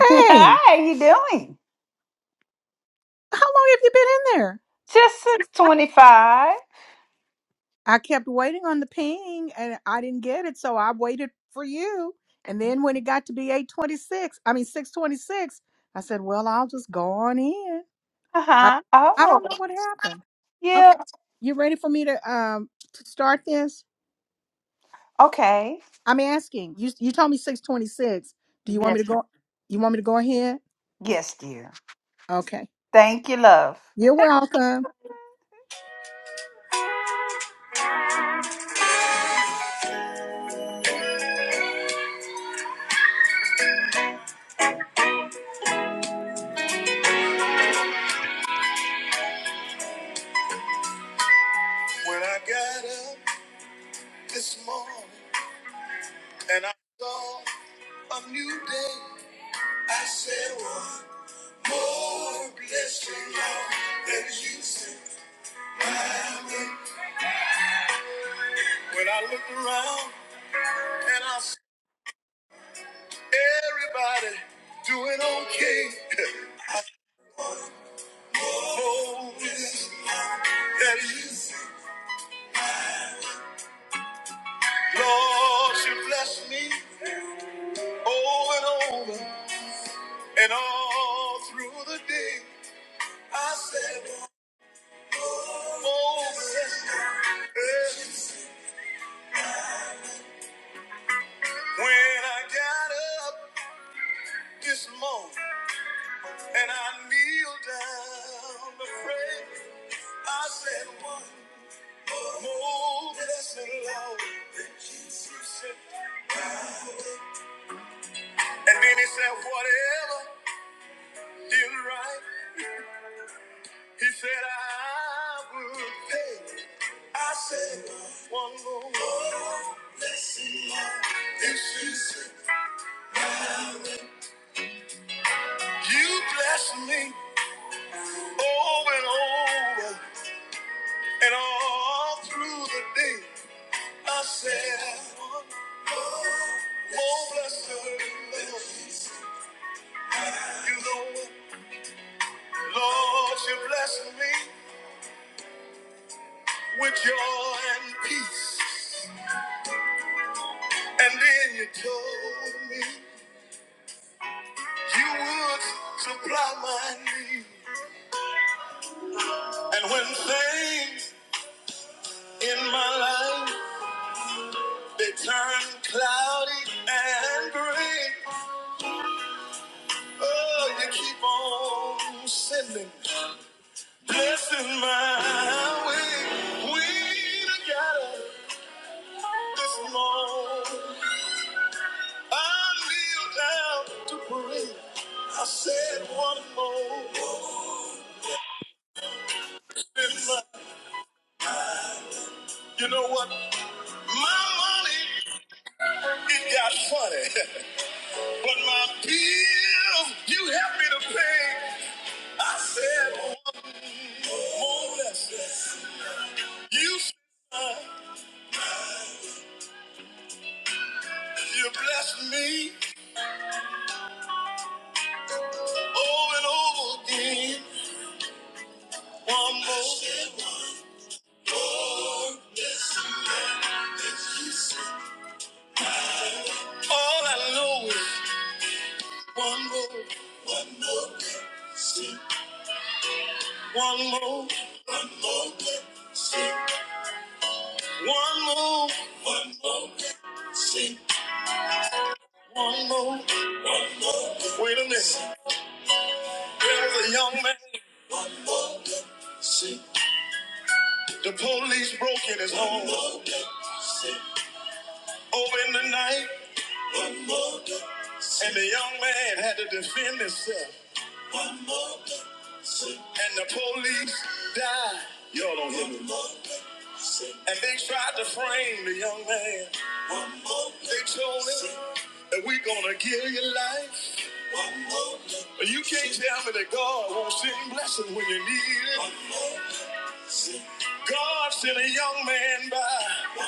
Hey, Hi, you doing? how long have you been in there? Just since 25. I kept waiting on the ping and I didn't get it, so I waited for you. And then when it got to be 826, I mean 626, I said, Well, I'll just go on in. I Uh-huh. I Oh, don't know what happened. yeah. Okay. You ready for me to um to start this? Okay. I'm asking. You you told me 626. Do you want me Yes, to ma'am. go you want me to go ahead? Yes, dear. Okay. Thank you, love. You're welcome. When I got up this morning. And I saw a new day. I said, one more blessing, Lord, that you sent my way. When I looked around and I saw everybody doing okay. More blessing, Lord, that you sent. Lord, you blessed me over and over and all through the day. I said, one more blessing. Yeah. When I got up this morning and I kneeled down to pray, I said one more blessed Lord that Jesus said. And then he said, whatever is right, he said, I will pay. I said one more blessing Lord that Jesus. You bless me over and over. And all through the day, I said, Oh, bless the Lord. You know, Lord, you blessed me with joy and peace. And then you told me you would supply my need. And when things in my life, they turn cloudy and gray, oh, you keep on sending. Blessing my way. We together this morning. I kneel down to pray. I said one more. This You know what? My money, it got funny. but my bills, you helped me to pay. I said one more blessing. You said you blessed me over and over again. One more. Oh, yes, ma'am, yes, you said. All I know is one more, one more blessing. One more, one more blessing. One more, one more blessing. One more, one more. day. Wait a minute. There was a young man. The police broke in his home over in the night, and the young man had to defend himself. And the police died. Y'all don't hear me. And they tried to frame the young man. They told him that we're gonna give you life. But You can't tell me that God won't send blessing when you need it. God sent a young man by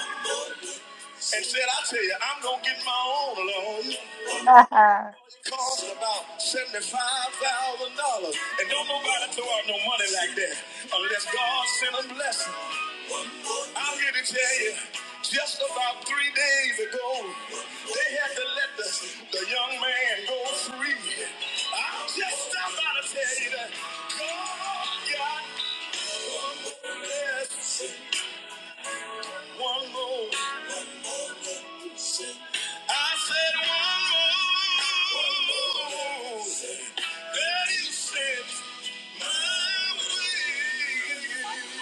and said, I tell you, I'm gonna get my own alone. It cost about seventy-five thousand dollars. And don't nobody throw out no money like that unless God sent a blessing. I'm here to tell you, just about three days ago, they had to let the, the young man go free. I'm just about to tell you that God got this one more. I said one more. That you sent my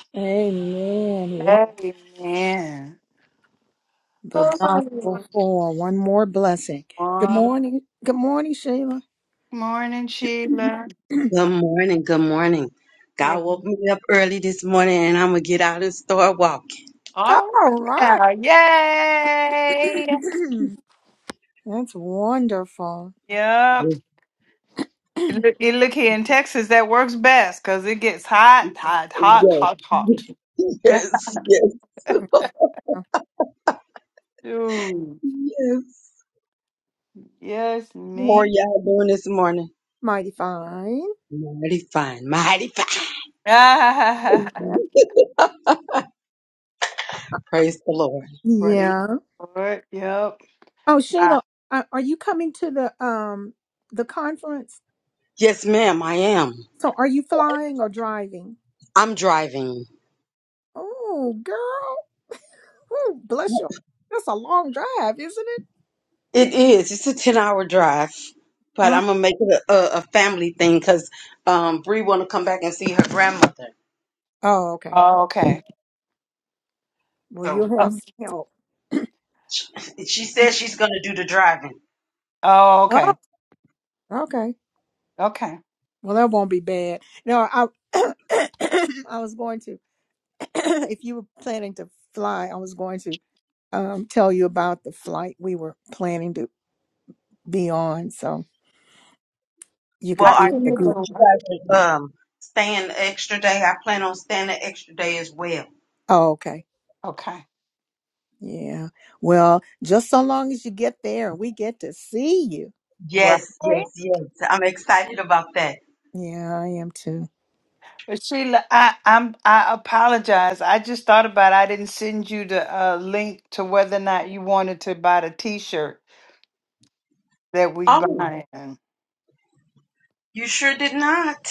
way. Amen. Amen. The gospel Oh, for one more blessing. Good mor- morning. Good morning, Sheila. morning, Sheila. Good morning. Good morning. Yeah. God woke me up early this morning and I'm going to get out and start walking. All All right. right. now. Yay. That's wonderful. Yep. Yes. Look, it look here in Texas, that works best because it gets hot, hot, hot, hot, hot. Yes. Yes. Ooh. Yes. Yes, How ma'am. are y'all doing this morning? Mighty fine. Mighty fine. Mighty fine. Ah, Yeah. Praise the Lord. praise Yeah. the Lord. Yep. Oh, Ah, Sheila, are are you coming to the um the conference? Yes, ma'am, I am. So, are you flying or driving? I'm driving. Oh, girl. Ooh, bless you. That's a long drive, isn't it? It is. It's a 10 hour drive, but Uh, I'm going to make it a, a, a family thing because um, Bree want to come back and see her grandmother. oh, okay. oh, okay. Well, So you'll have Oh, some help. she says she's going to do the driving. oh, Oh, okay. okay. Okay. Well, that won't be bad. No, I I was going to if you were planning to fly, I was going to um tell you about the flight we were planning to be on so you I Well, could be I with see hear the the group. that you tumor. guys are um staying the extra day. I plan on staying the extra day as well. Oh, okay. Okay. Yeah. Well, just so long as you get there and we get to see you. Right. Yes, yes, yes. I'm excited about that. Yeah, I am too. But Sheila, I, I'm I apologize. I just thought about it. I didn't send you the uh, link to whether or not you wanted to buy the T-shirt that we Oh, buying. you sure did not.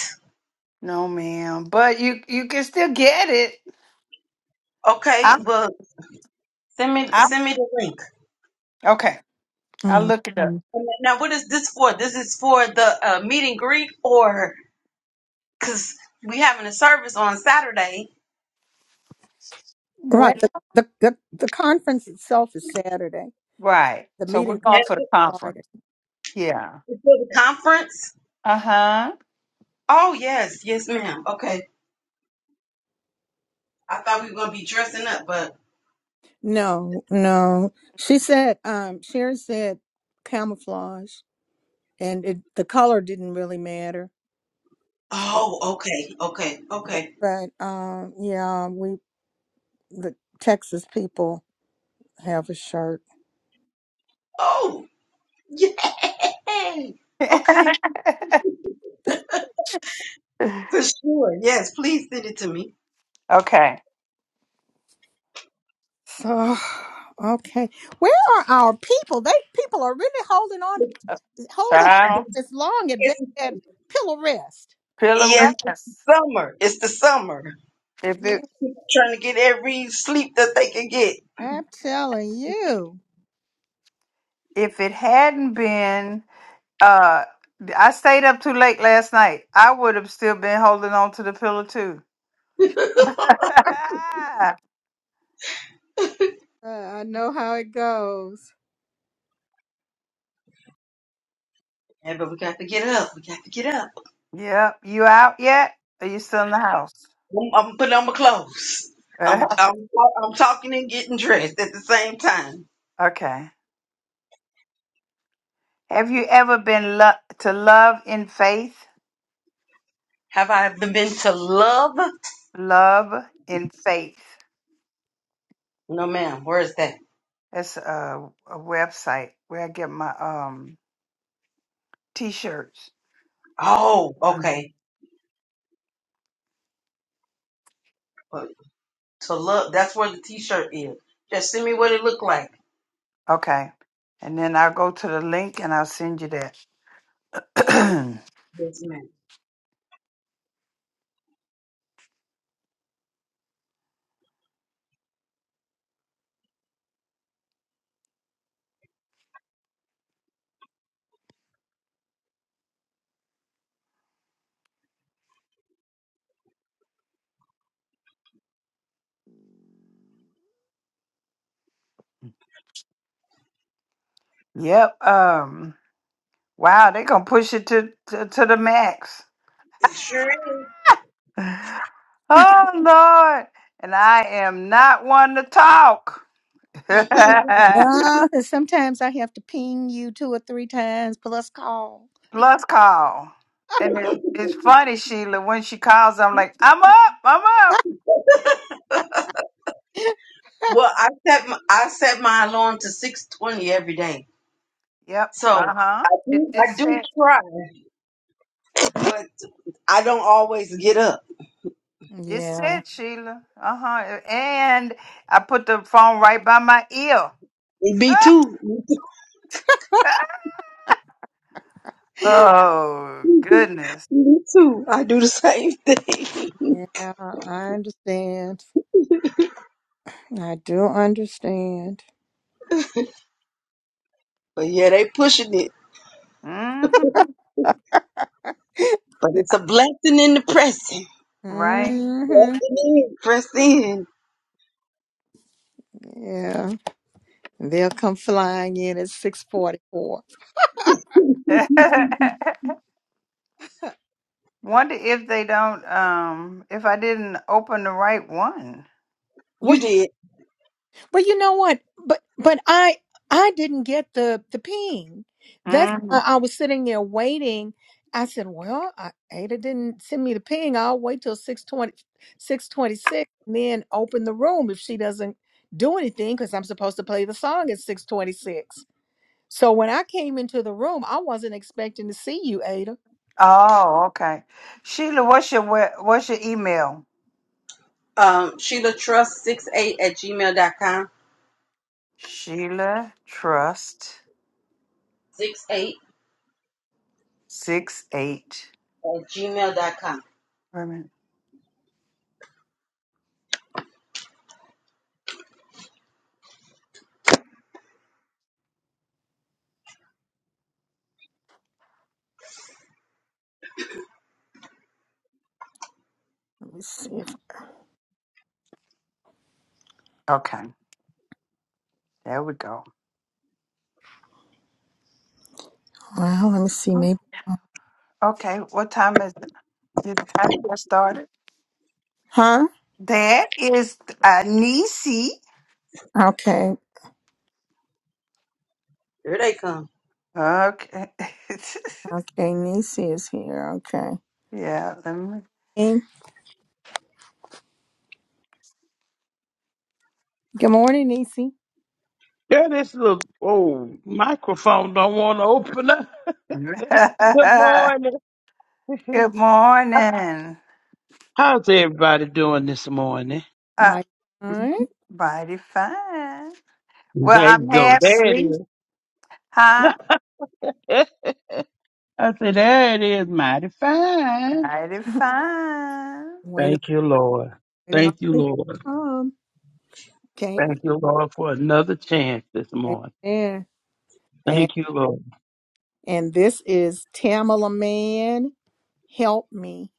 No, ma'am. But you you can still get it. Okay, I'm well, send me I'm send me the link. okay. I Mm. look it up. And Now, what is this for? This is for the uh, meet and greet, or because we having a service on Saturday Right. What? The, the the the conference itself is Saturday. Right. The So we're meeting and going for is the Friday. conference. Yeah. it's for the conference. Uh huh. Oh yes, yes, ma'am. Okay, I thought we were gonna be dressing up, but No, no. She said um Sharon said camouflage and it, the color didn't really matter. So, oh, okay, okay, but, okay. but um, yeah, we the Texas people have a shirt. Oh. yeah. Hey, okay, for sure. Yes, please send it to me. okay. So okay, where are our people? They people are really holding on to A holding Child, as long at be- It's pillow rest. pillow. yes, Yes. summer. It's the summer. If Yeah, it Trying to get every sleep that they can get. I'm telling you, if it hadn't been, uh, I stayed up too late last night. I would have still been holding on to the pillow too. uh, I know how it goes. Yeah, but we got to get up. We got to get up. yep. You out yet? Are you still in the house? I'm, I'm putting on my clothes. I'm, I'm I'm talking and getting dressed at the same time. okay. Have you ever been lo- to love in faith? Have I ever been to love? Love in faith. No, ma'am. Where is that? That's a, a website where I get my um T-shirts. Oh, Mm. okay. But to love, that's where the T-shirt is. Just send me what it looked like. Okay. And then I'll go to the link and I'll send you that. Yes, ma'am. yep. Um wow, they gonna push it to, to to the max. Sure. Oh Lord. And I am not one to talk. No, 'cause sometimes I have to ping you two or three times plus call. Plus call. And it, it's funny, Sheila, when she calls, I'm like, I'm up, I'm up. Well, I set my, I set my alarm to six twenty every day, Yep. so Uh-huh. I It, do it I do said try, but I don't always get up. it Yeah. said Sheila. Uh-huh. And I put the phone right by my ear. Me too, me Oh goodness. too, me too. I do the same thing. Yeah, I understand. I do understand. But yeah, they pushing it, hmm but it's a blessing in the pressing. Right. hmm Pressing in, press in. Yeah, they'll come flying in at six forty-four. Wonder if they don't um if I didn't open the right one. Well, You y- did. well, you know what? But but I I didn't get the the ping. That's hmm why I was sitting there waiting. I said, "Well, I, Ada didn't send me the ping. I'll wait till six twenty-six twenty-six, and then open the room if she doesn't do anything because I'm supposed to play the song at six twenty-six. So when I came into the room, I wasn't expecting to see you, Ada. Oh, okay. Sheila, what's your we- what's your email? Um, Sheila Trust six eight at gmail dot com. Sheila Trust Six eight six eight. at gmail dot com. Wait a minute. Let me see. If, Okay. There we go. well, let me see. Maybe. Okay. What time is it? Is it time to get started? Huh? That is uh Nisi. Okay. Here they come. Okay. Okay. Nisi is here. Okay. yeah, let me Hey, Good morning, Nisi. Yeah, this little oh microphone don't want to open up. Good Good morning. morning. How's everybody doing this morning? Uh, My. turn. mighty fine. Well, There I'm you go. half There it asleep. is. Huh? I said, there it is, mighty fine. Mighty Waiting. fine. Thank you, Lord. Waiting on Thank you, people to Lord. come. Okay. Thank you, Lord, for another chance this morning. Amen. And, Thank you, Lord. and this is Tamala Man, Help Me,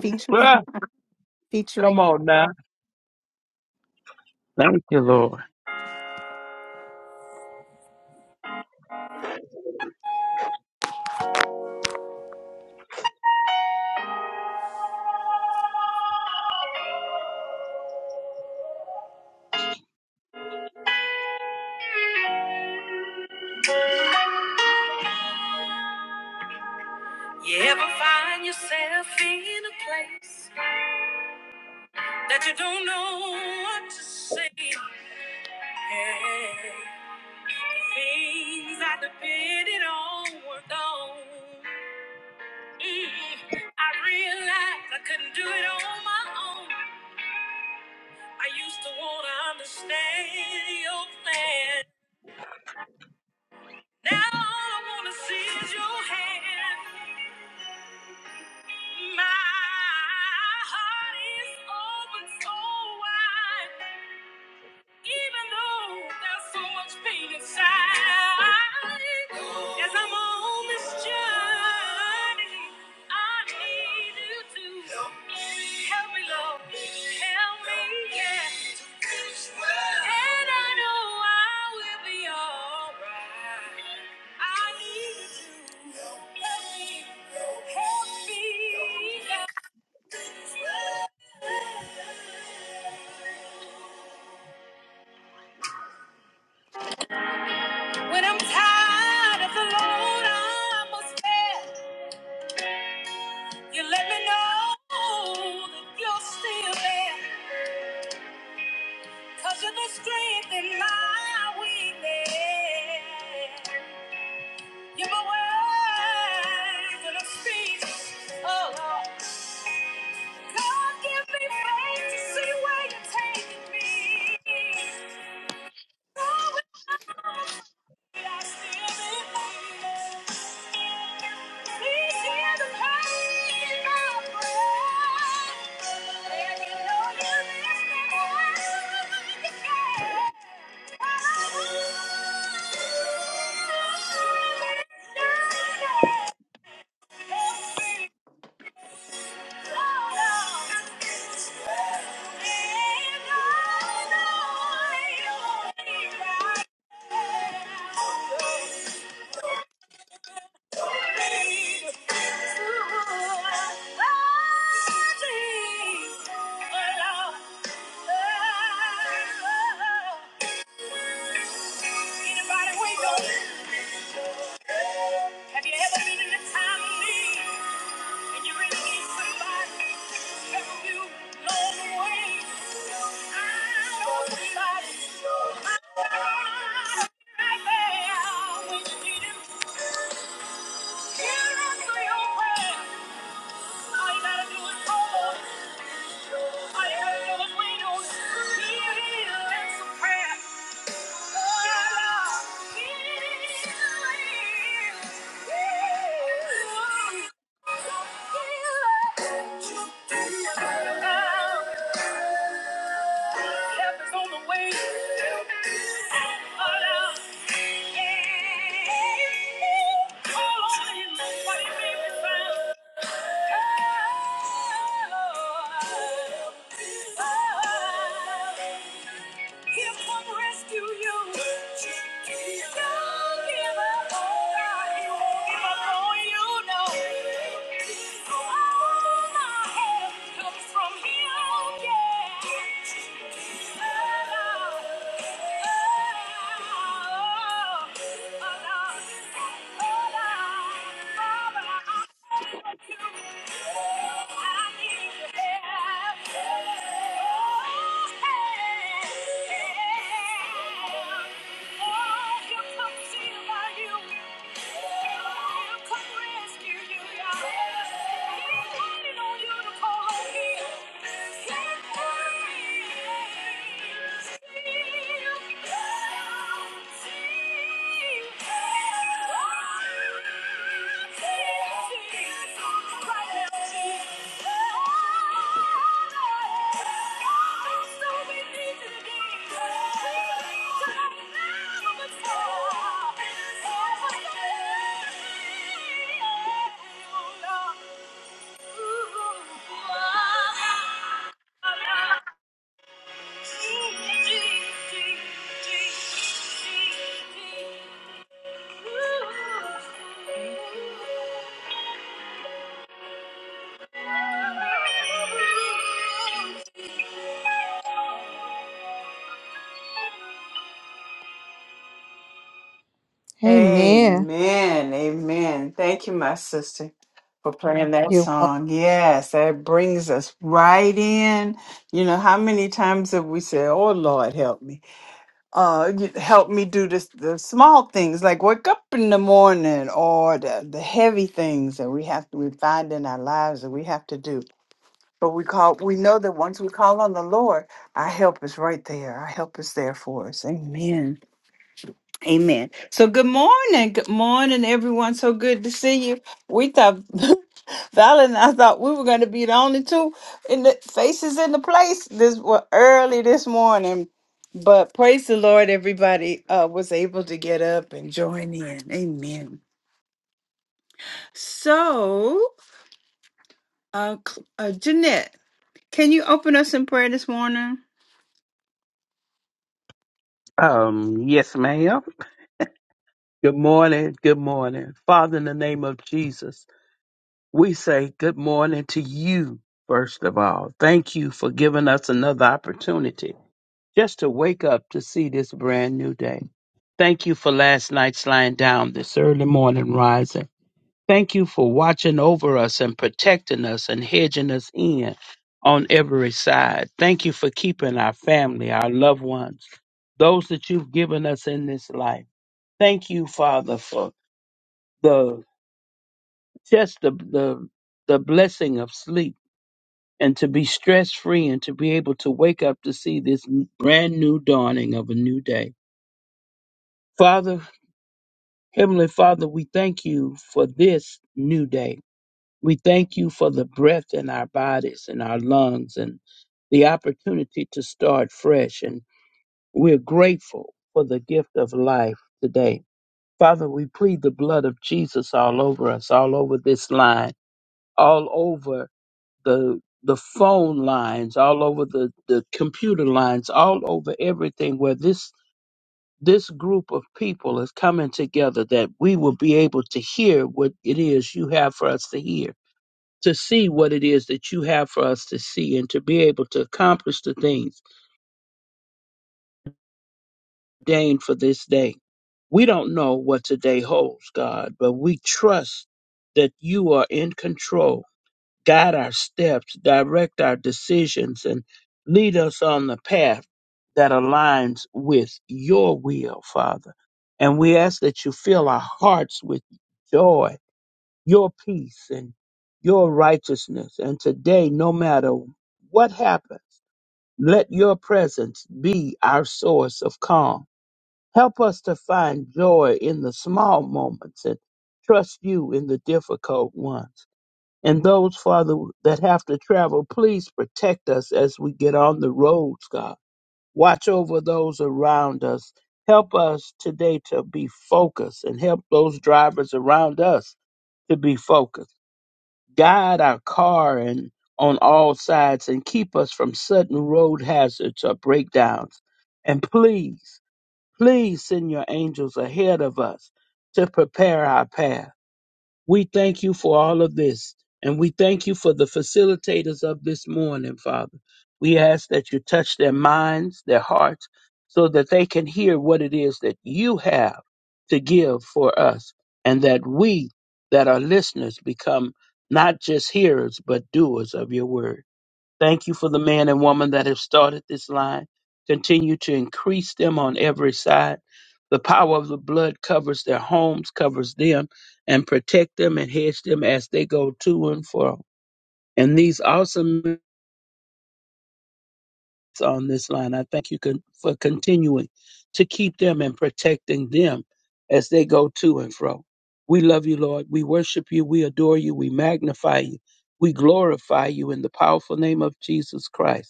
feature, Ah, come featuring. on now. Thank you, Lord. You ever find yourself in a place that you don't know what to say? Things I depended on were gone. Mm, I realized I couldn't do it on my own. I used to want to understand your plan. Now all I wanna see is your hand. My heart is open so wide. Even though there's so much pain inside, as I'm on this journey, I need you to help me, help me, Lord, help me, yeah. well. And I know I will be alright. I need you to help me, help me. Help me. When I'm tired of the load I must bear, You let me know that you're still there, cause you're the strength in my weakness. You're my words and a speech, oh Lord. God, give me faith to see where you're taking me. Though it's not afraid, I still believe. Please hear the pain in my breath. Let me know you're listening. when you care. I love you, yeah. Anybody wake up? Have you ever been in a time of need? And you really need somebody to help you along the way. I know somebody. I'll be right when you need him. He'll answer your prayer. All you gotta do is call. All you gotta do is wait on. He'll answer prayer. All I need. All I need. All I need. All I need. If I rescue you, don't give up on me. Don't give up on you, no. All my help comes from You, yeah. Allah, Allah, Allah, Allah, Allah. Thank you. Thank you. Amen. Amen. Amen. Thank you, my sister, for playing that You're welcome. song. Yes, that brings us right in. You know, how many times have we said, Oh, Lord, help me? uh you help me do this the small things like wake up in the morning or the, the heavy things that we have to we find in our lives that we have to do but we call we know that once we call on the lord our help is right there our help is there for us amen Amen. So good morning. Good morning, everyone. So good to see you. We thought Val and I thought we were gonna be the only two in the faces in the place this well, early this morning. But praise the Lord, everybody uh, was able to get up and join in. Amen. So, uh, Cl- uh, Jeanette, can you open us in prayer this morning? Um, yes, ma'am. Good morning. Good morning. Father, in the name of Jesus. We say good morning to you, first of all. Thank you for giving us another opportunity just to wake up to see this brand new day. Thank you for last night's lying down, this early morning rising. Thank you for watching over us and protecting us and hedging us in on every side. Thank you for keeping our family, our loved ones, those that you've given us in this life. Thank you, Father, for the just the the, the blessing of sleep and to be stress free and to be able to wake up to see this n- brand new dawning of a new day. Father, Heavenly Father, we thank you for this new day. We thank you for the breath in our bodies and our lungs and the opportunity to start fresh. And we're grateful for the gift of life today. Father, we plead the blood of Jesus all over us, all over this line, all over the the phone lines, all over the, the computer lines, all over everything where this this group of people is coming together that we will be able to hear what it is you have for us to hear, to see what it is that you have for us to see and to be able to accomplish the things ordained for this day. We don't know what today holds, God, but we trust that you are in control guide our steps, direct our decisions, and lead us on the path that aligns with your will, Father. And we ask that you fill our hearts with joy, your peace, and your righteousness. And today, no matter what happens, let your presence be our source of calm. Help us to find joy in the small moments and trust you in the difficult ones. And those, Father, that have to travel, please protect us as we get on the roads, God. Watch over those around us. Help us today to be focused and help those drivers around us to be focused. Guide our car and on all sides and keep us from sudden road hazards or breakdowns. And please, please send your angels ahead of us to prepare our path we thank you for all of this, and we thank you for the facilitators of this morning, Father. We ask that you touch their minds, their hearts, so that they can hear what it is that you have to give for us, and that we that are listeners become not just hearers, but doers of your word. Thank you for the man and woman that have started this line. Continue to increase them on every side. The power of the blood covers their homes, covers them, and protect them and hedge them as they go to and fro. And these awesome men on this line, I thank you con- for continuing to keep them and protecting them as they go to and fro. We love you, Lord. We worship you. We adore you. We magnify you. We glorify you in the powerful name of Jesus Christ.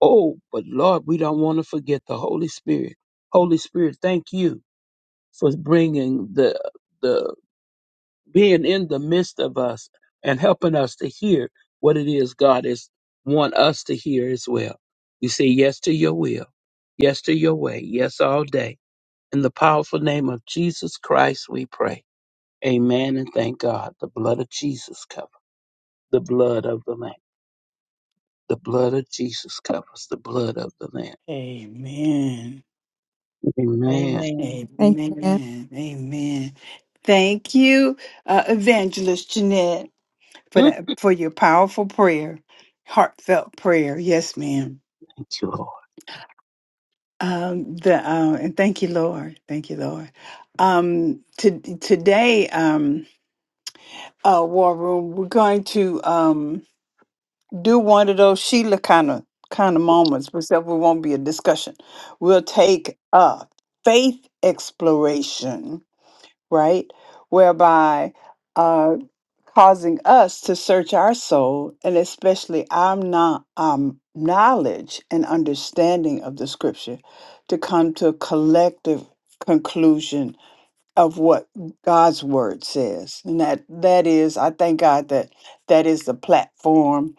Oh, but Lord, we don't want to forget the Holy Spirit. Holy Spirit, thank you for bringing the the being in the midst of us and helping us to hear what it is God is want us to hear as well. We say yes to your will, yes to your way, yes all day. In the powerful name of Jesus Christ, we pray. Amen and thank God. The blood of Jesus covers the blood of the Lamb. The blood of Jesus covers the blood of the Lamb. Amen. Amen. Amen. Amen. Amen. Amen. Thank you, uh, Evangelist Jeanette, for that, for your powerful prayer, heartfelt prayer. Yes, ma'am. Thank you, Lord. Um, the uh, and thank you, Lord. Thank you, Lord. Um, to, today, um, uh, War Room, we're going to um, do one of those Sheila kind of kind of moments. Except we won't be a discussion. We'll take a faith exploration right? Whereby uh, causing us to search our soul and especially our no- um, knowledge and understanding of the scripture to come to a collective conclusion of what God's word says. And that that is, I thank God that that is the platform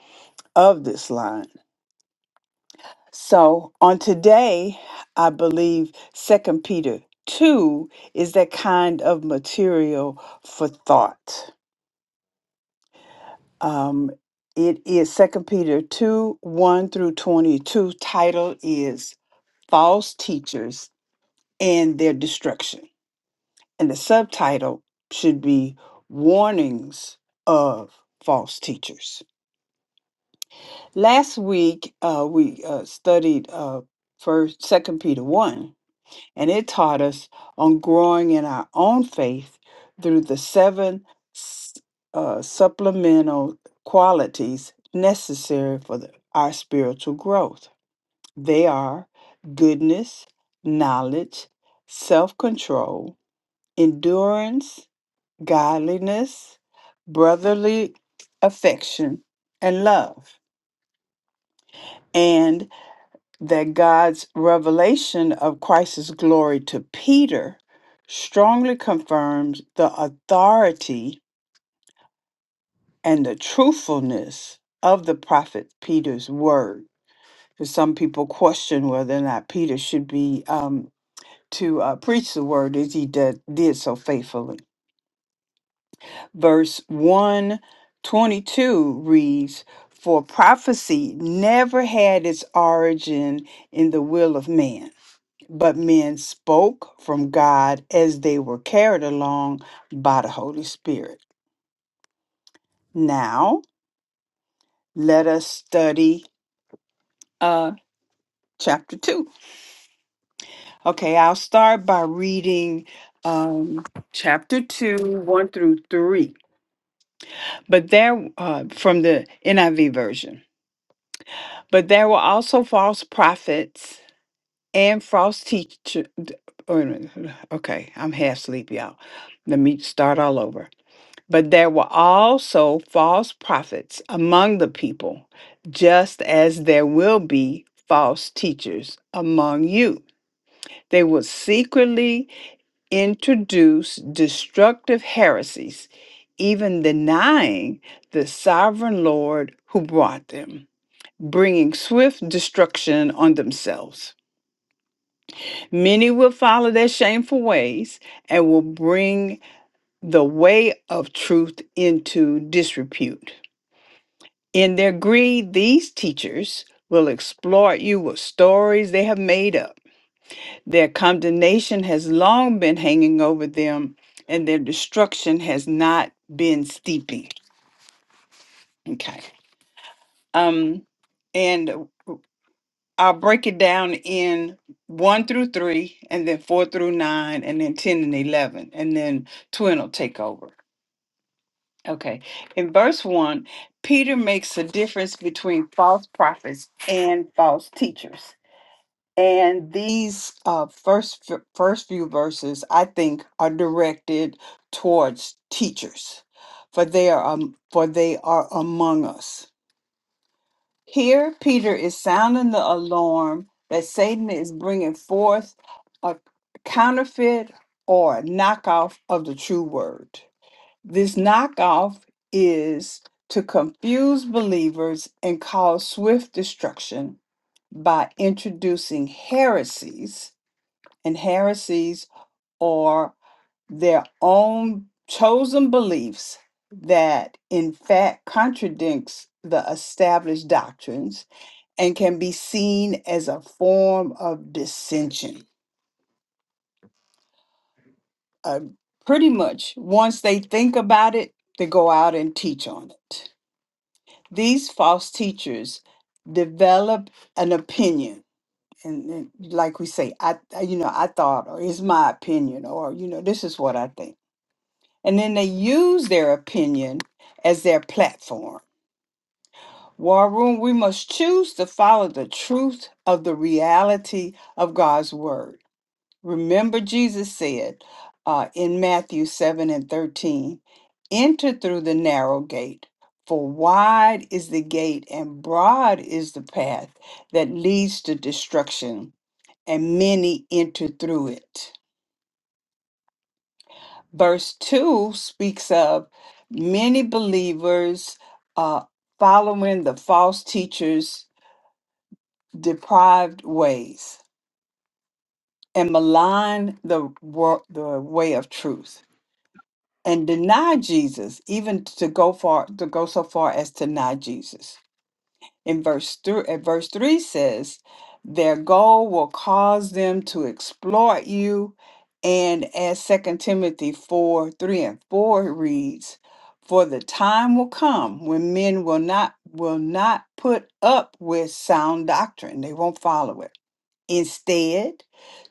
of this line so on today, I believe Second Peter 2 is that kind of material for thought. Um, it is Second Peter 2, 1 through 22. Title is False Teachers and Their Destruction. And the subtitle should be Warnings of False Teachers. Last week, uh, we uh, studied uh, first Second Peter 1 and it taught us on growing in our own faith through the seven s- uh, supplemental qualities necessary for the- our spiritual growth. They are goodness, knowledge, self control, endurance, godliness, brotherly affection, and love. And that God's revelation of Christ's glory to Peter strongly confirms the authority and the truthfulness of the prophet Peter's word. 'Cause Some people question whether or not Peter should be um, to uh, preach the word as he did, did so faithfully. Verse 122 reads, For prophecy never had its origin in the will of man But men spoke from God as they were carried along by the Holy Spirit. Now, let us study uh, chapter 2. Okay, I'll start by reading um, chapter 2, 1 through 3. But there, uh, from the NIV version, but there were also false prophets and false teachers. Okay, I'm half asleep, y'all. Let me start all over. But there were also false prophets among the people, just as there will be false teachers among you. They will secretly introduce destructive heresies, even denying the sovereign Lord who brought them, bringing swift destruction on themselves. Many will follow their shameful ways and will bring the way of truth into disrepute. In their greed, these teachers will exploit you with stories they have made up. Their condemnation has long been hanging over them, and their destruction has not been steeping. Okay. Um, and I'll break it down in one through three, and then four through nine, and then 10 and 11, and then twin will take over. Okay. In verse one, Peter makes a difference between false prophets and false teachers. And these uh, first f- first few verses, I think, are directed towards teachers, for they are um, for they are among us. Here, Peter is sounding the alarm that Satan is bringing forth a counterfeit or knockoff of the true word. This knockoff is to confuse believers and cause swift destruction by introducing heresies and heresies are their own chosen beliefs that in fact contradicts the established doctrines and can be seen as a form of dissension Uh, pretty much once they think about it they go out and teach on it these false teachers develop an opinion and, and like we say i I- you know i thought or is my opinion or you know this is what i think and then they use their opinion as their platform. War room, we must choose to follow the truth of the reality of God's word. Remember, Jesus said uh, in Matthew 7 and 13, enter through the narrow gate, for wide is the gate and broad is the path that leads to destruction, and many enter through it. verse 2 speaks of many believers uh, following the false teachers deprived ways and malign the, wo- the way of truth and deny jesus even to go far to go so far as to deny jesus in verse three at verse three says, their goal will cause them to exploit you. And as Second Timothy 4, 3 and 4 reads, For the time will come when men will not will not put up with sound doctrine. They won't follow it Instead,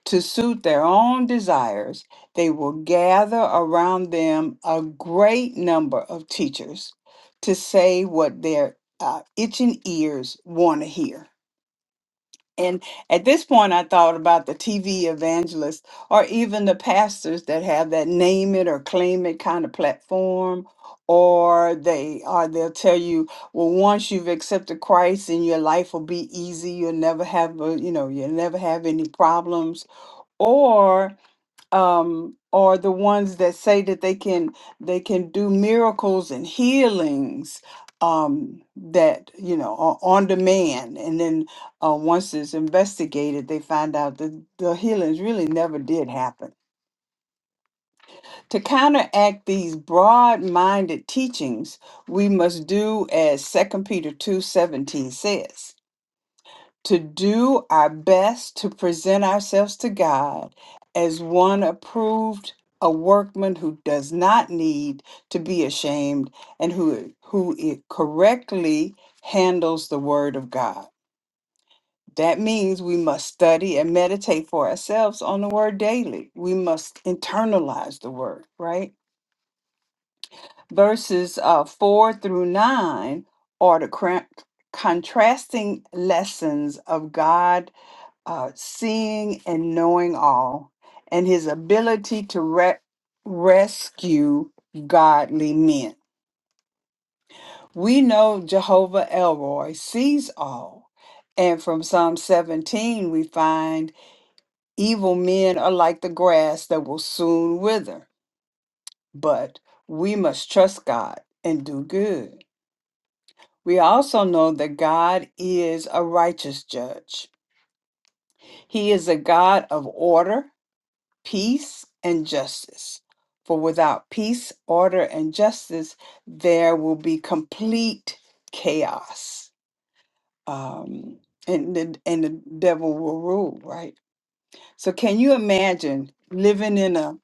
to suit their own desires, they will gather around them a great number of teachers to say what their uh, itching ears want to hear. And at this point, I thought about the TV evangelists or even the pastors that have that name it or claim it kind of platform. Or they or they'll tell you, well, once you've accepted Christ and your life will be easy, you'll never have a, you know, you'll never have any problems um, are the ones that say that they can they can do miracles and healings um, that you know are on demand, and then uh, once it's investigated, they find out that the healings really never did happen. To counteract these broad-minded teachings, we must do as Second Peter two seventeen says to do our best to present ourselves to God as one approved, a workman who does not need to be ashamed and who who it correctly handles the word of God. That means we must study and meditate for ourselves on the word daily. We must internalize the word, right? Verses uh, 4 through 9 are the cra- contrasting lessons of God uh, seeing and knowing all, and his ability to re- rescue godly men. We know Jehovah Elroy sees all. And from Psalm 17, we find evil men are like the grass that will soon wither, but we must trust God and do good. We also know that God is a righteous judge. He is a God of order peace and justice. For without peace, order, and justice, there will be complete chaos. Um, and, the, and the devil will rule, right? So, can you imagine living in a,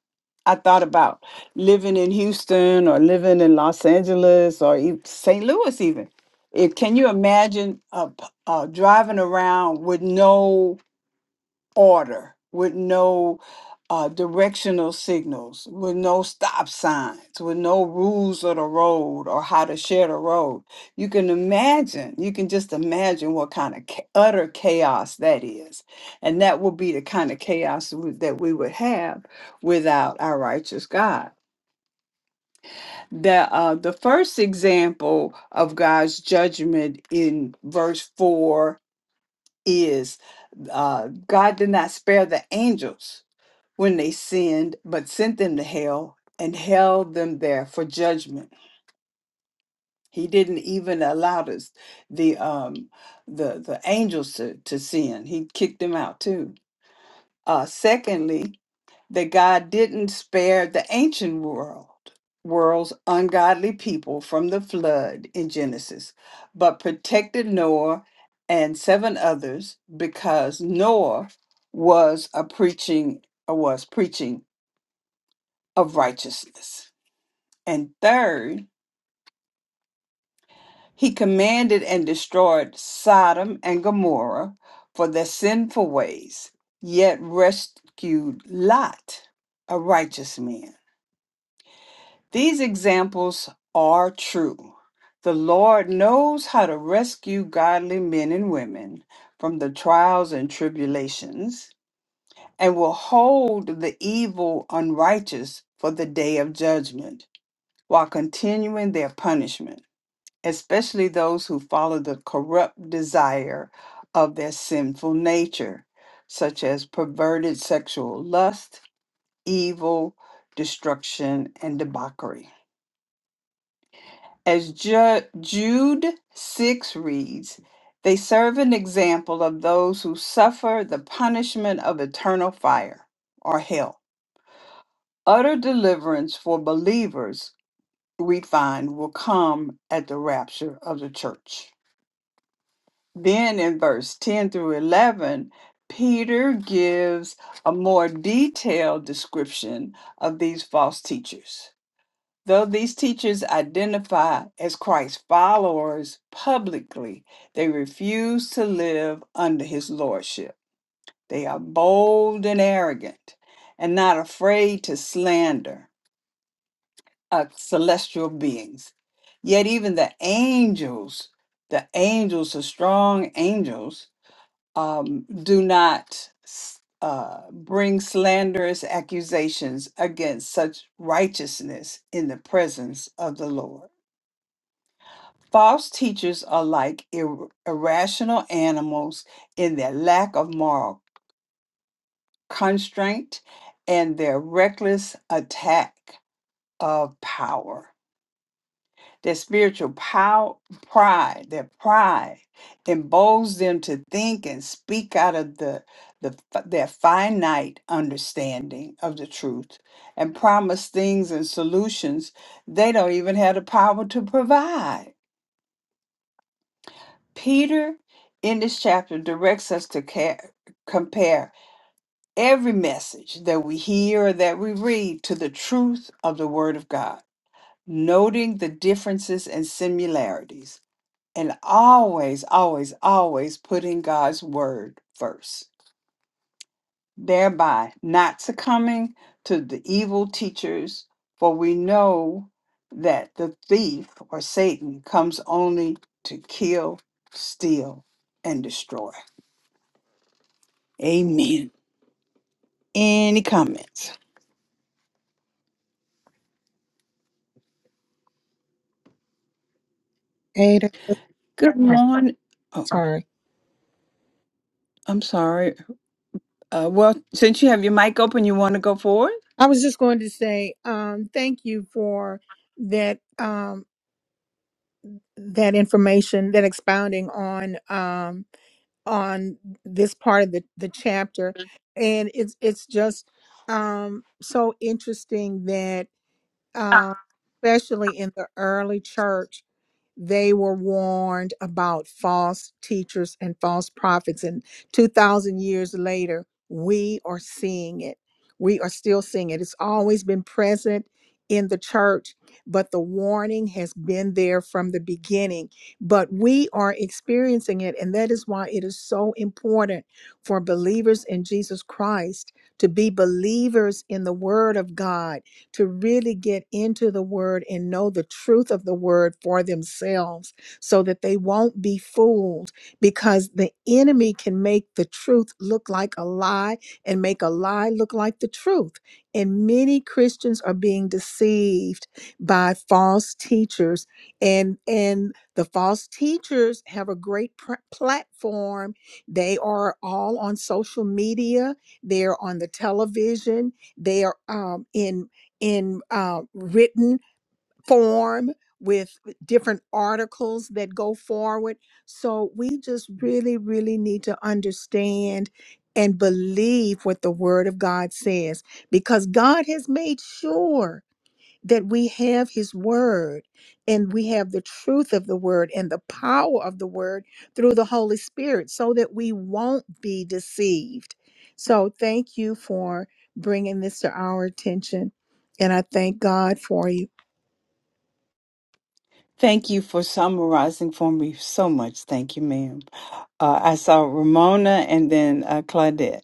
I thought about living in Houston or living in Los Angeles or e- St. Louis, even. If, can you imagine uh, p- uh, driving around with no order, with no uh, directional signals, with no stop signs, with no rules of the road or how to share the road. You can imagine, you can just imagine what kind of cha- utter chaos that is. And that would be the kind of chaos we- that we would have without our righteous God. The, uh, the first example of God's judgment in verse 4 is uh, God did not spare the angels when they sinned, but sent them to hell and held them there for judgment. He didn't even allow us the um the the angels to, to sin. He kicked them out too. Uh secondly, that God didn't spare the ancient world world's ungodly people from the flood in Genesis, but protected Noah and seven others because Noah was a preaching was preaching of righteousness. And third, he commanded and destroyed Sodom and Gomorrah for their sinful ways, yet rescued Lot, a righteous man. These examples are true. The Lord knows how to rescue godly men and women from the trials and tribulations and will hold the evil unrighteous for the day of judgment while continuing their punishment. especially those who follow the corrupt desire of their sinful nature, such as perverted sexual lust, evil, destruction, and debauchery. As Ju- Jude 6 reads, they serve an example of those who suffer the punishment of eternal fire or hell. Utter deliverance for believers, we find, will come at the rapture of the church. Then in verse 10 through 11, Peter gives a more detailed description of these false teachers. Though these teachers identify as Christ's followers publicly, they refuse to live under his lordship. They are bold and arrogant and not afraid to slander uh, celestial beings. Yet, even the angels, the angels, the strong angels, um, do not s- uh, bring slanderous accusations against such righteousness in the presence of the Lord. False teachers are like ir- irrational animals in their lack of moral constraint and their reckless attack of power. Their spiritual power, pride, their pride emboldens them to think and speak out of the, the f- their finite understanding of the truth and promise things and solutions they don't even have the power to provide. Peter in this chapter directs us to care, compare every message that we hear or that we read to the truth of the Word of God, noting the differences and similarities and always, always, always putting God's word first, thereby not succumbing to the evil teachers, for we know that the thief or Satan comes only to kill, steal, and destroy. Amen. Any comments? Ada. Good I'm morning. Oh, sorry. I'm sorry. Uh, well, since you have your mic open, you want to go forward? I was just going to say, um, thank you for that um, that information, that expounding on. Um, on this part of the, the chapter and it's it's just um so interesting that um especially in the early church they were warned about false teachers and false prophets. And 2,000 years later, we are seeing it. We are still seeing it. It's always been present in the church, but the warning has been there from the beginning. But we are experiencing it. And that is why it is so important for believers in Jesus Christ to be believers in the Word of God to really get into the word and know the truth of the word for themselves so that they won't be fooled because the enemy can make the truth look like a lie and make a lie look like the truth. And many Christians are being deceived by false teachers and and the false teachers have a great pr- platform. They are all on social media. They're on the television. They are um, in in uh, written form with different articles that go forward. So we just really, really need to understand and believe what the Word of God says because God has made sure that we have his word and we have the truth of the word and the power of the word through the Holy Spirit so that we won't be deceived. So thank you for bringing this to our attention. And I thank God for you. Thank you for summarizing for me so much. Thank you, ma'am. Uh, I saw Ramona and then uh, Claudette.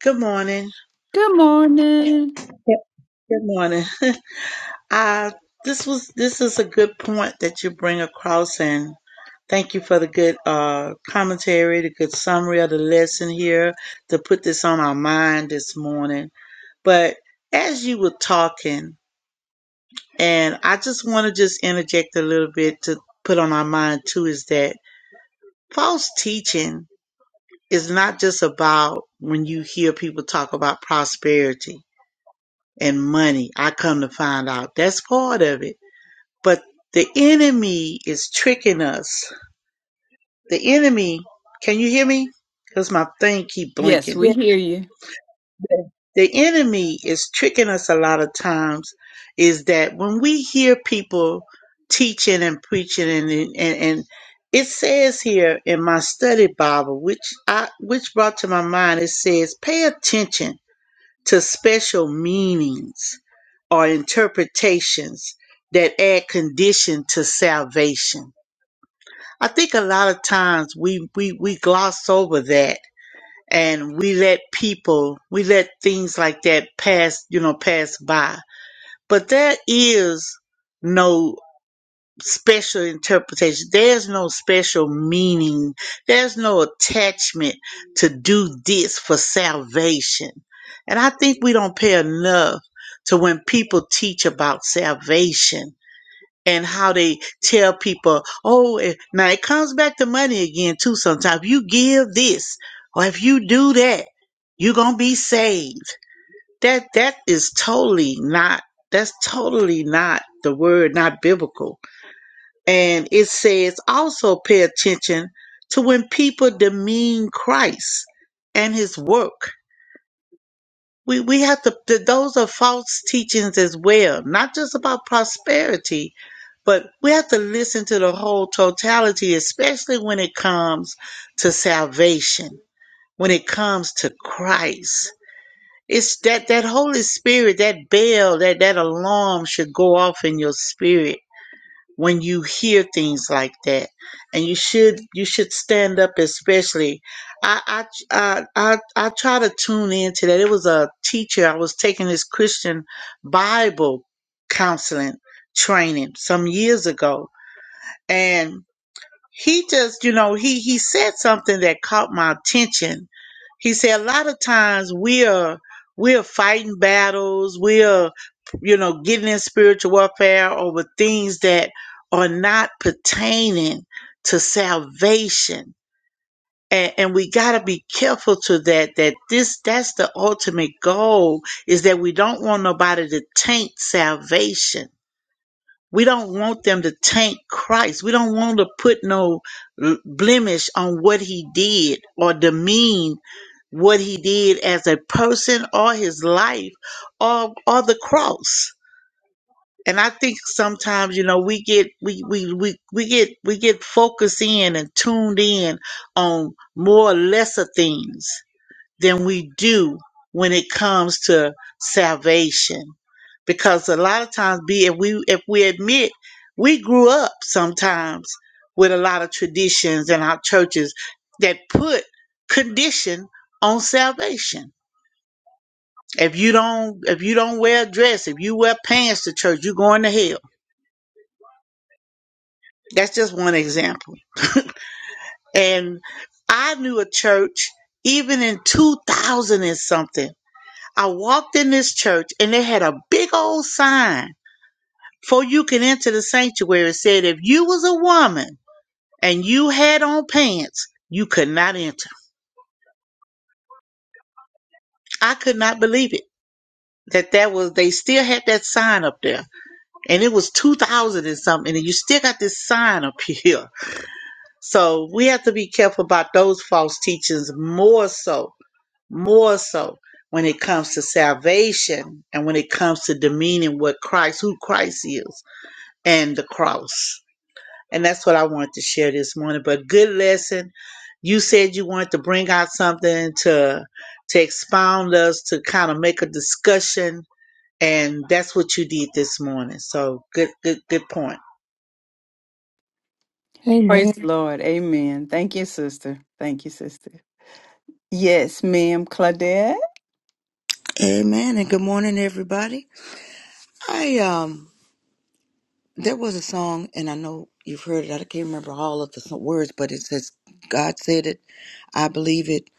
Good morning. Good morning. Yep. Good morning. uh, this was this is a good point that you bring across, and thank you for the good uh, commentary, the good summary of the lesson here to put this on our mind this morning. But as you were talking, and I just want to just interject a little bit to put on our mind too is that false teaching is not just about when you hear people talk about prosperity and money. I come to find out that's part of it. But the enemy is tricking us. The enemy, can you hear me? Because my thing keep Yes, blinking. we Yeah. hear you. The enemy is tricking us a lot of times is that when we hear people teaching and preaching and and, and it says here in my study Bible, which I which brought to my mind, it says, pay attention to special meanings are interpretations that add condition to salvation. I think a lot of times we, we, we gloss over that and we let people, we let things like that pass, you know, pass by. But there is no special interpretation. There's no special meaning. There's no attachment to do this for salvation. And I think we don't pay enough to when people teach about salvation and how they tell people, oh, eh," now it comes back to money again too. Sometimes you give this, or if you do that, you're gonna be saved. That that is totally not. That's totally not the word, not biblical. And it says also pay attention to when people demean Christ and His work we we have to. th- Those are false teachings as well, not just about prosperity, but we have to listen to the whole totality, especially when it comes to salvation, when it comes to Christ. It's that that Holy Spirit, that bell, that that alarm should go off in your spirit when you hear things like that and you should you should stand up especially I, I i i i try to tune into that it was a teacher i was taking this christian bible counseling training some years ago and he just, you know, he he said something that caught my attention. He said a lot of times we are we are fighting battles, we are, you know, getting in spiritual warfare over things that are not pertaining to salvation. And, and we got to be careful to that that this that's the ultimate goal is that we don't want nobody to taint salvation we don't want them to taint Christ. We don't want to put no l- blemish on what he did or demean what he did as a person or his life or or the cross. And I think sometimes, you know, we get we we we, we get we get focused in and tuned in on more lesser things than we do when it comes to salvation. Because a lot of times be if we if we admit we grew up sometimes with a lot of traditions in our churches that put condition on salvation. If you don't if you don't wear a dress, if you wear pants to church, you're going to hell. That's just one example. And I knew a church even in 2000 and something. I walked in this church and they had a big old sign before you can enter the sanctuary. It said, if you was a woman and you had on pants, you could not enter. I could not believe it that that was, they still had that sign up there and it was 2000 and something and you still got this sign up here. So we have to be careful about those false teachings more so, more so when it comes to salvation and when it comes to demeaning what Christ, who Christ is. and the cross. And that's what I wanted to share this morning. But good lesson. You said you wanted to bring out something to to expound us, to kind of make a discussion, and that's what you did this morning. So good, good, good point. Praise Amen. the Lord. Amen. Thank you, sister. Thank you, sister. Yes, ma'am, Claudette. Amen and good morning, everybody. I um, there was a song, and I know you've heard it. I can't remember all of the s- words, but it says, "God said it, I believe it.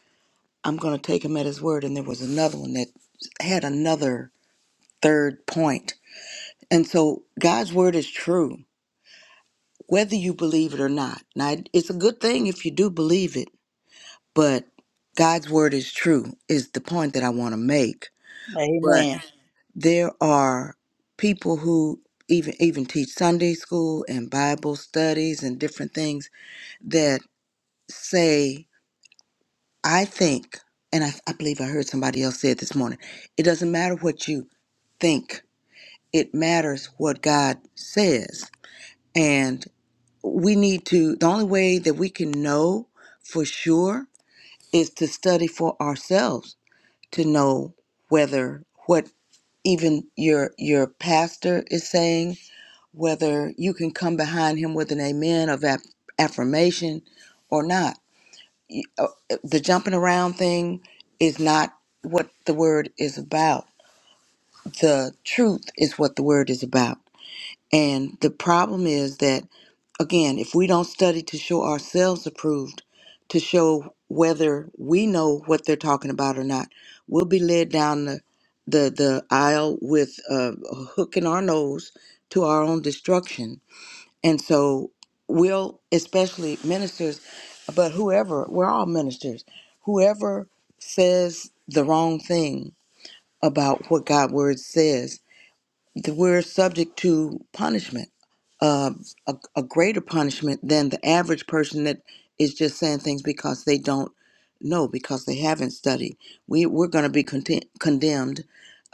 I'm going to take Him at His word." And there was another one that had another third point, point. and so God's word is true, whether you believe it or not. Now, it- it's a good thing if you do believe it, but God's word is true is the point that I want to make. But Amen. there are people who even even teach Sunday school and Bible studies and different things that say, I think, and I, I believe I heard somebody else say it this morning, it doesn't matter what you think, it matters what God says. And we need to, the only way that we can know for sure is to study for ourselves to know whether what even your your pastor is saying whether you can come behind him with an amen of aff- affirmation or not. You- uh, The jumping around thing is not what the word is about. The truth is what the word is about. And the problem is that, again, if we don't study to show ourselves approved, to show whether we know what they're talking about or not, we'll be led down the the, the aisle with uh, a hook in our nose to our own destruction and so we'll, especially ministers, but whoever, we're all ministers, whoever says the wrong thing about what God's word says, that we're subject to punishment, uh, a, a greater punishment than the average person that is just saying things because they don't know, because they haven't studied. We, we're going to be content, condemned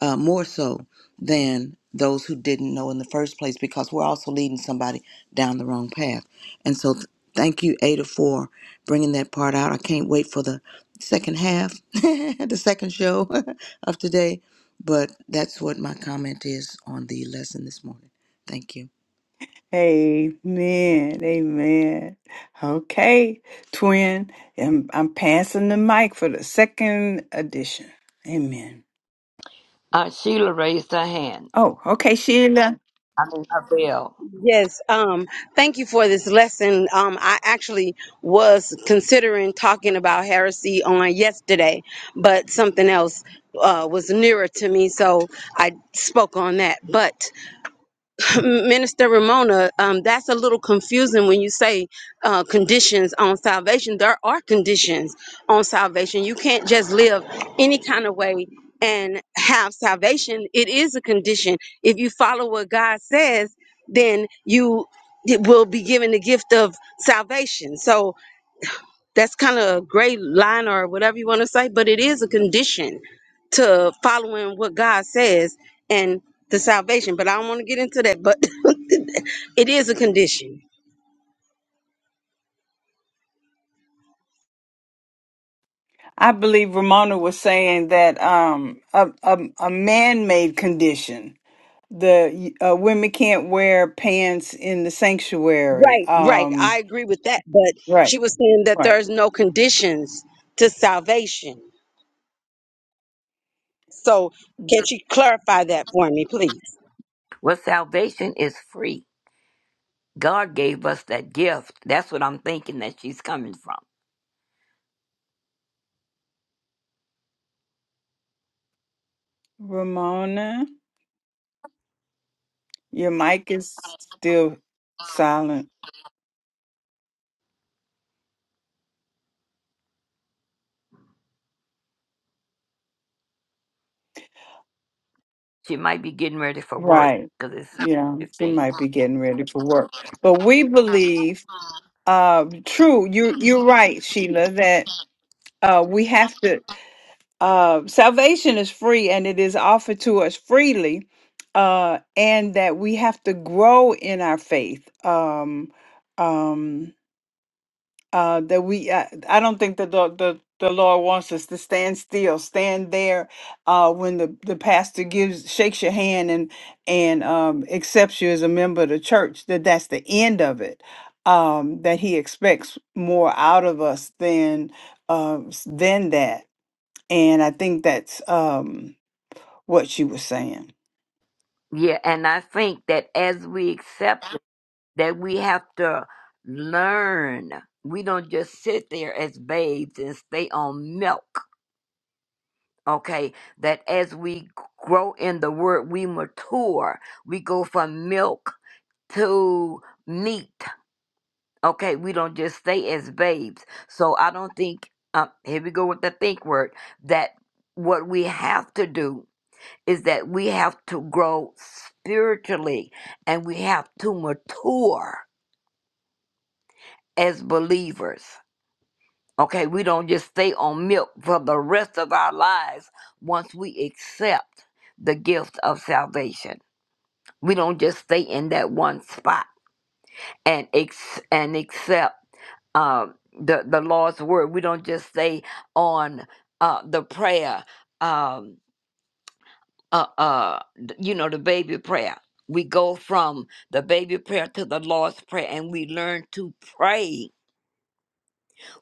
uh, more so than those who didn't know in the first place because we're also leading somebody down the wrong path. And so, th- thank you, Ada, for bringing that part out. I can't wait for the second half, the second show of today but that's what my comment is on the lesson this morning. Thank you. Amen. Amen. Okay, twin. I'm, I'm passing the mic for the second edition. Amen. Uh, Sheila raised her hand. Oh, okay, Sheila. I mean, her bell. Yes, um, thank you for this lesson. Um, I actually was considering talking about heresy on yesterday, but something else uh, was nearer to me, so I spoke on that. But Minister Ramona, um, that's a little confusing when you say uh, conditions on salvation. There are conditions on salvation. You can't just live any kind of way and have salvation. It is a condition. If you follow what God says, then you d- will be given the gift of salvation. So that's kind of a gray line or whatever you want to say, but it is a condition to following what God says and the salvation. But I don't want to get into that, but it is a condition. I believe Ramona was saying that um a a, a man-made condition. The uh, women can't wear pants in the sanctuary. Right, right. Um, I agree with that. But right, she was saying that right. there's no conditions to salvation. So can she clarify that for me, please? Well, salvation is free. God gave us that gift. That's what I'm thinking that she's coming from. Ramona, your mic is still silent. She might be getting ready for work Right. because it's Yeah, she 15. might be getting ready for work. But we believe, uh, true, you you're right, Sheila, that uh we have to uh salvation is free and it is offered to us freely, uh, and that we have to grow in our faith. Um um uh, that we uh, I don't think that the, the the Lord wants us to stand still, stand there uh, when the, the pastor gives shakes your hand and and um, accepts you as a member of the church. That that's the end of it. Um, that He expects more out of us than uh, s- than that. And I think that's. Um, what she was saying. Yeah, and I think that as we accept it, that we have to learn. We don't just sit there as babes and stay on milk. Okay, that as we grow in the word, we mature. We go from milk to meat Okay, we don't just stay as babes. So I don't think, um, here we go with the think word, that what we have to do is that we have to grow spiritually and we have to mature as believers. Okay, we don't just stay on milk for the rest of our lives once we accept the gift of salvation. We don't just stay in that one spot and ex- and accept um, the the Lord's word. We don't just stay on uh, the prayer, um, uh, uh, th- you know, the baby prayer. We go from the baby prayer to the Lord's prayer, and we learn to pray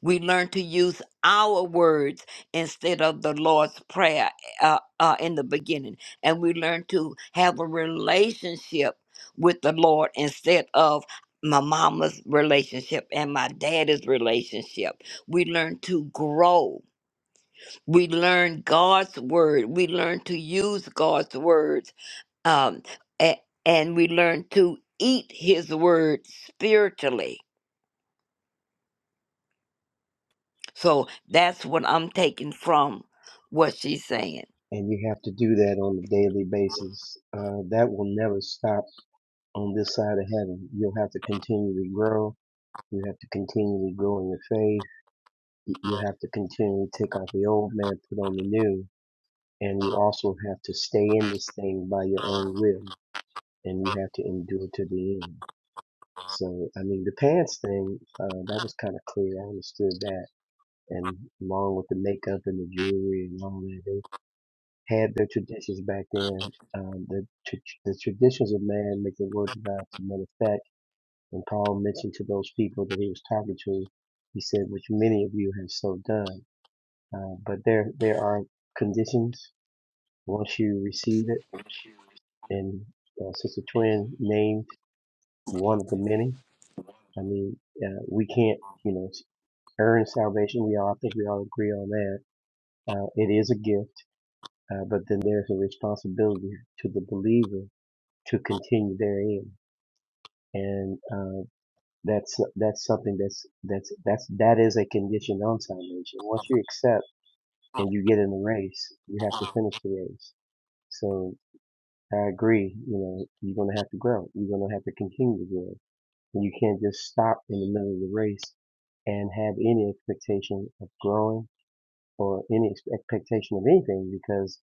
we learn to use our words instead of the Lord's Prayer uh, uh, in the beginning. And we learn to have a relationship with the Lord instead of my mama's relationship and my daddy's relationship. We learn to grow. We learn God's word. We learn to use God's words. Um, a- and we learn to eat his word spiritually So that's what I'm taking from what she's saying. and you have to do that on a daily basis. Uh, that will never stop on this side of heaven. You'll have to continually grow. You have to continually grow in your faith. You have to continually take off the old man, put on the new. And you also have to stay in this thing by your own will. And you have to endure to the end. So, I mean, the pants thing, uh, that was kind of clear. I understood that. And along with the makeup and the jewelry and all that, they, had their traditions back then. Um, the, tr- the traditions of man make the word of God to men effect. And Paul mentioned to those people that he was talking to, he said, which many of you have so done. Uh, but there, there are conditions once you receive it. And uh, Sister Twin named one of the many. I mean, uh, we can't, you know, earn salvation. We all, I think we all agree on that. Uh, it is a gift, uh, but then there's a responsibility to the believer to continue therein. And uh, that's that's something that's that's that's that is a condition on salvation. Once you accept and you get in the race, you have to finish the race. So I agree. You know, you're gonna have to grow. You're gonna have to continue to grow, and you can't just stop in the middle of the race and have any expectation of growing or any expectation of anything because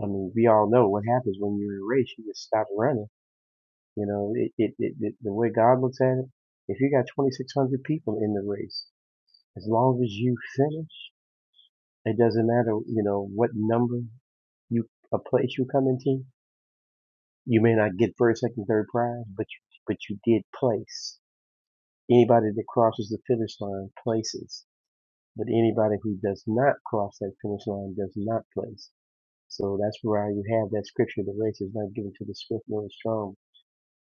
I mean we all know what happens when you're in a race. You just stop running You know, it, it, it, it the way God looks at it, if you got 2,600 people in the race, as long as you finish, it doesn't matter, you know, what number you, a place you come into. You may not get first, second, third prize, but you, but you did place. Anybody that crosses the finish line places, but anybody who does not cross that finish line does not place. So that's why you have that scripture, the race is not given to the swift nor the strong.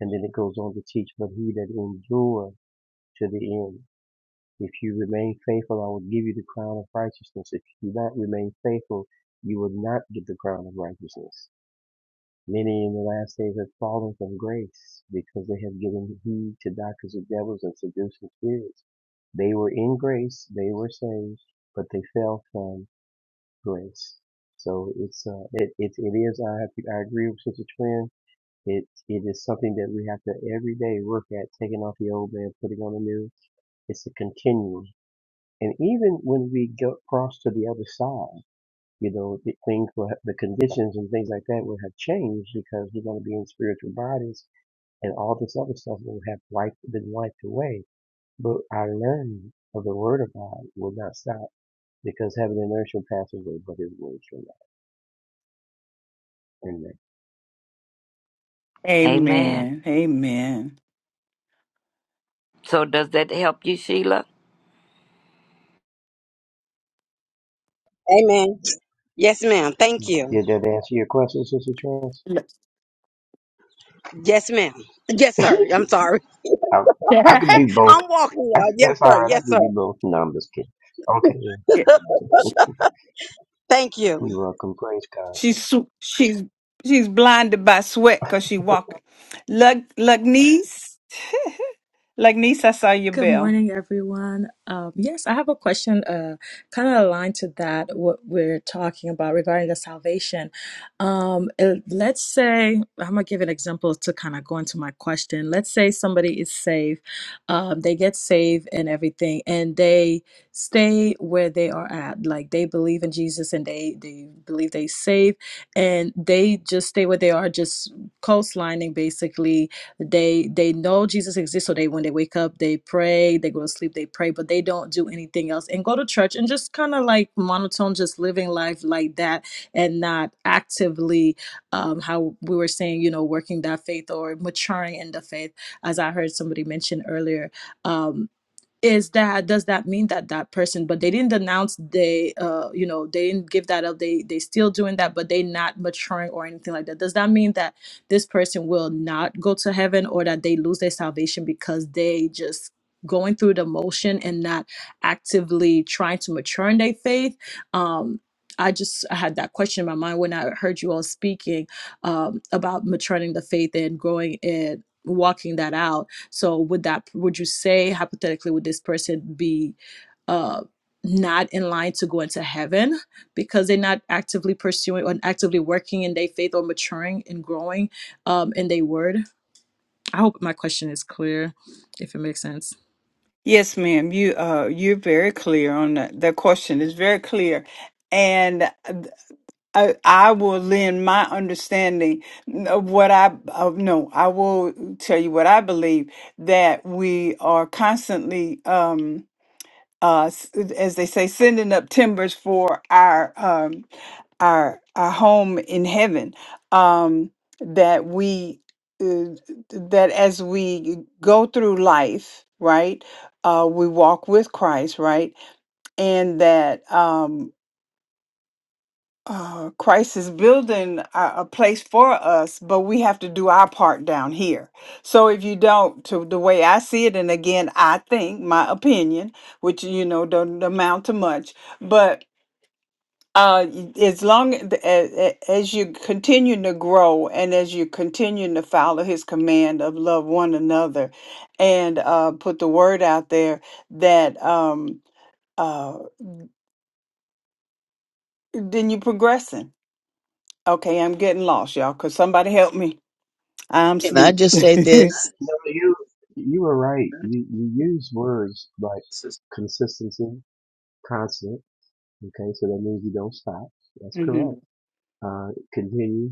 And then it goes on to teach, but he that endures to the end. If you remain faithful, I will give you the crown of righteousness. If you do not remain faithful, you will not get the crown of righteousness. Many in the last days have fallen from grace because they have given heed to doctrines of devils and seducing spirits. They were in grace, they were saved, but they fell from grace. So it's uh, it, it it is. I have to, I agree with Sister Twin. It it is something that we have to every day work at, taking off the old man, putting on the new. It's a continuum. And even when we go cross to the other side, you know, the things will have, the conditions and things like that will have changed because we're going to be in spiritual bodies and all this other stuff will have wiped, been wiped away. But our learning of the Word of God will not stop because heaven and earth shall pass away, but His words shall not. Amen. Amen. Amen. Amen. So does that help you, Sheila? Amen. Yes, ma'am. Thank you. Did that answer your question, Sister Trance? Yeah. Yes, ma'am. Yes, sir. I'm sorry. I, I could be both. I'm walking, I, y'all. Yes, that's all sir. right. I Yes, could sir. be both. No, I'm just kidding. Okay, then. Yeah. She, Thank you. you're welcome. Praise God. she's su- she's she's blinded by sweat because she walking. Lug Lugnice, Lugnice, I saw your Good bell. morning, everyone. Um, yes, I have a question uh, kind of aligned to that, what we're talking about regarding the salvation. Um, uh, let's say, I'm going to give an example to kind of go into my question. Let's say somebody is saved, um, they get saved and everything, and they stay where they are at. Like they believe in Jesus and they, they believe they saved, and they just stay where they are, just coastlining basically they they know Jesus exists, so they when they wake up, they pray, they go to sleep, they pray, but they don't do anything else and go to church and just kind of like monotone, just living life like that and not actively um, how we were saying, you know, working that faith or maturing in the faith, as I heard somebody mention earlier. Um, is that does that mean that that person but they didn't denounce they uh you know they didn't give that up they they still doing that but they not maturing or anything like that does that mean that this person will not go to heaven or that they lose their salvation because they just going through the motion and not actively trying to mature in their faith um I just I had that question in my mind when I heard you all speaking um, about maturing the faith and growing and walking that out so would that would you say hypothetically would this person be uh not in line to go into heaven because they're not actively pursuing or actively working in their faith or maturing and growing um in their word? I hope my question is clear, if it makes sense. Yes, ma'am. You uh you're very clear on that. That question is very clear. And uh, I, I will lend my understanding of what I of, no, I will tell you what I believe that we are constantly um uh, s- as they say, sending up timbers for our um, our our home in heaven. Um, that we uh, that as we go through life, right, uh, we walk with Christ, right, and that. Um, uh, Christ is building a, a place for us, but we have to do our part down here. So if you don't, to the way I see it, and again, I think my opinion, which you know don't amount to much, but uh, y- as long as, as you continue to grow and as you continue to follow His command of love one another, and uh, put the word out there that um, uh, then you're progressing. Okay, I'm getting lost, y'all, because somebody help me. I'm Can I sleep. just say this? No, you you were right. You you use words like consistency, constant. Okay, so that means you don't stop. That's hmm correct. Uh, continue.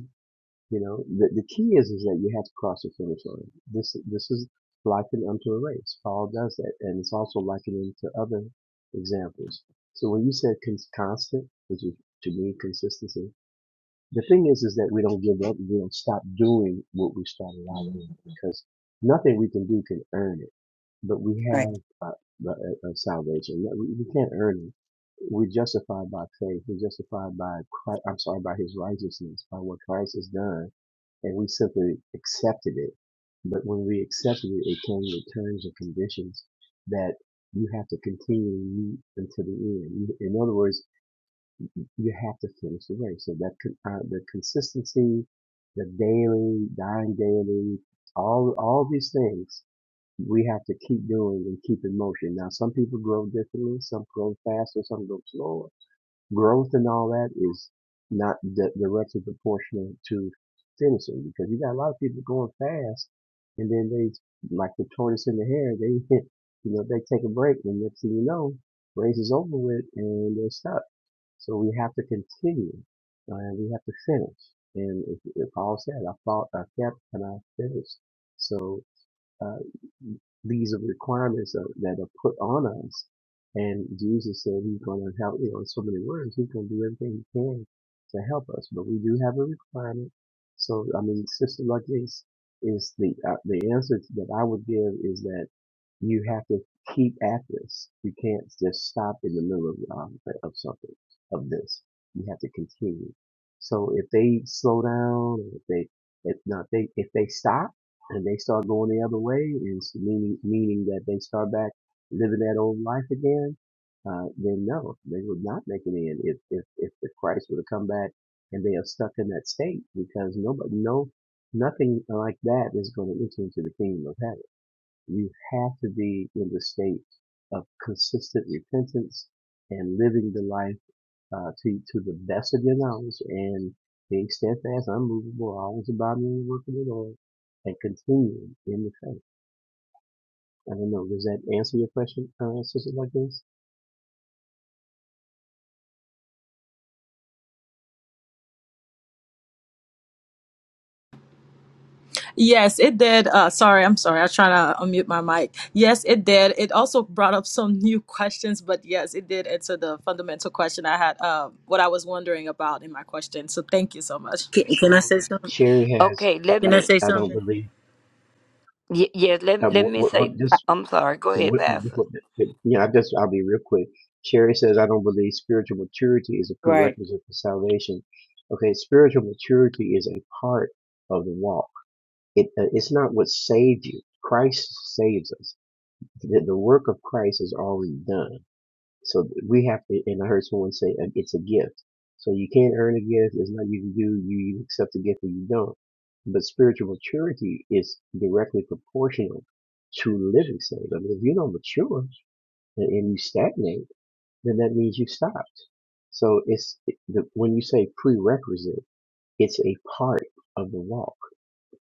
You know, the the key is is that you have to cross the finish line. This this is likened unto a race. Paul does that, and it's also likened to other examples. So when you said cons- constant, which is to me consistency, the thing is is that we don't give up we don't stop doing what we started out doing because nothing we can do can earn it but we Right, have a, a, a salvation No, we, we can't earn it we're justified by faith we're justified by christ, i'm sorry by his righteousness by what christ has done and we simply accepted it but when we accepted it it came with terms and conditions that you have to continue to meet until the end. You- In other words, you have to finish the race. So that con- uh, the consistency, the daily, dying daily, all all these things we have to keep doing and keep in motion. Now, some people grow differently. Some grow faster. Some grow slower. Growth and all that is not di- directly proportional to finishing because you got a lot of people going fast and then they like the tortoise in the hare. They you know they take a break and next thing you know race is over with and they're stuck so we have to continue, uh, and we have to finish. And if, if Paul said, "I fought, I kept, and I finished." So uh, these are requirements that, that are put on us. And Jesus said he's going to help, you know, in so many words, he's going to do everything he can to help us. But we do have a requirement. So, I mean, Sister Lucky's is the, uh, the answer that I would give is that you have to keep at this. You can't just stop in the middle of, um, of something, of this. You have to continue. So if they slow down, if they, if not, they, if they stop, and they start going the other way, and s- meaning meaning that they start back living that old life again, uh, then no, they would not make it in if if if the Christ were to come back and they are stuck in that state because nobody no nothing like that is going to enter into the kingdom of heaven. You have to be in the state of consistent repentance and living the life uh, to to the best of your knowledge and being steadfast, unmovable, always abiding in the work of the Lord, and continuing in the faith. I don't know. Does that answer your question, uh, sister like this? Yes, it did. Uh, sorry, I'm sorry. I was trying to unmute my mic. Yes, it did. It also brought up some new questions, but yes, it did answer the fundamental question I had, uh, what I was wondering about in my question. So thank you so much. Can, can I say something? Sherry has, Okay, let Can I me. say I don't something? believe, y- Yeah, uh, let let what, me what, what say. just, I'm sorry. Go ahead, what, Pastor. what, what, yeah, I just, I'll be real quick. Sherry says, I don't believe spiritual maturity is a right. prerequisite for salvation. Okay, spiritual maturity is a part of the walk. It, uh, it's not what saved you. Christ saves us. The, the work of Christ is already done. So we have to, and I heard someone say uh, it's a gift. So you can't earn a gift. There's nothing you can do. You either accept a gift or you don't. But spiritual maturity is directly proportional to living saved. I mean, if you don't mature and, and you stagnate, then that means you stopped. So it's it, the, when you say prerequisite, it's a part of the walk.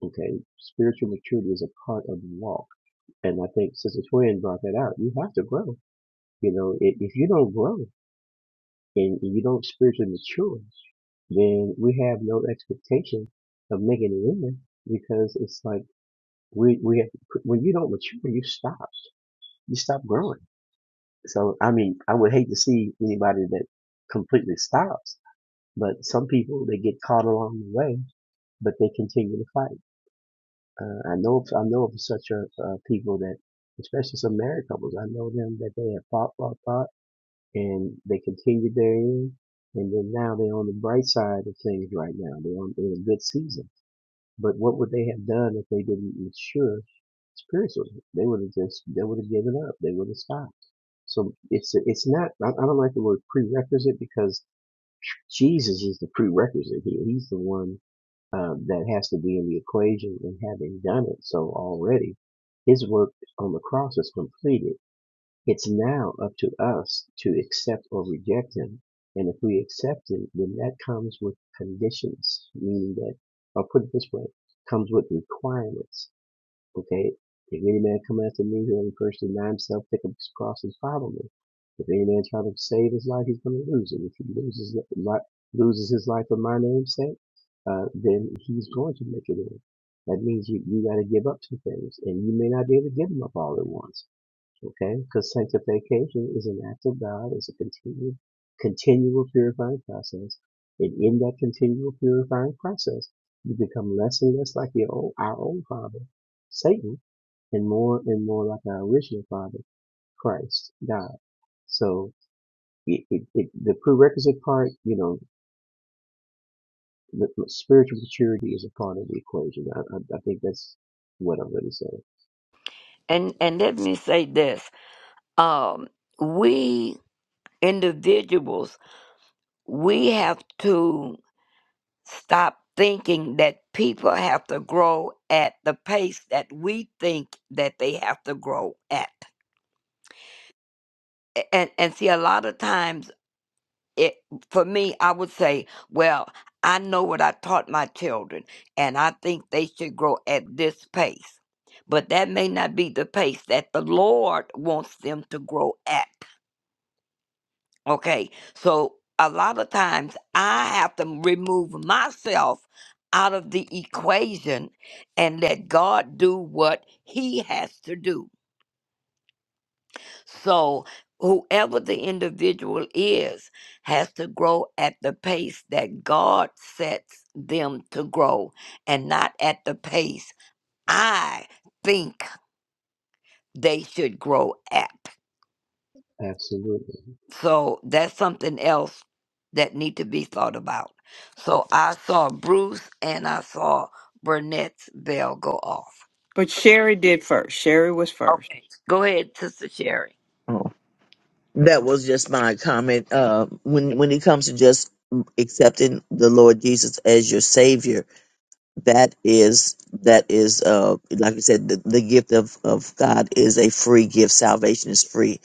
Okay, spiritual maturity is a part of the walk, and I think Sister Twin brought that out. You have to grow you know, if, if you don't grow and you don't spiritually mature, then we have no expectation of making it in there because it's like we we have, when you don't mature, you stop, you stop growing. So I mean, I would hate to see anybody that completely stops, but some people they get caught along the way, but they continue to fight. Uh, I know I know of such uh uh people that, especially some married couples, I know them that they have fought, fought, fought and they continued therein. And then now they're on the bright side of things right now. They're on they're in a good season. But what would they have done if they didn't mature spiritually? They would have just they would have given up. They would have stopped. So it's it's not. I, don't like the word prerequisite because Jesus is the prerequisite here. He's the one uh, that has to be in the equation. And having done it so already, His work on the cross is completed it's now up to us to accept or reject him. And if we accept him, then that comes with conditions, meaning that, I'll put it this way, comes with requirements. Okay? If any man come after me, he'll first deny himself, pick up his cross and follow me. If any man try to save his life, he's going to lose it. If he loses, li- loses his life for my name's sake, uh, then he's going to make it in. That means you, you got to give up some things, and you may not be able to give them up all at once Okay? Because sanctification is an act of God, it's a continual, continual purifying process. And in that continual purifying process, you become less and less like your old, our old father, Satan, and more and more like our original father, Christ, God. So it, it, it, the prerequisite part, you know, the, the spiritual maturity is a part of the equation. I, I, I think that's what I'm going to say. And and let me say this. Um, we individuals we have to stop thinking that people have to grow at the pace that we think that they have to grow at. A- And and see, a lot of times it for me i would say well i know what i taught my children and i think they should grow at this pace but that may not be the pace that the lord wants them to grow at okay so a lot of times i have to remove myself out of the equation and let god do what he has to do So, whoever the individual is has to grow at the pace that God sets them to grow and not at the pace I think they should grow at. So, that's something else that need to be thought about. So, I saw Bruce and I saw Burnett's bell go off. But Sherry did first. Sherry was first. Okay. Go ahead, Sister Sherry. Oh. That was just my comment. Uh, when when it comes to just accepting the Lord Jesus as your Savior, that is that is uh like I said, the, the gift of of God is a free gift. Salvation is free.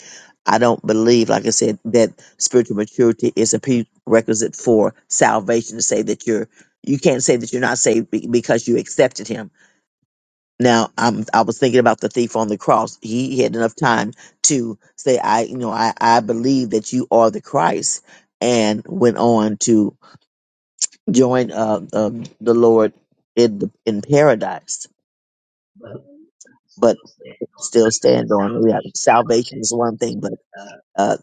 I don't believe, like I said, that spiritual maturity is a prerequisite for salvation. To say that you're you can't say that you're not saved be- because you accepted Him Now, I'm, I was thinking about the thief on the cross. He had enough time to say, I, you know, I, I believe that you are the Christ and went on to join uh, um, the Lord in, the, in paradise, but Absolutely. still stand on, yeah, salvation is one thing, but uh,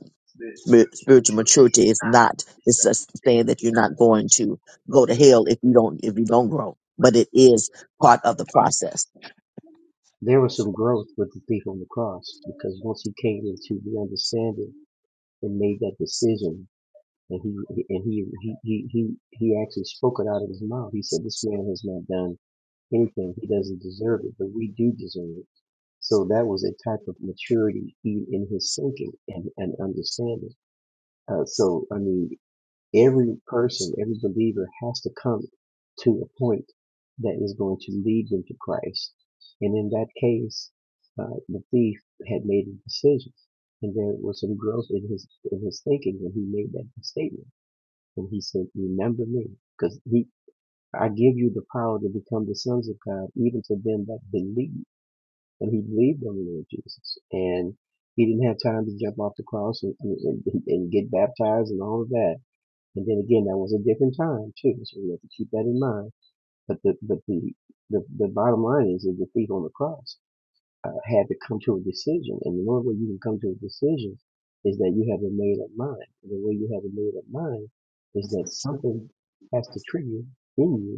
spir- spiritual maturity is not, it's just saying that you're not going to go to hell if you don't, if you don't grow, but it is part of the process. There was some growth with the thief on the cross because once he came into the understanding and made that decision, and he and he he he he, he actually spoke it out of his mouth. He said, "This man has not done anything. He doesn't deserve it, but we do deserve it." So that was a type of maturity in, in his thinking and, and understanding. Uh, so I mean every person, every believer has to come to a point that is going to lead them to Christ. And in that case, uh, the thief had made a decision, and there was some growth in his in his thinking when he made that statement. And he said, "Remember me, because he I give you the power to become the sons of God, even to them that believe." And he believed on the Lord Jesus, and he didn't have time to jump off the cross and, and, and and get baptized and all of that and then again, that was a different time too, so we have to keep that in mind. But the but the the, the bottom line is that the thief on the cross uh, had to come to a decision, and the only way you can come to a decision is that you have a made up mind. And the way you have a made up mind is that something has to trigger in you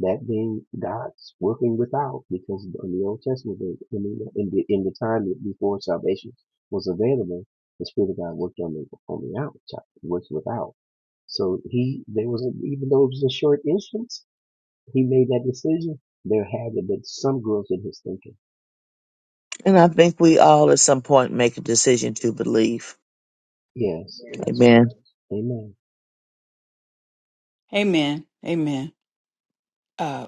that being God's working without, because in the Old Testament, I mean, in the in the time before salvation was available, the Spirit of God worked on the on the outside, worked without. So he, there was a, even though it was a short instance, he made that decision. There had to be some growth in his thinking. And I think we all at some point make a decision to believe. Yes, Amen. that's Amen. correct. Amen. Amen. Amen. Uh,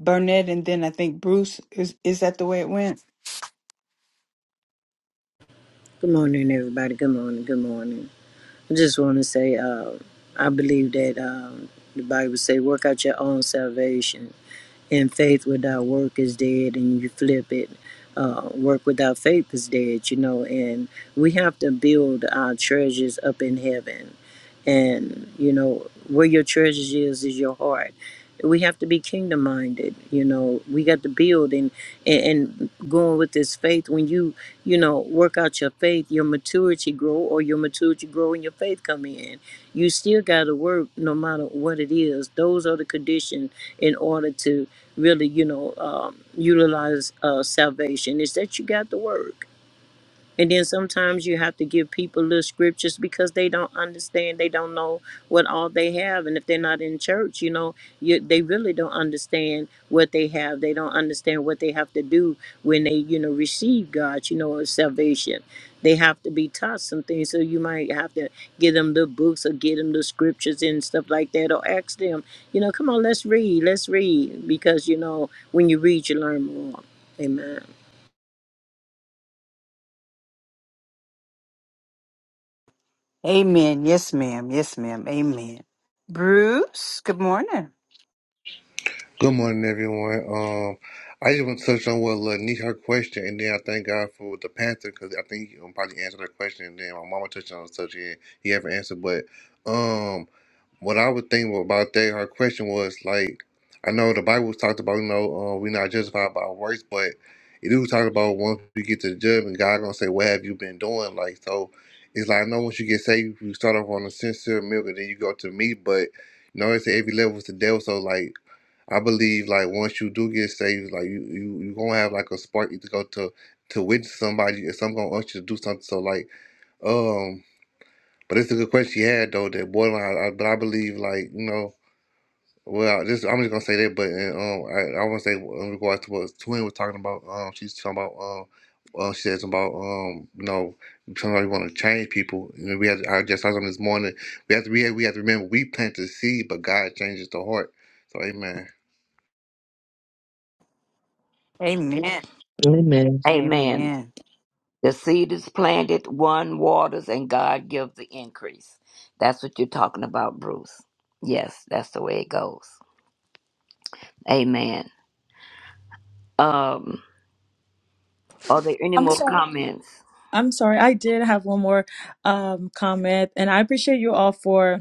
Burnett, and then I think Bruce. Is is that the way it went? Good morning, everybody. Good morning. Good morning. I just want to say, uh, I believe that um, the Bible say, "Work out your own salvation." And faith without work is dead, and you flip it. Uh, work without faith is dead, you know. And we have to build our treasures up in heaven, and you know where your treasures is is your heart. We have to be kingdom minded, you know. We got to build and and, and going with this faith when you you know, work out your faith, your maturity grow, or your maturity grow and your faith come in. You still got to work no matter what it is. Those are the conditions in order to really, you know, um, utilize uh, salvation is that you got to work and then sometimes you have to give people little scriptures because they don't understand. They don't know what all they have. And if they're not in church, you know, you, they really don't understand what they have. They don't understand what they have to do when they, you know, receive God, you know, or salvation. They have to be taught some things. So you might have to give them the books or get them the scriptures and stuff like that or ask them, you know, come on, let's read, let's read. Because, you know, when you read, you learn more. Amen. Amen. Yes, ma'am. Yes, ma'am. Amen. Bruce. Good morning. Good morning, everyone. Um, I just want to touch on what Lanique her question, and then I thank God for the Panther because I think he will probably answer that question. And then my mama touched on such and he haven't answered, but um. What I would think about that, her question was like, I know the Bible talked about, you know, uh, we're not justified by works, but it do talk about once you get to the judgment, God gonna say, "What have you been doing?" Like, so it's like I know once you get saved, you start off on the sincere milk, and then you go to meat, but you know, it's at every level is the devil. So like, I believe like once you do get saved, like you you you gonna have like a spark to go to to witness somebody, and some gonna want you to do something. So like, um. But it's a good question you had though. That boy, I, I, but I believe like you know, well, this I'm just gonna say that. But and, um, I, I want to say in regards to what Twin was talking about. Um, she's talking about um, uh, she says about um, you know, sometimes we want to change people. You know, we had I just saw something this morning. We have to we have, we have to remember we plant the seed, but God changes the heart. So amen. Amen. Amen. Amen. Amen. The seed is planted, one waters, and God gives the increase. That's what you're talking about, Bruce. Yes, that's the way it goes. Amen. Um, are there any I'm more sorry. comments? I'm sorry, I did have one more um, comment, and I appreciate you all for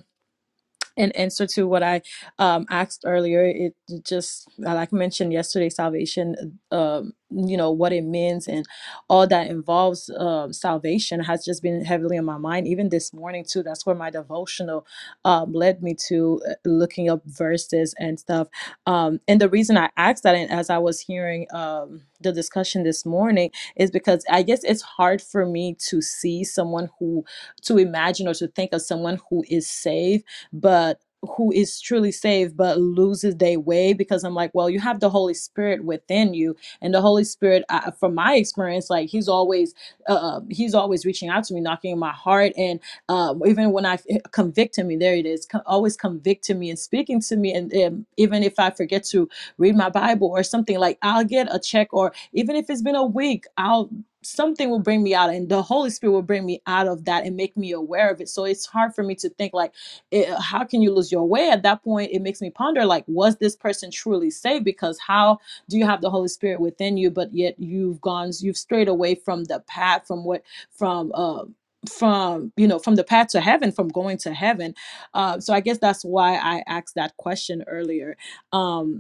and answer to what I um, asked earlier, it just like I mentioned yesterday, salvation, um, you know what it means and all that involves um, salvation has just been heavily on my mind. Even this morning too, that's where my devotional um, led me to uh, looking up verses and stuff. Um, and the reason I asked that, and as I was hearing um, the discussion this morning, is because I guess it's hard for me to see someone who to imagine or to think of someone who is saved but who is truly saved but loses their way because I'm like, well, you have the Holy Spirit within you, and the Holy Spirit, I, from my experience, like He's always, uh, uh, He's always reaching out to me, knocking in my heart, and uh, even when I convicting me, there it is, co- always convicting me and speaking to me, and, and even if I forget to read my Bible or something, like I'll get a check, or even if it's been a week, I'll something will bring me out and the holy spirit will bring me out of that and make me aware of it so it's hard for me to think like it, uh, how can you lose your way at that point it makes me ponder like was this person truly saved because how do you have the holy spirit within you but yet you've gone you've strayed away from the path from what from uh from you know from the path to heaven from going to heaven uh, so i guess that's why i asked that question earlier um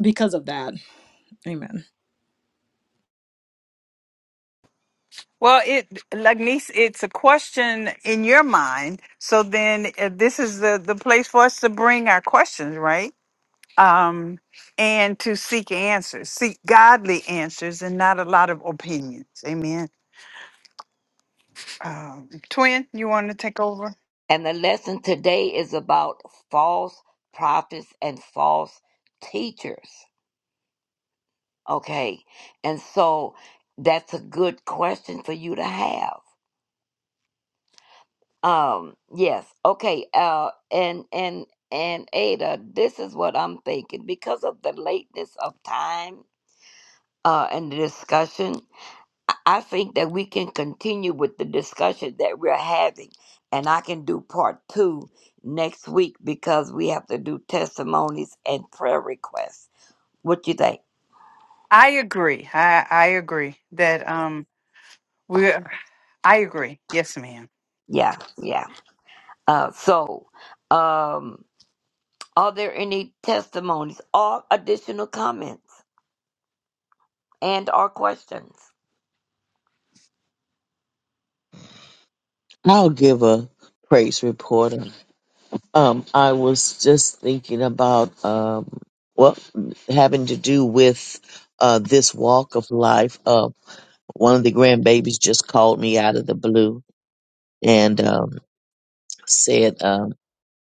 because of that. Amen. Well, it like niece, it's a question in your mind. So then, uh, this is the the place for us to bring our questions, right? um, and to seek answers, seek godly answers, and not a lot of opinions. Amen. Um, Twin, you want to take over? And the lesson today is about false prophets and false teachers. Okay. And so that's a good question for you to have Um, yes. Okay. Uh, and and and Ada, this is what I'm thinking because of the lateness of time uh, and the discussion. I I think that we can continue with the discussion that we're having, and I can do part two next week because we have to do testimonies and prayer requests. What you think? I agree. I I agree that um we. I agree. Yes, ma'am. Yeah, yeah. Uh, so, um, are there any testimonies or additional comments? and our questions. I'll give a praise report. Um, I was just thinking about um, well, having to do with uh, this walk of life. Uh, one of the grandbabies just called me out of the blue and um, said. um,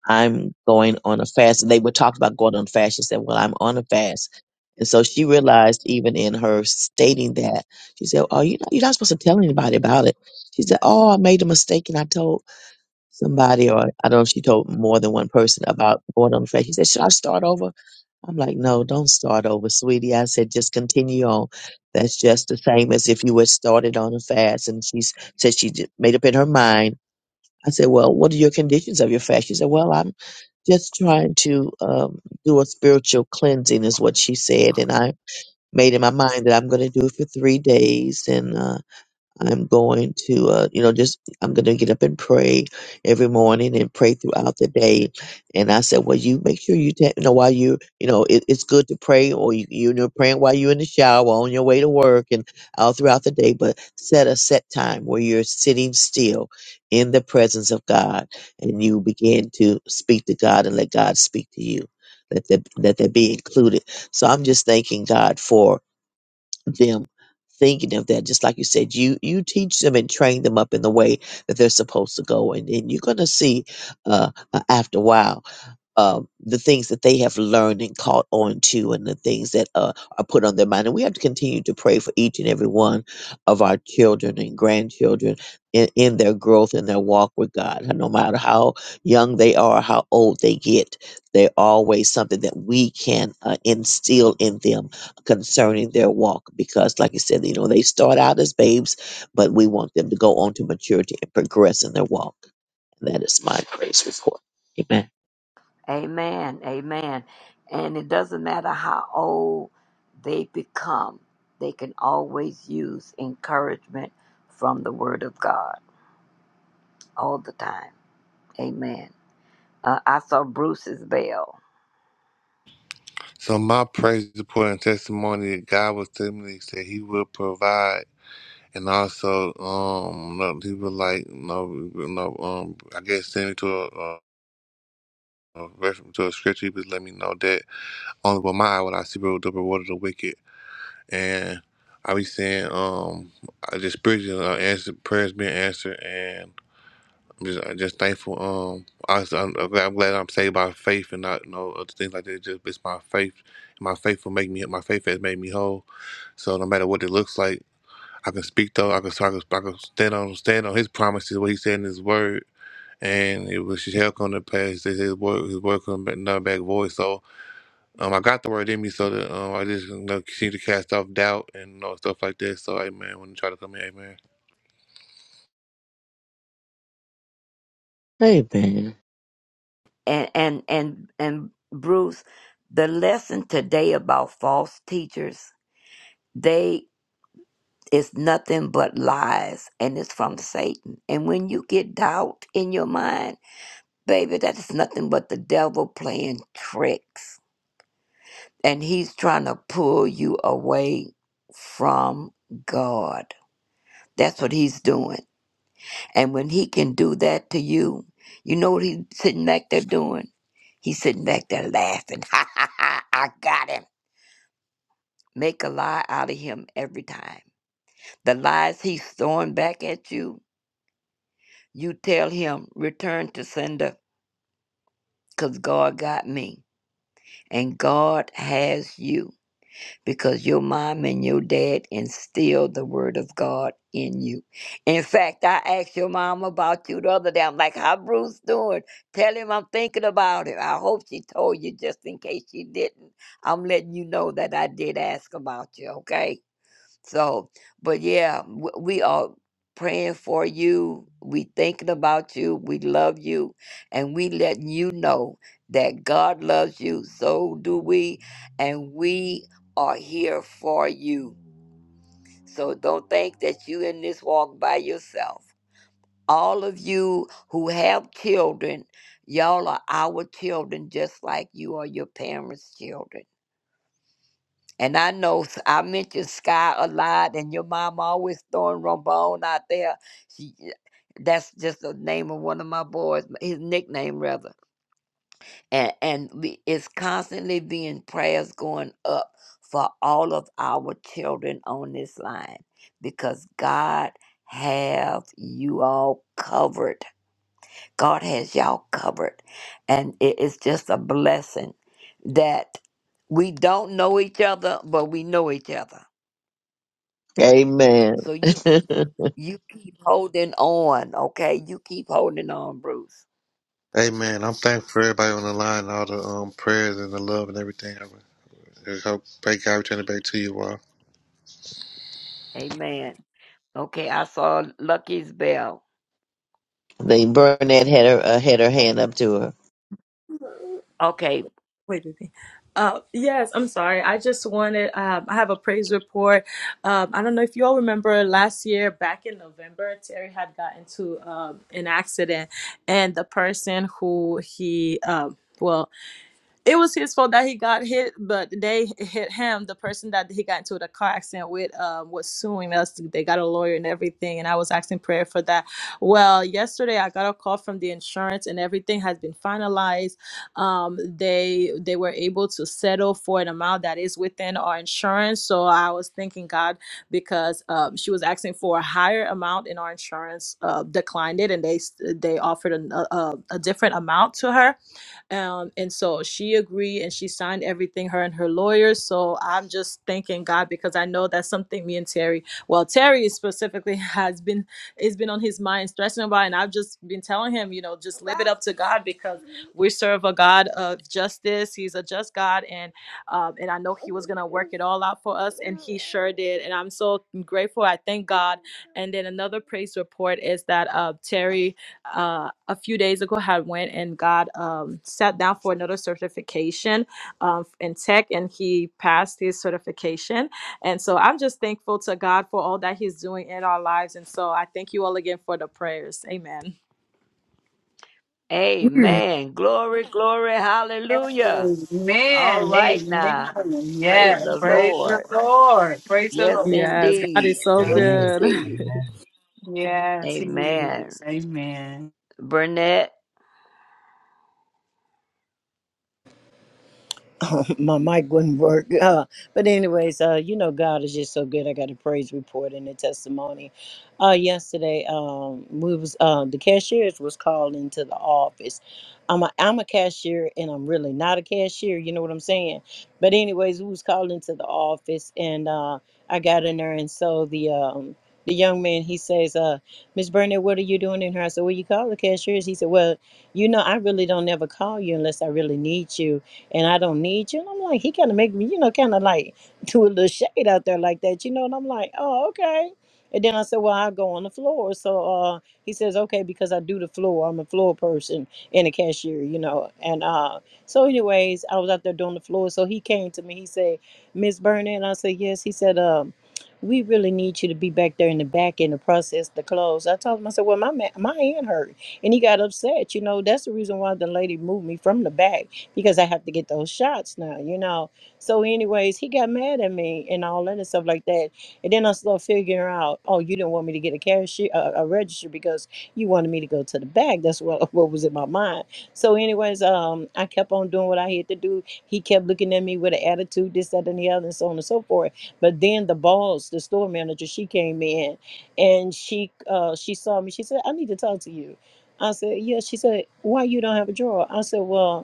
I'm going on a fast. And they would talk about going on a fast. She said, Well, I'm on a fast. And so she realized, even in her stating that, she said, Oh, you're not, you're not supposed to tell anybody about it. She said, Oh, I made a mistake and I told somebody, or I don't know if she told more than one person about going on a fast. She said, Should I start over? I'm like, No, don't start over, sweetie. I said, Just continue on. That's just the same as if you had started on a fast. And she s- said she j- made up in her mind. I said, Well, what are your conditions of your fast? She said, Well, I'm just trying to um, do a spiritual cleansing is what she said and i made in my mind that i'm going to do it for three days and uh, I'm going to, uh, you know, just I'm going to get up and pray every morning and pray throughout the day. And I said, well, you make sure you, ta- you know, while you, you know, it, it's good to pray, or you, you know, praying while you're in the shower, on your way to work, and all throughout the day. But set a set time where you're sitting still in the presence of God, and you begin to speak to God and let God speak to you. Let that let that be included. So I'm just thanking God for them thinking of that just like you said you you teach them and train them up in the way that they're supposed to go and then you're going to see uh uh, after a while um, the things that they have learned and caught on to and the things that uh, are put on their mind. And we have to continue to pray for each and every one of our children and grandchildren in, in their growth and their walk with God. And no matter how young they are, how old they get, they're always something that we can uh, instill in them concerning their walk. Because, like I said, you know, they start out as babes, but we want them to go on to maturity and progress in their walk. And that is my praise report. Amen. Amen. Amen. And it doesn't matter how old they become, they can always use encouragement from the Word of God all the time. Amen. Uh, I saw Bruce's bell, So my praise, support, and testimony that God was telling me that He will provide. And also, um, no, he was like, no, no, um, I guess send me to a, a, a verse to a scripture. He was let me know that only with my eye would I see the reward of the wicked. And I be saying, um, I just prayers uh, answer prayers being answered, and I'm just I'm just thankful. Um, I, I'm, I'm glad I'm glad I'm saved by faith and not no other things like that. Just it's my faith. My faith will make me. My faith has made me whole. So no matter what it looks like. I can speak though. I can, I can, I can stand on stand on His promises, what He said in His Word, and it was shall come to pass. That His word, His word come back, not back void. So, um, I got the word in me, so that um, I just you know, continue to cast off doubt and you know, stuff like that. So, Amen. When you try to come in, Amen. Amen. and and and and Bruce, the lesson today about false teachers, they is nothing but lies, and it's from Satan. And when you get doubt in your mind Baby, that's nothing but the devil playing tricks. And he's trying to pull you away from God. That's what he's doing. And when he can do that to you, you know what he's sitting back there doing? He's sitting back there laughing. Ha ha ha, I got him. Make a lie out of him every time. The lies he's throwing back at you, you tell him, return to sender, because God got me and God has you because your mom and your dad instilled the word of God in you. In fact, I asked your mom about you the other day. I'm like, how Bruce doing? Tell him I'm thinking about him. I hope she told you just in case she didn't. I'm letting you know that I did ask about you, okay? So, but yeah, w- we are praying for you. We thinking about you. We love you, and we letting you know that God loves you. So do we, and we are here for you. So don't think that you in this walk by yourself. All of you who have children, y'all are our children, just like you are your parents' children. And I know s- I mention Sky a lot, and your mom always throwing Rombone out there. She, eh, that's just the name of one of my boys, his nickname rather. And and we, it's constantly being prayers going up for all of our children on this line, because God have you all covered. God has y'all covered, and it is just a blessing that we don't know each other, but we know each other Amen. So you they you keep holding on, okay? You keep holding on, Bruce. Amen. I'm thankful for everybody on the line, all the um prayers and the love and everything. I I hope pray God return it back to you all. Amen. Okay, I saw Lucky's bell. Burnett had her uh, had her hand up to her. Okay. Wait, baby. Uh, yes, I'm sorry. I just wanted, um, I have a praise report. Um, I don't know if you all remember last year, back in November, Terry had gotten into um, an accident, and the person who he, um, well, it was his fault that he got hit, but they hit him. The person that he got into the car accident with um, was suing us. They got a lawyer and everything, and I was asking prayer for that. Well, yesterday I got a call from the insurance, and everything has been finalized. Um, they they were able to settle for an amount that is within our insurance. So I was thanking God because um, she was asking for a higher amount, and our insurance uh, declined it, and they they offered a, a a different amount to her um, and so she agreed and she signed everything, her and her lawyers. So I'm just thanking God because I know that's something me and Terry, well, Terry specifically has been it's been on his mind, stressing about, and I've just been telling him, you know, just live it up to God because we serve a God of justice. He's a just God, and um, and I know He was gonna work it all out for us, and He sure did. And I'm so grateful. I thank God. And then another praise report is that uh, Terry uh, a few days ago had went and got um, sat down for another certification um, in tech and he passed his certification and so i'm just thankful to god for all that he's doing in our lives and so i thank you all again for the prayers amen Mm. Amen. Glory, glory, hallelujah. Amen. All right Amen. now. Praise Yes. the Praise the Lord. Lord. Praise the Yes Lord. yes god indeed. is so Yeah. Yes Amen. good indeed. Amen. Yes, he Amen. is. Amen. Burnett. my mic wouldn't work. Uh, but anyways, uh, you know, God is just so good. I got a praise report and a testimony. Uh, yesterday, um, we was uh, the cashiers was called into the office. I'm a, I'm a cashier and I'm really not a cashier. You know what I'm saying? But anyways, we was called into the office and uh, I got in there and so the um, the young man he says, uh, Miss Burnett, what are you doing in here? I said, Well, you call the cashiers. He said, Well, you know, I really don't never call you unless I really need you and I don't need you. And I'm like, he kind of make me, you know, kind of like do a little shade out there like that, you know. And I'm like, oh, okay. And then I said, well, I'll go on the floor. So uh, he says, okay, because I do the floor. I'm a floor person and a cashier, you know. And uh, so, anyways, I was out there doing the floor. So he came to me. He said, Miss Burnett. And I said, yes. He said, um, we really need you to be back there in the back in the process the clothes. I told him, I said, well, my ma- my hand hurt, and he got upset. You know, that's the reason why the lady moved me from the back because I have to get those shots now, you know. So, anyways, he got mad at me and all that and stuff like that. And then I started figuring out, oh, you didn't want me to get a cashier, uh, a register because you wanted me to go to the back. That's what what was in my mind. So, anyways, um, I kept on doing what I had to do. He kept looking at me with an attitude, this, that, and the other, and so on and so forth. But then the boss, the store manager, she came in and she uh she saw me. She said, I need to talk to you. I said, Yeah. She said, Why you don't have a drawer? I said, Well,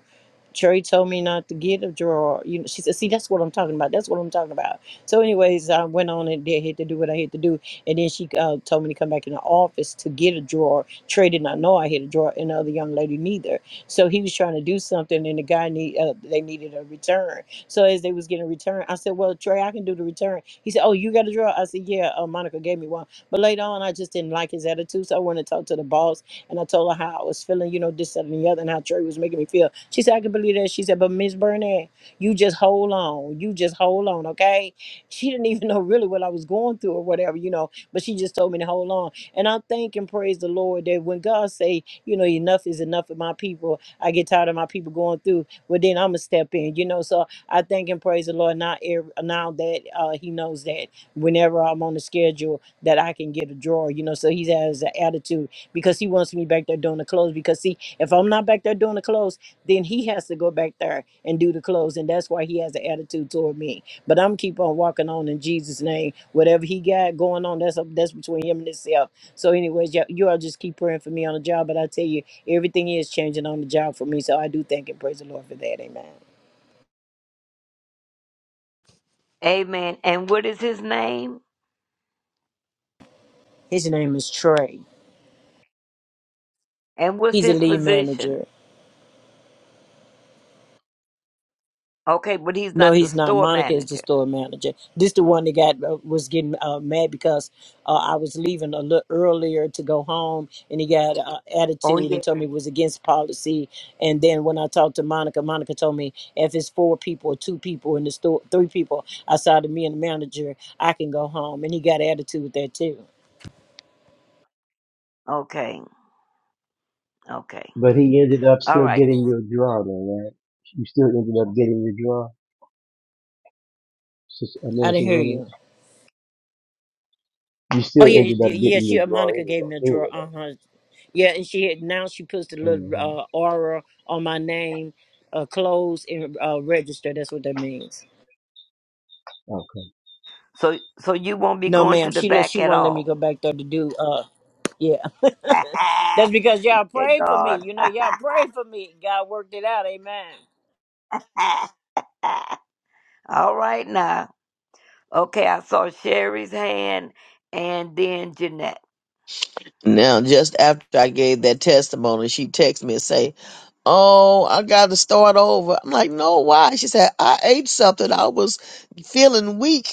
Cherry told me not to get a drawer. You know, she said, "See, that's what I'm talking about. That's what I'm talking about." So, anyways, I went on and did had to do what I had to do, and then she uh, told me to come back in the office to get a drawer. Trey did not know I had a drawer, and the other young lady neither. So he was trying to do something, and the guy need uh, they needed a return. So as they was getting a return, I said, "Well, Trey, I can do the return." He said, "Oh, you got a drawer?" I said, "Yeah." Uh, Monica gave me one, but later on, I just didn't like his attitude, so I went to talk to the boss, and I told her how I was feeling, you know, this that, and the other, and how Trey was making me feel. She said, I can believe that. She said, but Miss Burnett, you just hold on. You just hold on, okay? She didn't even know really what I was going through or whatever, you know, but she just told me to hold on. And I'm thanking, praise the Lord, that when God say, you know, enough is enough of my people, I get tired of my people going through, well, then I'm going to step in, you know? So I thank and praise the Lord now, ev- now that uh, he knows that whenever I'm on the schedule that I can get a drawer, you know. So he has an attitude because he wants me back there doing the clothes. Because see, if I'm not back there doing the clothes, then he has to go back there and do the closing, And that's why he has an attitude toward me. But I'm keep on walking on in Jesus' name. Whatever he got going on, that's up that's between him and himself. So, anyways, y'all, you all just keep praying for me on the job. But I tell you, everything is changing on the job for me. So I do thank and praise the Lord for that. Amen. Amen. And what is his name? His name is Trey. And what's He's a his lead position? manager. Okay, but he's No, not the he's not. store Monica is the manager. store manager. This the one that got uh, was getting uh, mad because uh, I was leaving a little earlier to go home, and he got uh, Oh attitude yeah. and told me it was against policy. And then when I talked to Monica, Monica told me if it's four people or two people in the store, three people outside of me and the manager, I can go home. And he got attitude with that too. Okay. Okay. But he ended up All still right. getting your draw, though, right? You still ended up getting your draw, Sister uh, I didn't Minister hear Renee? you. you Oh still yeah, ended up yeah. getting She the uh, draw Monica gave me anyway. a drawer. Anyway, Uh though. huh. Yeah, and she had now she puts the little Mhm. uh, aura on my name, uh, closed and uh, registered. That's what that means. Okay. So so you won't be No, going ma'am, to the she does- back she at won't let me go all. back there to do. Uh, yeah, Thank that's because y'all prayed for me. God. You know, y'all prayed for me. God worked it out. Amen. all right now. Okay, I saw Sherry's hand and then Jeanette. Now, just after I gave that testimony, she texted me and say. Oh, I got to start over. I'm like, no, why? She said, I ate something. I was feeling weak.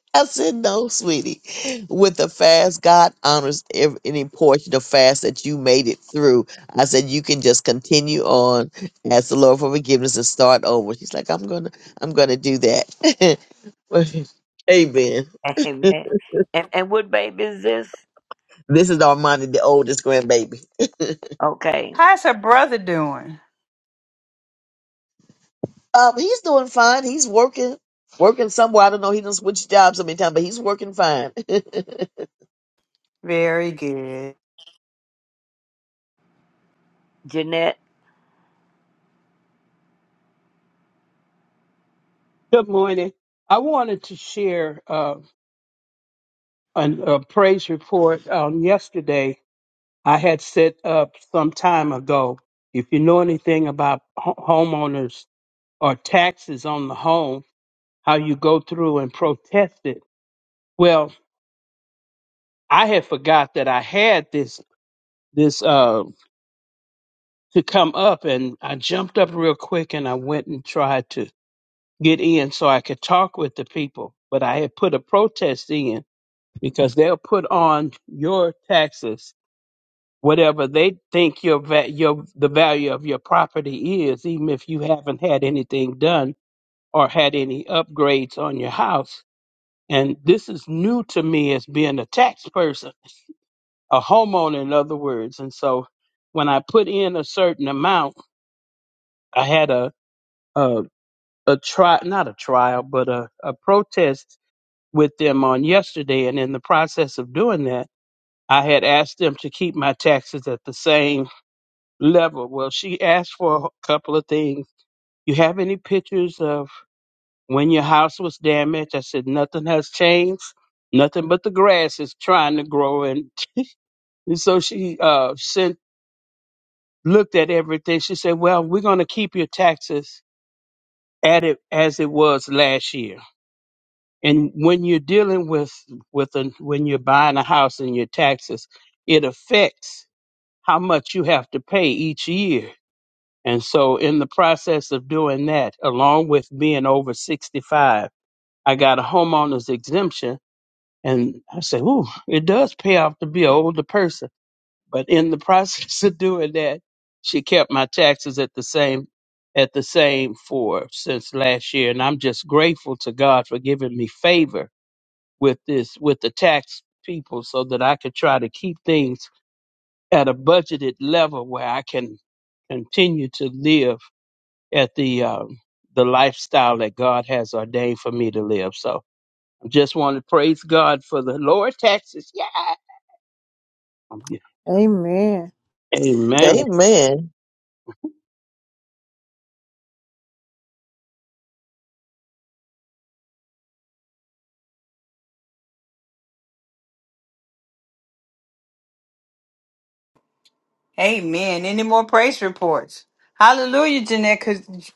I said, no, sweetie. With the fast, God honors ev- any portion of fast that you made it through. I said, you can just continue on, ask the Lord for forgiveness, and start over. She's like, I'm gonna, I'm gonna do that. Amen. Amen. And and what baby is this? This is Armani, the oldest grandbaby. Okay. How's her brother doing? Um, he's doing fine. He's working, working somewhere. I don't know. He done switched jobs so many times, but he's working fine. Very good. Jeanette. Good morning. I wanted to share uh, an, a praise report on yesterday I had set up some time ago. If you know anything about ho- homeowners or taxes on the home, how you go through and protest it. Well, I had forgot that I had this this uh, to come up, and I jumped up real quick and I went and tried to get in so I could talk with the people. But I had put a protest in, because they'll put on your taxes whatever they think your va- your the value of your property is even if you haven't had anything done or had any upgrades on your house and this is new to me as being a tax person a homeowner in other words and so when i put in a certain amount i had a a, a try not a trial but a, a protest with them on yesterday and in the process of doing that I had asked them to keep my taxes at the same level. Well, she asked for a couple of things. You have any pictures of when your house was damaged? I said, nothing has changed. Nothing but the grass is trying to grow. And, and so she uh, sent, looked at everything. She said, well, we're going to keep your taxes at it as it was last year. And when you're dealing with, with a, when you're buying a house and your taxes, it affects how much you have to pay each year And so, in the process of doing that, along with being over 65, I got a homeowner's exemption. And I said, Ooh, it does pay off to be an older person. But in the process of doing that, she kept my taxes at the same at the same for since last year and i'm just grateful to god for giving me favor with this with the tax people so that i could try to keep things at a budgeted level where i can continue to live at the um, the lifestyle that God has ordained for me to live. So I just want to praise God for the lower taxes. Yeah. Amen. Amen. Amen. Amen. Any more praise reports? Hallelujah, Jeanette,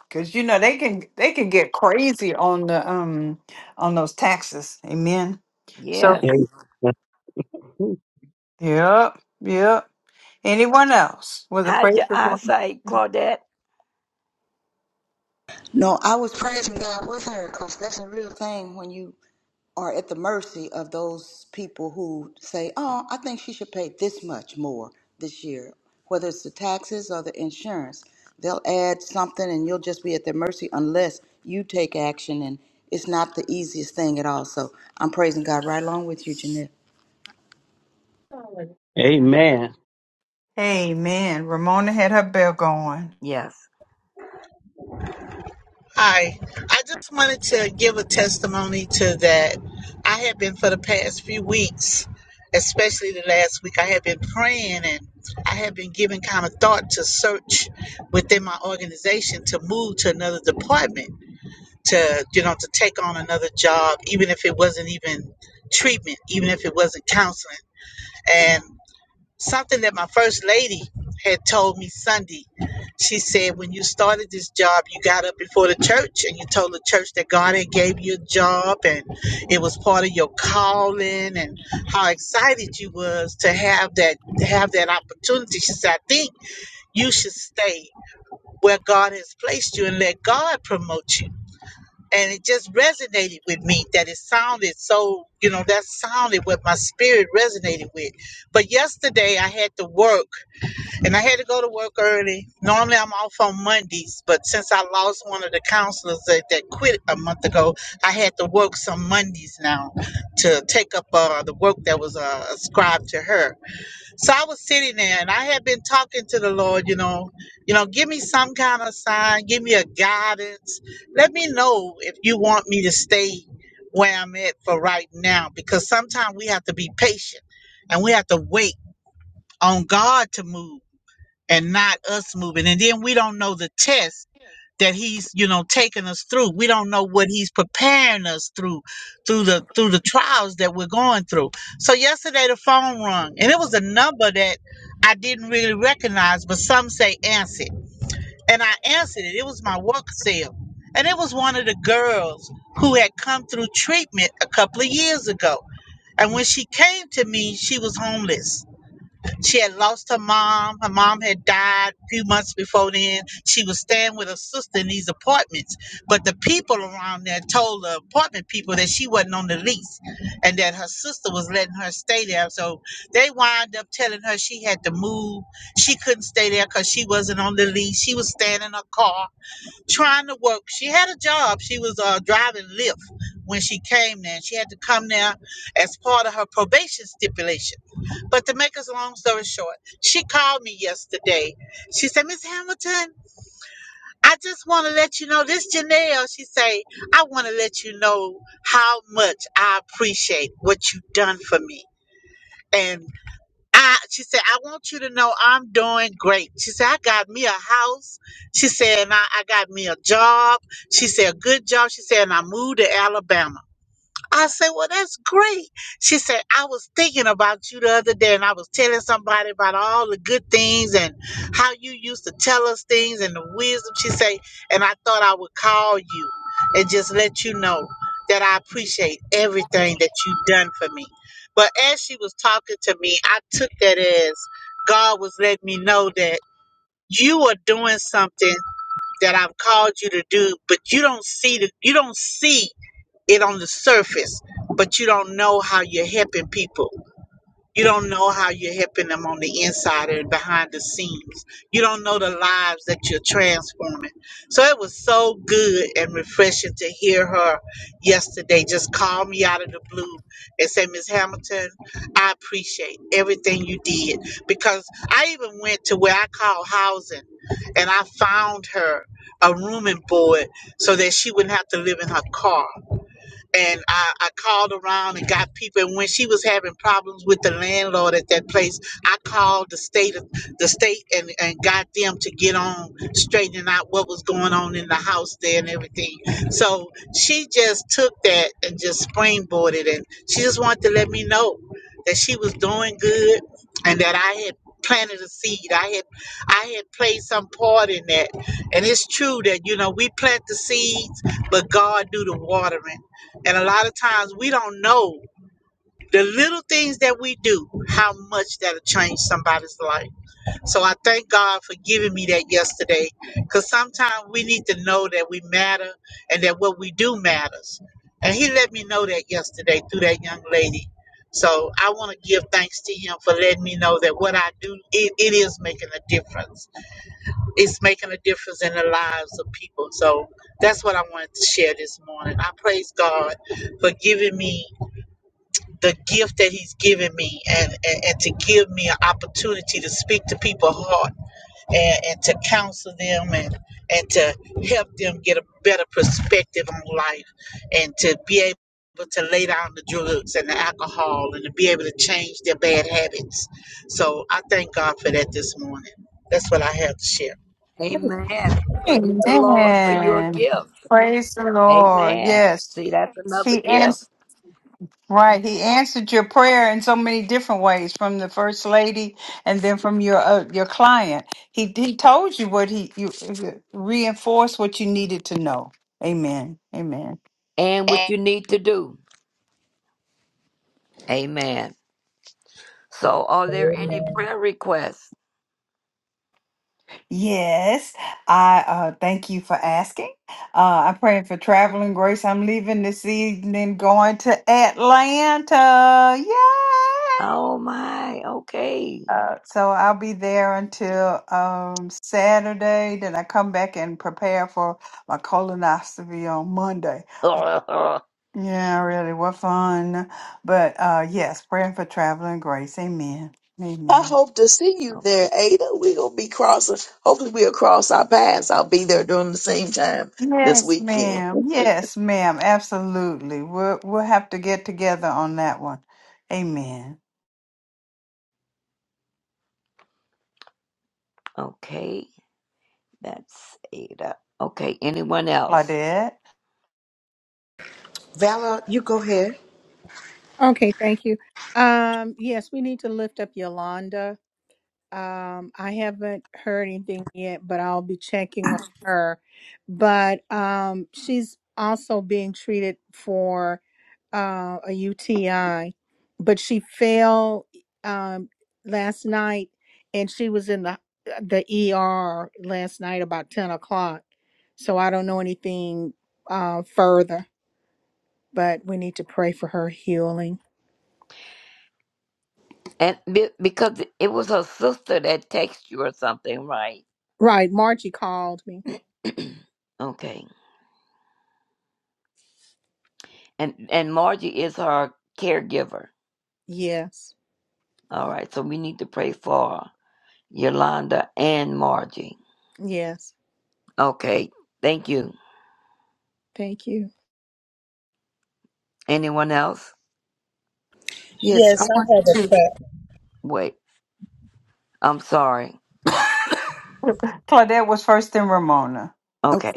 because you know they can they can get crazy on the um on those taxes. Amen. So Yes. yep, yep. Anyone else with a How's praise your report? eyesight, Claudette? No, I was praising God with her because that's a real thing when you are at the mercy of those people who say, Oh, I think she should pay this much more this year, whether it's the taxes or the insurance. They'll add something and you'll just be at their mercy unless you take action. And it's not the easiest thing at all. So I'm praising God right along with you, Janette. Amen. Amen. Ramona had her bell going. Yes. Hi, I just wanted to give a testimony to that. I have been for the past few weeks, especially the last week, I have been praying and I have been giving kind of thought to search within my organization to move to another department, to, you know, to take on another job, even if it wasn't even treatment, even if it wasn't counseling something that my first lady had told me Sunday. She said, when you started this job, you got up before the church and you told the church that God had gave you a job and it was part of your calling and how excited you was to have that to have that opportunity. She said, I think you should stay where God has placed you and let God promote you. And it just resonated with me that it sounded so, you know, that sounded what my spirit resonated with. But yesterday I had to work and I had to go to work early. Normally, I'm off on Mondays, but since I lost one of the counselors that, that quit a month ago, I had to work some Mondays now to take up uh, the work that was uh, ascribed to her. So I was sitting there, and I had been talking to the Lord, you know, you know, give me some kind of sign, give me a guidance, let me know if you want me to stay where I'm at for right now, because sometimes we have to be patient and we have to wait on God to move and not us moving. And then we don't know the test that he's, you know, taking us through. We don't know what he's preparing us through, through the through the trials that we're going through. So yesterday the phone rung, and it was a number that I didn't really recognize, but some say answered, and I answered it. It was my work cell, and it was one of the girls who had come through treatment a couple of years ago. And when she came to me, she was homeless she had lost her mom. Her mom had died a few months before then. She was staying with her sister in these apartments. But the people around there told the apartment people that she wasn't on the lease and that her sister was letting her stay there. So they wind up telling her she had to move. She couldn't stay there because she wasn't on the lease. She was staying in her car trying to work. She had a job. She was uh, driving Lyft when she came there. She had to come there as part of her probation stipulation. But to make us a long story short, she called me yesterday. She said, Miss Hamilton, I just want to let you know this Janelle. She say, I want to let you know how much I appreciate what you've done for me. And I, she said, I want you to know I'm doing great. She said, I got me a house. She said, and I, I got me a job. She said, a good job. She said, and I moved to Alabama. I said, Well, that's great. She said, I was thinking about you the other day and I was telling somebody about all the good things and how you used to tell us things and the wisdom. She said, And I thought I would call you and just let you know that I appreciate everything that you've done for me. But as she was talking to me, I took that as God was letting me know that you are doing something that I've called you to do, but you don't see the you don't see it on the surface, but you don't know how you're helping people. You don't know how you're helping them on the inside and behind the scenes. You don't know the lives that you're transforming. So it was so good and refreshing to hear her yesterday just call me out of the blue and say, Miss Hamilton, I appreciate everything you did. Because I even went to where I call housing and I found her a room and board so that she wouldn't have to live in her car and I, I called around and got people. And when she was having problems with the landlord at that place, I called the state, of the state, and, and got them to get on straightening out what was going on in the house there and everything. So she just took that and just springboarded, and she just wanted to let me know that she was doing good and that I had planted a seed. I had I had played some part in that. And it's true that you know we plant the seeds, but God do the watering. And a lot of times we don't know the little things that we do, how much that'll change somebody's life. So I thank God for giving me that yesterday because sometimes we need to know that we matter and that what we do matters. And He let me know that yesterday through that young lady. So I want to give thanks to Him for letting me know that what I do, it, it is making a difference. It's making a difference in the lives of people. So that's what I wanted to share this morning. I praise God for giving me the gift that he's given me and, and, and to give me an opportunity to speak to people's heart and, and to counsel them and, and to help them get a better perspective on life and to be able to lay down the drugs and the alcohol and to be able to change their bad habits. So I thank God for that this morning. That's what I have to share. Amen. Praise the Lord for your Amen. gift. Praise the Lord. Amen. Yes. See, that's another She gift. answered. Right. He answered your prayer in so many different ways from the first lady and then from your uh, your client. He he told you what he you reinforced what you needed to know. Amen. Amen. And what you need to do. Amen. So, are there any prayer requests? Yes, I uh, thank you for asking. Uh, I'm praying for traveling grace. I'm leaving this evening, going to Atlanta. Yay! Oh my, okay. Uh, so I'll be there until um, Saturday. Then I come back and prepare for my colonoscopy on Monday. O- Yeah, really, what fun! But uh, yes, praying for traveling grace. Amen. I Amen. hope to see you there, Ada. We're gonna be crossing. Hopefully, we'll cross our paths. I'll be there during the same time this Yes, weekend. ma'am. Yes, ma'am. Absolutely. We'll we'll have to get together on that one. Amen. okay, that's Ada. Okay, anyone else? Claudette. Vala, you go ahead. Okay. Thank you. Um, yes, we need to lift up Yolanda. Um, I haven't heard anything yet, but I'll be checking on her. But um, she's also being treated for uh, a UTI, but she fell um, last night, and she was in the the ER last night about ten o'clock. So I don't know anything uh, further, but we need to pray for her healing. And be- because it was her sister that texted you or something, right? Right, Margie called me. okay, and and Margie is her caregiver. Yes, All right, so we need to pray for Yolanda and Margie. yes. Okay, thank you. Thank you. Anyone else? Yes. Yes, I want to. Wait, I'm sorry. Claudette was first in Ramona. Okay. Okay.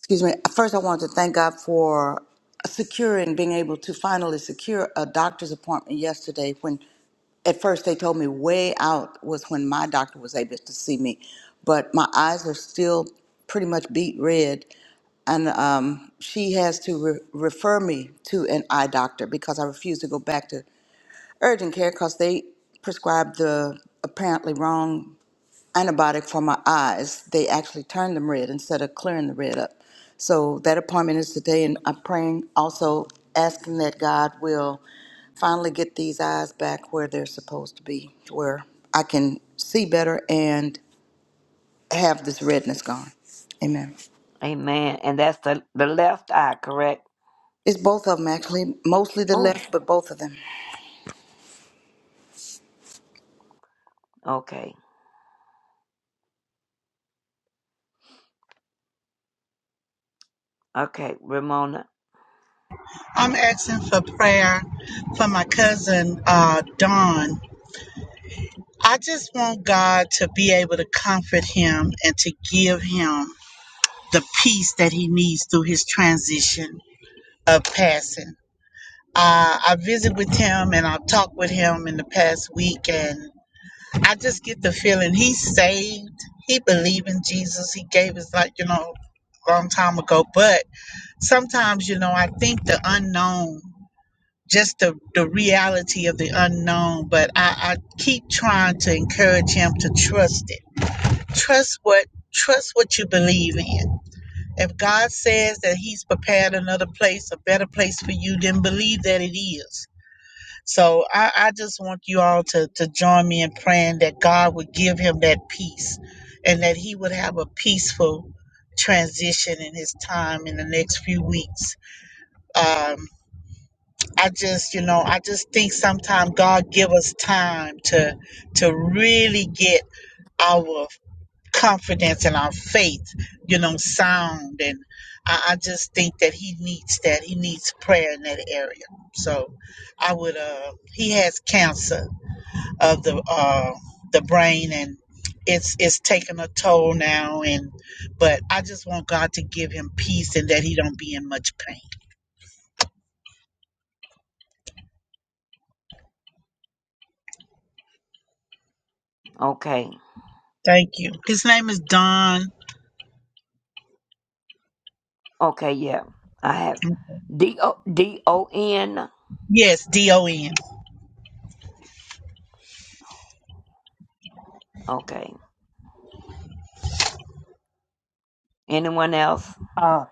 excuse me first i want to thank god for securing being able to finally secure a doctor's appointment yesterday when at first they told me way out was when my doctor was able to see me but my eyes are still pretty much beat red and um, she has to re- refer me to an eye doctor because i refuse to go back to urgent care because they prescribed the apparently wrong antibiotic for my eyes. They actually turned them red instead of clearing the red up. So that appointment is today, and I'm praying also asking that God will finally get these eyes back where they're supposed to be, where I can see better and have this redness gone. Amen. Amen. And that's the, the left eye, correct? It's both of them actually, mostly the Oh, left, but both of them. okay. Okay, Ramona. I'm asking for prayer for my cousin, uh, Dawn. I just want God to be able to comfort him and to give him the peace that he needs through his transition of passing. Uh, I visited with him and I talked with him in the past week, and I just get the feeling he's saved. He believed in Jesus. He gave his life, you know, long time ago. But sometimes, you know, I think the unknown, just the, the reality of the unknown. But I, I keep trying to encourage him to trust it Trust what trust what you believe in. If God says that He's prepared another place, a better place for you, then believe that it is. So I, I just want you all to, to join me in praying that God would give him that peace and that he would have a peaceful transition in his time in the next few weeks. Um, I just, you know, I just think sometimes God give us time to to really get our confidence and our faith, you know, sound. And I, I just think that he needs that. He needs prayer in that area. So I would, uh, he has cancer of the, uh, the brain and it's, it's taking a toll now. And, but I just want God to give him peace and that he don't be in much pain. Okay. Thank you. His name is Don. Okay, yeah. I have D O D O N. Yes, D O N. Okay. Anyone else? Uh,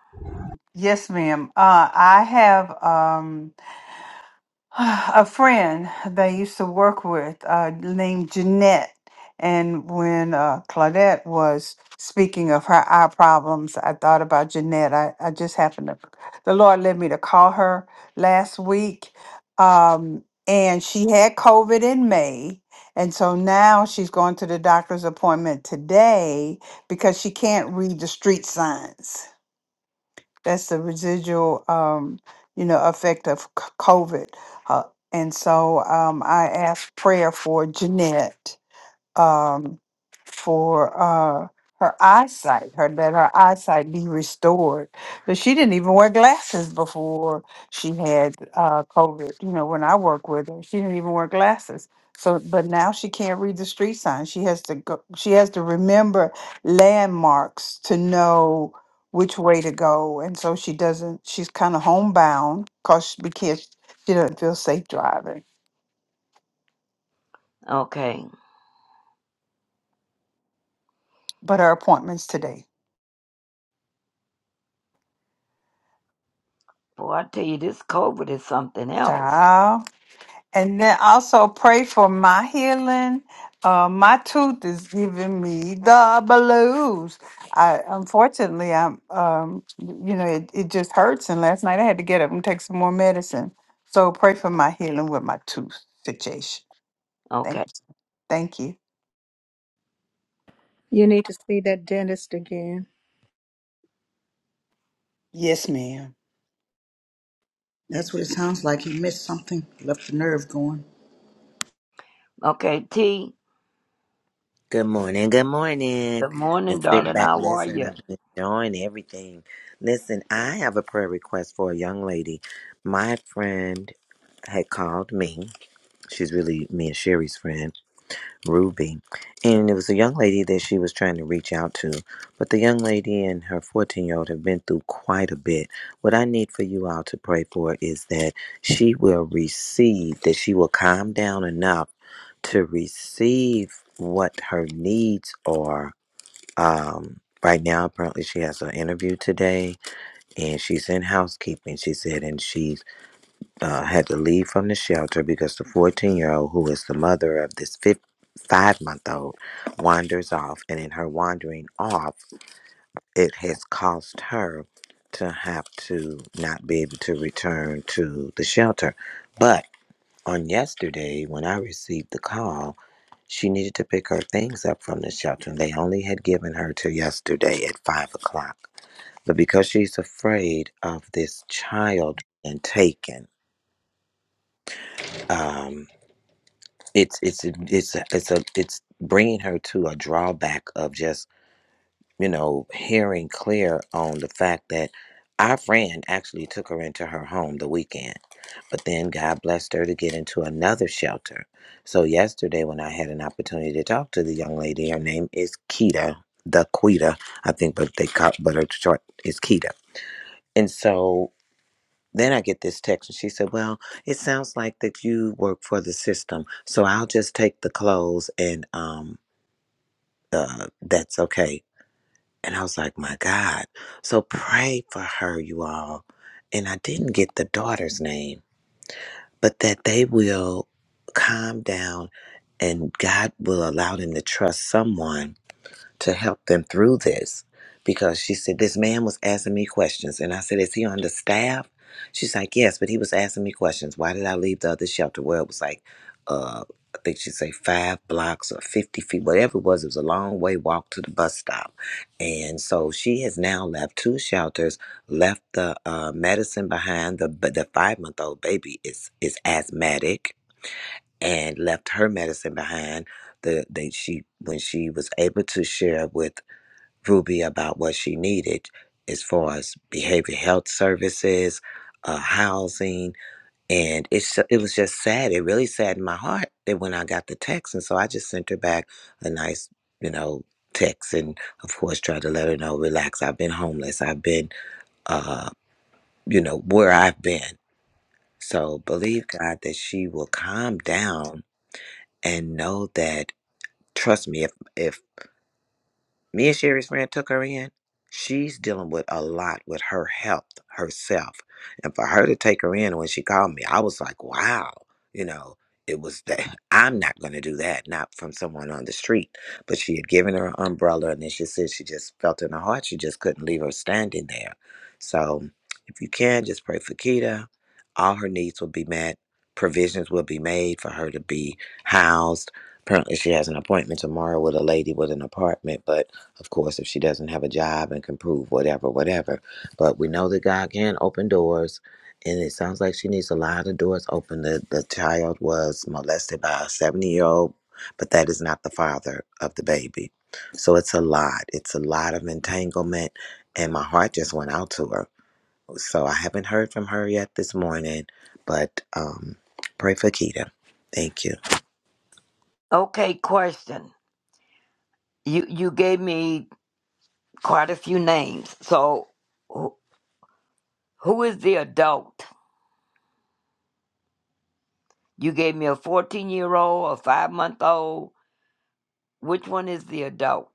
yes, ma'am. Uh, I have. Um, a friend that I used to work with uh, named Jeanette. And when uh, Claudette was speaking of her eye problems, I thought about Jeanette. I, I just happened to, the Lord led me to call her last week. Um, and she had COVID in May. And so now she's going to the doctor's appointment today because she can't read the street signs. That's the residual, um, you know, effect of c- COVID. Uh, and so um, I asked prayer for Jeanette um, for uh, her eyesight, her that her eyesight be restored. But she didn't even wear glasses before she had uh, COVID. You know, when I worked with her, she didn't even wear glasses. So, but now she can't read the street signs. She has to go. She has to remember landmarks to know which way to go, and so she doesn't. She's kind of homebound because because she doesn't feel safe driving. Okay. But her appointment's today. Boy, I tell you, this COVID is something else. Child. And then also pray for my healing. Uh, my tooth is giving me the blues. I unfortunately, I'm, um, you know, it, it just hurts. And last night I had to get up and take some more medicine. So pray for my healing with my tooth situation. Thank, Okay. thank you. You need to see that dentist again. Yes, ma'am. That's what it sounds like. He missed something, left the nerve going. Okay, T. Good morning. Good morning. Good And morning, sit darling. back, How are listen. you? I've been enjoying everything. Listen, I have a prayer request for a young lady. My friend had called me. She's really me and Sherry's friend. Ruby. And it was a young lady that she was trying to reach out to. But the young lady and her 14 year old have been through quite a bit. What I need for you all to pray for is that she will receive, that she will calm down enough to receive what her needs are. Um, right now, apparently, she has an interview today and she's in housekeeping, she said, and she's uh, had to leave from the shelter because the 14 year old, who is the mother of this five month old, wanders off. And in her wandering off, it has caused her to have to not be able to return to the shelter. But on yesterday, when I received the call, she needed to pick her things up from the shelter. And they only had given her till yesterday at five o'clock. But because she's afraid of this child and taken, um. it's it's it's a- it's a it's bringing her to a drawback of just you know hearing clear on the fact that our friend actually took her into her home the weekend but then god blessed her to get into another shelter so yesterday when i had an opportunity to talk to the young lady her name is kita the quita i think but they call but her short is kita and so then I get this text, and she said, "Well, it sounds like that you work for the system, so I'll just take the clothes, and um, uh, that's okay." And I was like, "My God!" So pray for her, you all. And I didn't get the daughter's name, but that they will calm down, and God will allow them to trust someone to help them through this because she said this man was asking me questions and i said is he on the staff she's like yes but he was asking me questions why did i leave the other shelter where it was like uh i think she would say five blocks or 50 feet whatever it was it was a long way walk to the bus stop and so she has now left two shelters left the uh, medicine behind the but the five month old baby is is asthmatic and left her medicine behind the they she when she was able to share with Ruby about what she needed as far as behavioral health services, uh, housing, and it's it was just sad. It really saddened my heart that when I got the text, and so I just sent her back a nice, you know, text, and of course tried to let her know, relax. I've been homeless. I've been, uh, you know, where I've been. So believe God that she will calm down and know that. Trust me, if if Me and Sherry's friend took her in. She's dealing with a lot with her health herself. And for her to take her in when she called me, I was like, wow, you know, it was that I'm not going to do that, not from someone on the street. But she had given her an umbrella and then she said she just felt in her heart she just couldn't leave her standing there. So if you can, just pray for Keita. All her needs will be met, provisions will be made for her to be housed. Apparently, she has an appointment tomorrow with a lady with an apartment, but of course, if she doesn't have a job and can prove whatever, whatever. But we know that God can open doors, and it sounds like she needs a lot of doors open. The, the child was molested by a 70 year old, but that is not the father of the baby. So it's a lot. It's a lot of entanglement, and my heart just went out to her. So I haven't heard from her yet this morning, but um, pray for Keita. Thank you. Okay, question. You you gave me quite a few names. So, who, who is the adult? You gave me a 14 year old, a five month old, Which one is the adult?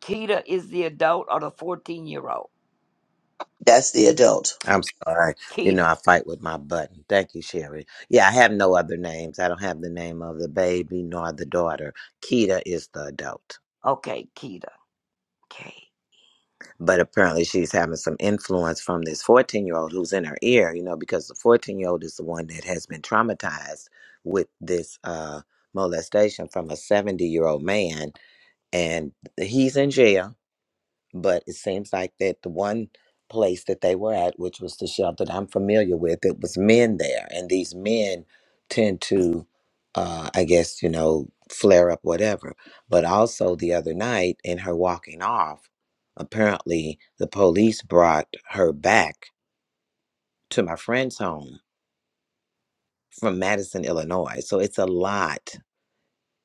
Keita is the adult or the 14 year old? That's the adult. I'm sorry. You know, Keita. I fight with my button. Thank you, Sherry. Yeah, I have no other names. I don't have the name of the baby nor the daughter. Keita is the adult. Okay, Keita. Okay. But apparently, she's having some influence from this 14 year old who's in her ear, you know, because the 14 year old is the one that has been traumatized with this uh, molestation from a 70 year old man. And he's in jail but it seems like that the one place that they were at, which was the shelter that I'm familiar with, it was men there, and these men tend to, uh, I guess you know, flare up whatever. But also the other night, in her walking off, apparently the police brought her back to my friend's home from Madison, Illinois. So it's a lot.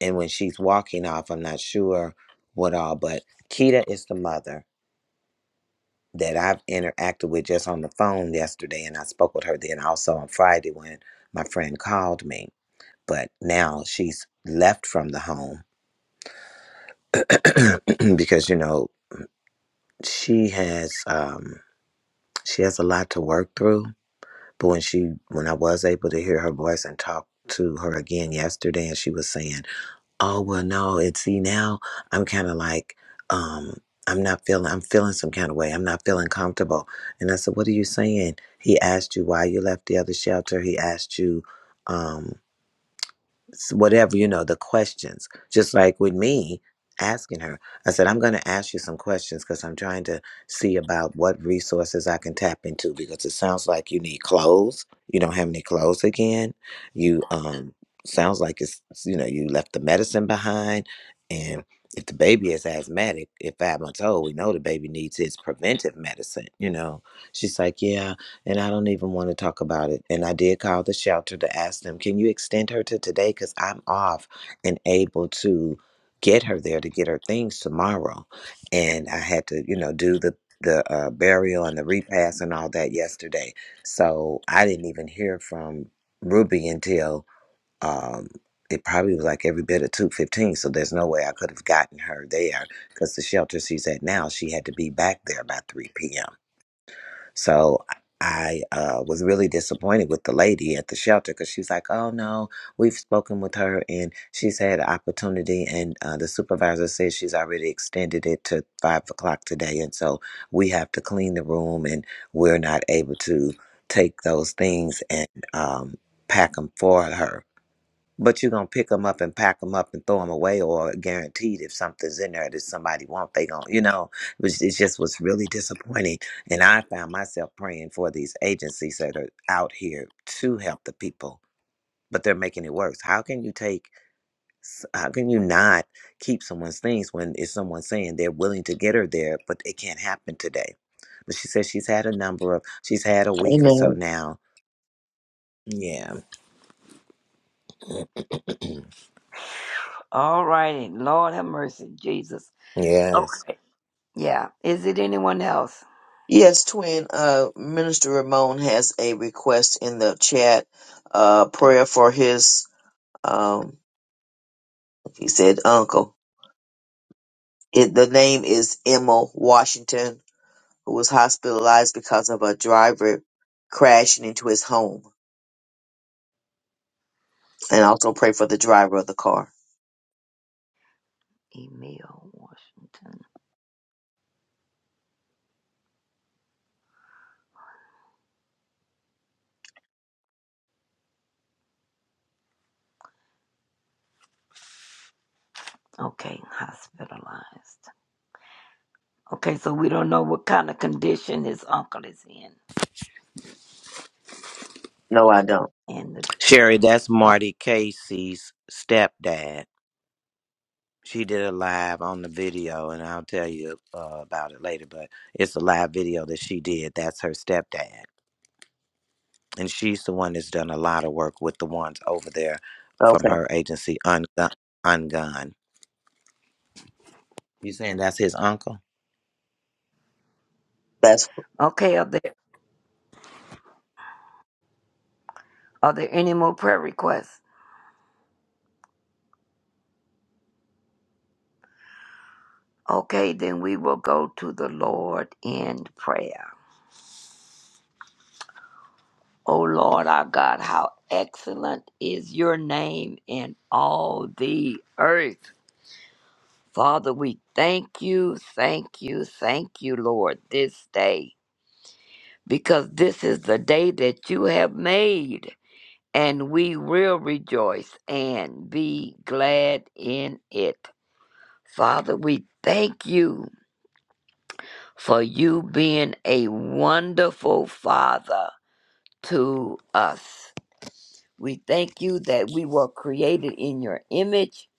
And when she's walking off, I'm not sure what all, but Kita is the mother that I've interacted with just on the phone yesterday, and I spoke with her then also on Friday when my friend called me. But now she's left from the home because you know she has um, she has a lot to work through. But when she when I was able to hear her voice and talk to her again yesterday, and she was saying oh well no and see now i'm kind of like um i'm not feeling i'm feeling some kind of way i'm not feeling comfortable and i said what are you saying he asked you why you left the other shelter he asked you um s- whatever you know the questions just like with me asking her i said i'm going to ask you some questions because i'm trying to see about what resources i can tap into because it sounds like you need clothes you don't have any clothes again you um sounds like it's you know you left the medicine behind and if the baby is asthmatic if five months old we know the baby needs his preventive medicine you know she's like yeah and I don't even want to talk about it. And I did call the shelter to ask them, can you extend her to today? Because I'm off and able to get her there to get her things tomorrow. And I had to, you know, do the the uh, burial and the repast and all that yesterday. So I didn't even hear from Ruby until um, it probably was like every bit of two fifteen. So there's no way I could have gotten her there because the shelter she's at now, she had to be back there by three p.m. So I uh, was really disappointed with the lady at the shelter because she's like, "Oh no, we've spoken with her and she's had an opportunity, and uh, the supervisor says she's already extended it to five o'clock today, and so we have to clean the room, and we're not able to take those things and um, pack them for her." But you're gonna pick them up and pack them up and throw them away, or guaranteed if something's in there that somebody wants, they gonna, you know, it was- it's just was really disappointing. And I found myself praying for these agencies that are out here to help the people, but they're making it worse. How can you take? s- How can you not keep someone's things when it's someone saying they're willing to get her there, but it can't happen today? But she says she's had a number of, she's had a week or so Amen. now. Yeah. All righty. Lord have mercy, Jesus. Yes. Okay. Yeah. Is it anyone else? Yes, twin. Uh, Minister Ramon has a request in the chat. Uh, prayer for his um. He said uncle. It, the name is Emma Washington. who was hospitalized because of a driver crashing into his home. And also pray for the driver of the car. Emil Washington. Okay, hospitalized. Okay, so we don't know what kind of condition his uncle is in. No, I don't. And the, Sherry, that's uh, Marty Casey's stepdad. She did a live on the video, and I'll tell you uh, about it later. But it's a live video that she did. That's her stepdad, and she's the one that's done a lot of work with the ones over there from Okay. her agency, Ungun. Ungun. You saying that's his uncle? That's okay, are there are there any more prayer requests? Okay, then we will go to the Lord in prayer. O Lord our God, how excellent is your name in all the earth. Father, we thank you, thank you, thank you, Lord, this day, because this is the day that you have made, and we will rejoice and be glad in it. Father, we thank you for you being a wonderful Father to us. We thank you that we were created in your image.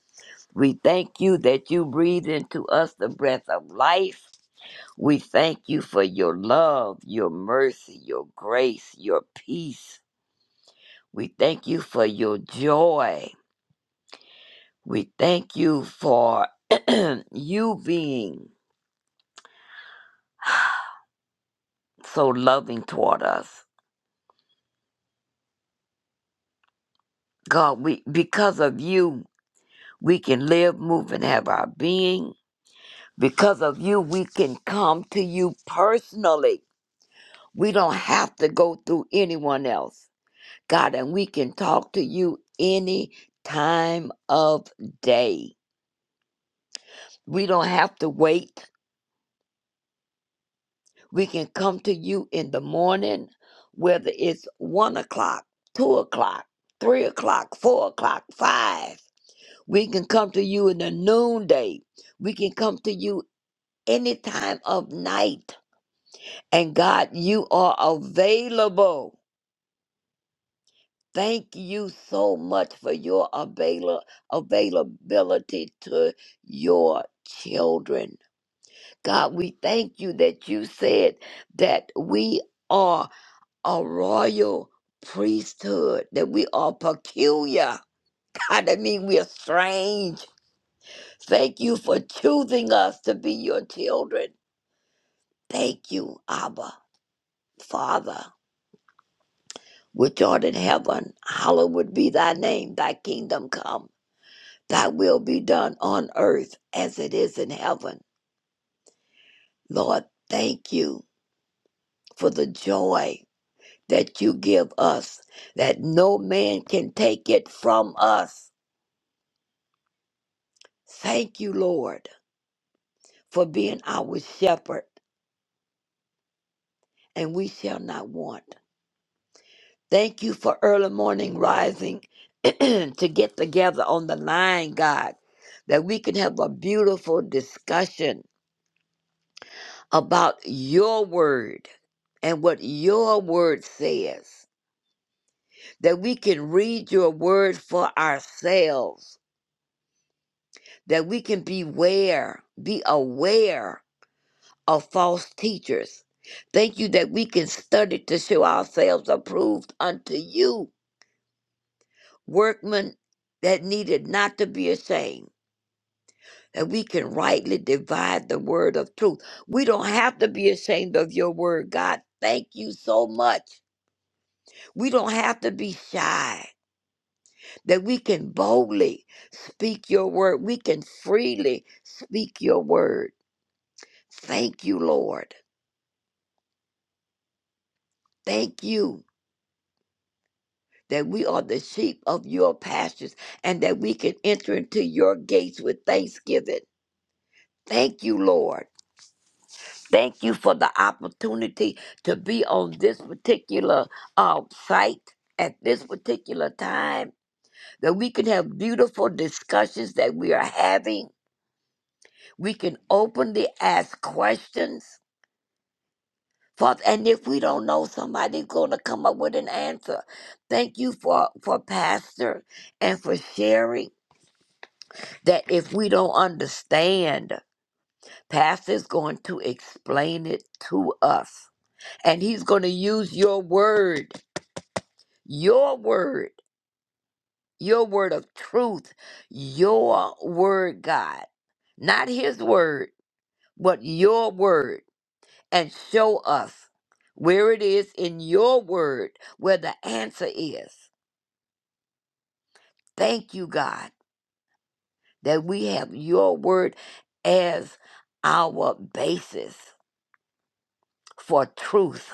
We thank you that you breathe into us the breath of life. We thank you for your love, your mercy, your grace, your peace. We thank you for your joy. We thank you for you being so loving toward us. God, we because of you, we can live, move, and have our being. Because of you, we can come to you personally We don't have to go through anyone else, God, and we can talk to you any time of day. We don't have to wait. We can come to you in the morning, whether it's one o'clock, two o'clock, three o'clock, four o'clock, five. We can come to you in the noonday. We can come to you any time of night. And God, you are available. Thank you so much for your avail- availability to your children. God, we thank you that you said that we are a royal priesthood, that we are peculiar. God, that means we are strange. Thank you for choosing us to be your children. Thank you, Abba, Father, which art in heaven. Hallowed be thy name, thy kingdom come. Thy will be done on earth as it is in heaven. Lord, thank you for the joy that you give us, that no man can take it from us. Thank you, Lord, for being our shepherd, and we shall not want. Thank you for early morning rising to get together on the line, God, that we can have a beautiful discussion about your word and what your word says. that we can read your word for ourselves, that we can beware, be aware of false teachers. Thank you that we can study to show ourselves approved unto you, workmen that needed not to be ashamed, that we can rightly divide the word of truth. We don't have to be ashamed of your word, God. Thank you so much. We don't have to be shy. that we can boldly speak your word. We can freely speak your word. Thank you, Lord. Thank you that we are the sheep of your pastures and that we can enter into your gates with thanksgiving. Thank you, Lord. Thank you for the opportunity to be on this particular uh, site at this particular time, that we can have beautiful discussions that we are having. We can openly ask questions Father, and if we don't know, somebody's going to come up with an answer. Thank you for, for Pastor and for sharing that if we don't understand, Pastor's going to explain it to us. And he's going to use your word, your word, your word of truth, your word, God. Not his word, but your word, and show us where it is in your word where the answer is. Thank you, God, that we have your word as our basis for truth,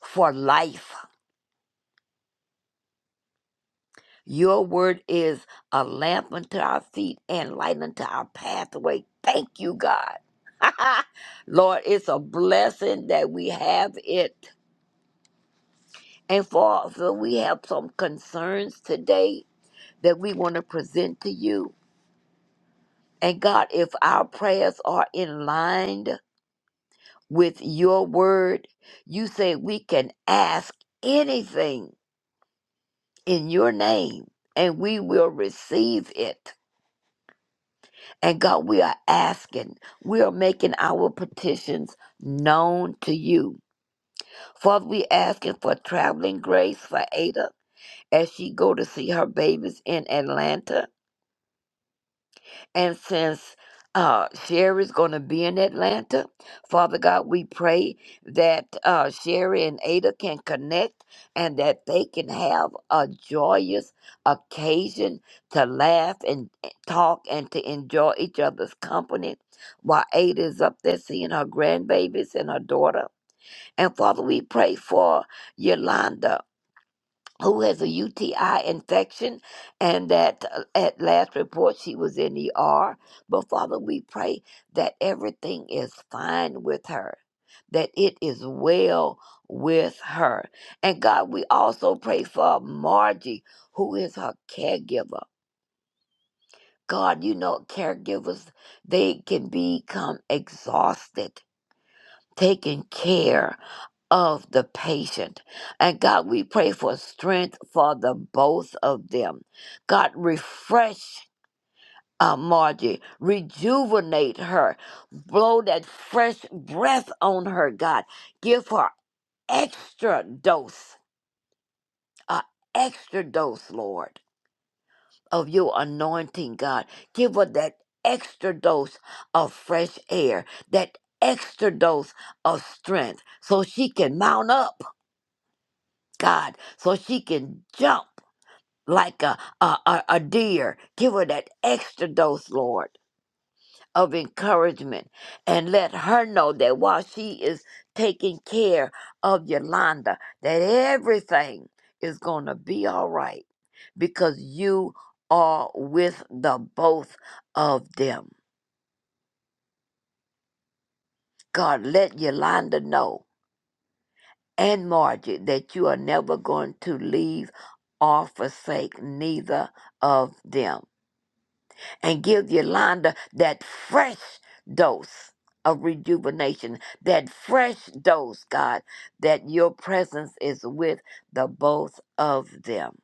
for life. Your word is a lamp unto our feet and light unto our pathway. Thank you, God. Lord, it's a blessing that we have it. And for so we have some concerns today that we want to present to you. And God, if our prayers are in line with your word. You say we can ask anything in your name and we will receive it. And God, we are asking, we are making our petitions known to you. Father, we asking for traveling grace for Ada as she go to see her babies in Atlanta. And since uh, Sherry's going to be in Atlanta, Father God, we pray that uh, Sherry and Ada can connect and that they can have a joyous occasion to laugh and talk and to enjoy each other's company while Ada is up there seeing her grandbabies and her daughter. And Father, we pray for Yolanda who has a UTI infection, and that uh, at last report she was in ER. But Father, we pray that everything is fine with her, that it is well with her. And God, we also pray for Margie, who is her caregiver. God, you know, caregivers, they can become exhausted taking care of the patient. And God, we pray for strength for the both of them. God, refresh uh, Margie, rejuvenate her, blow that fresh breath on her, God. Give her extra dose, a extra dose, Lord, of your anointing, God. Give her that extra dose of fresh air, that extra dose of strength so she can mount up God, so she can jump like a, a, a, a deer. Give her that extra dose, Lord, of encouragement and let her know that while she is taking care of Yolanda, that everything is going to be all right because you are with the both of them. God, let Yolanda know and Margie that you are never going to leave or forsake neither of them and give Yolanda that fresh dose of rejuvenation, that fresh dose, God, that your presence is with the both of them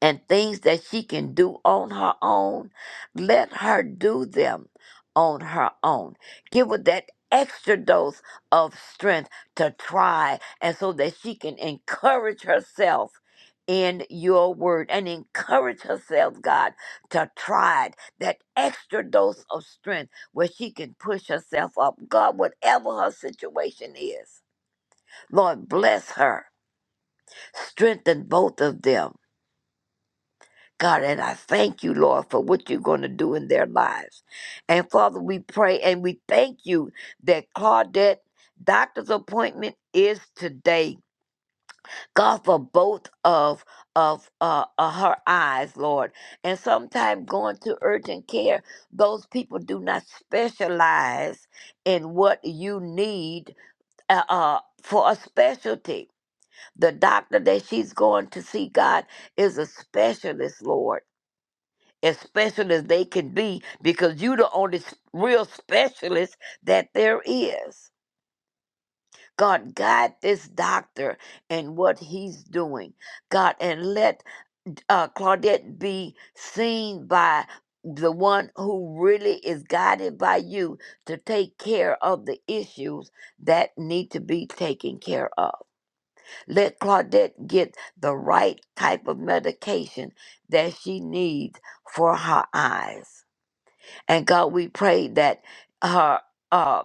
and things that she can do on her own, let her do them on her own. Give her that extra dose of strength to try, and so that she can encourage herself in your word and encourage herself, God, to try it. That extra dose of strength where she can push herself up. God, whatever her situation is, Lord, bless her. Strengthen both of them God, and I thank you, Lord, for what you're going to do in their lives. And Father, we pray and we thank you that Claudette doctor's appointment is today. God, for both of of uh, uh, her eyes, Lord. And sometimes going to urgent care, those people do not specialize in what you need uh, uh, for a specialty. The doctor that she's going to see, God, is a specialist, Lord as special as they can be because you the only s- real specialist that there is. God, guide this doctor and what he's doing. God, and let uh, Claudette be seen by the one who really is guided by you to take care of the issues that need to be taken care of. Let Claudette get the right type of medication that she needs for her eyes. And God, we pray that her uh,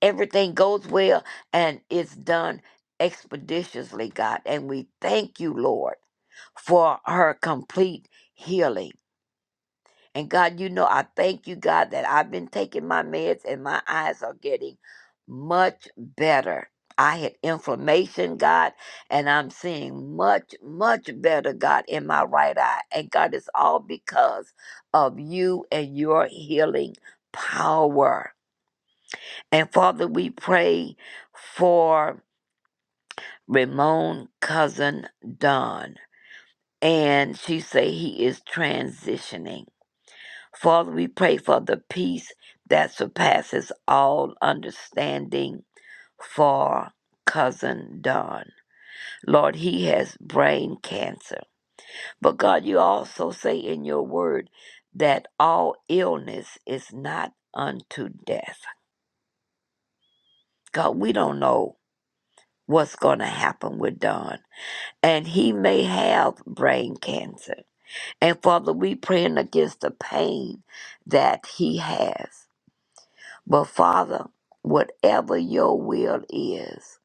everything goes well and it's done expeditiously, God. And we thank you, Lord, for her complete healing. And God, you know, I thank you, God, that I've been taking my meds and my eyes are getting much better. I had inflammation, God, and I'm seeing much, much better, God, in my right eye. And God, it's all because of you and your healing power. And Father, we pray for Ramon cousin Don. And she say he is transitioning. Father, we pray for the peace that surpasses all understanding for cousin Don. Lord, he has brain cancer. But God, you also say in your word that all illness is not unto death. God, we don't know what's going to happen with Don. And he may have brain cancer. And Father, we praying against the pain that he has. But Father, whatever your will is,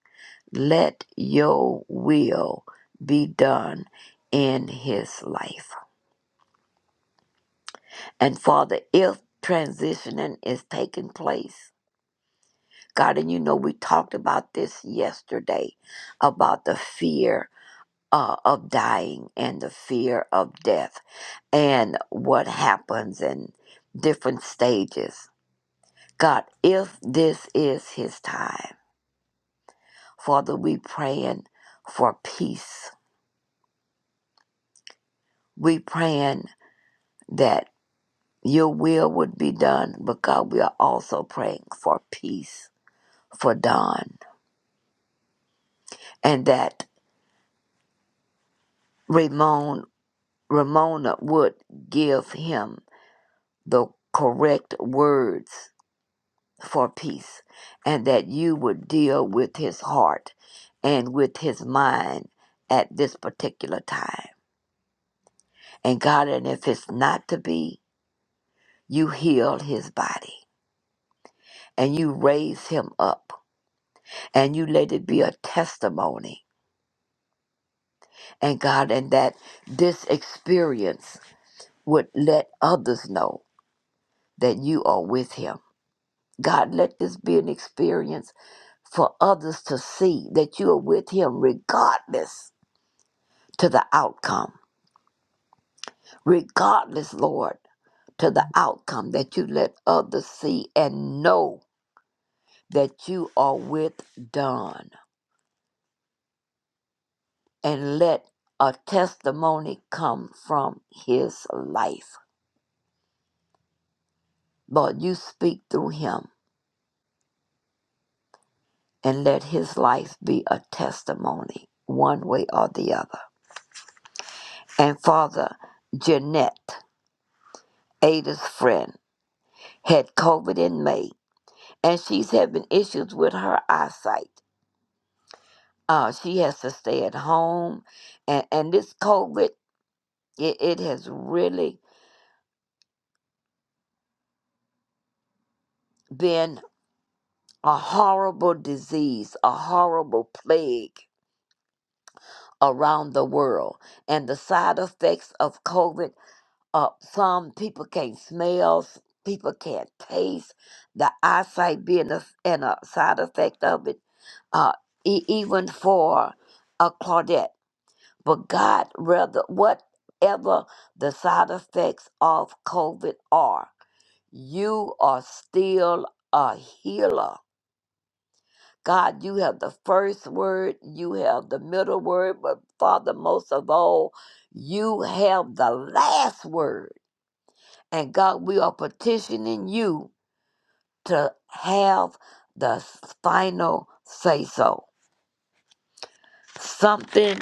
let your will be done in his life. And Father, if transitioning is taking place, God, and you know we talked about this yesterday about the fear uh, of dying and the fear of death and what happens in different stages. God, if this is his time, Father, we praying for peace. We praying that your will would be done, but God, we are also praying for peace for Don and that Ramon, Ramona would give him the correct words for peace and that you would deal with his heart and with his mind at this particular time. And God, and if it's not to be, you heal his body and you raise him up and you let it be a testimony. And God, and that this experience would let others know that you are with him. God, let this be an experience for others to see that you are with him regardless to the outcome. Regardless, Lord, to the outcome that you let others see and know that you are with Don. and let a testimony come from his life. Lord, you speak through him and let his life be a testimony, one way or the other. And Father, Jeanette, Ada's friend, had COVID in May, and she's having issues with her eyesight. Uh, she has to stay at home, and, and this COVID, it, it has really been a horrible disease, a horrible plague around the world. And the side effects of COVID uh, some people can't smell, s- people can't taste, the eyesight being a, s- and a side effect of it, uh, e- even for a Claudette. But God, rather, whatever the side effects of COVID are, you are still a healer God, you have the first word, you have the middle word, but Father, most of all, you have the last word. And God, we are petitioning you to have the final say so. Something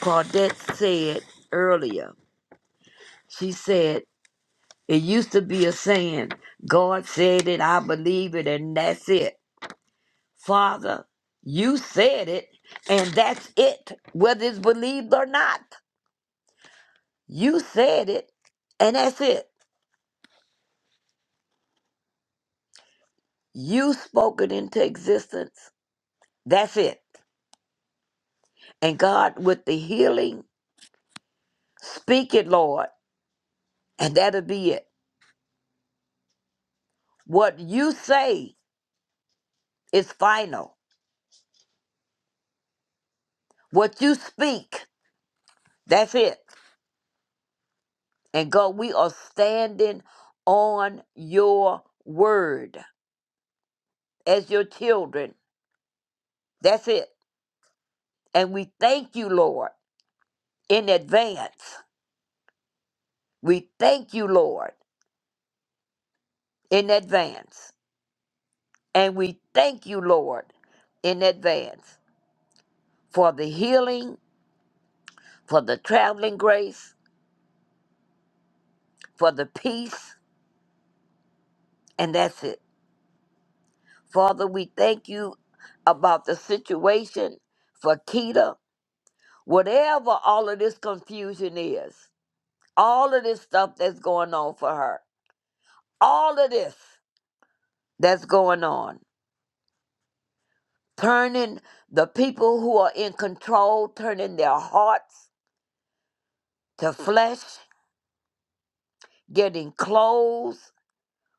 Claudette said earlier. She said, It used to be a saying, God said it, I believe it, and that's it. Father, you said it, and that's it, whether it's believed or not. You said it, and that's it. You spoke it into existence. That's it. And God, with the healing, speak it, Lord, and that'll be it. What you say is final. What you speak, that's it. And God, we are standing on your word as your children. That's it. And we thank you, Lord. in advance. We thank you, Lord, in advance. And we thank you, Lord, in advance for the healing, for the traveling grace, for the peace, and that's it. Father, we thank you about the situation for Keita, whatever all of this confusion is, all of this stuff that's going on for her, all of this that's going on. turning the people who are in control, turning their hearts to flesh, getting clothes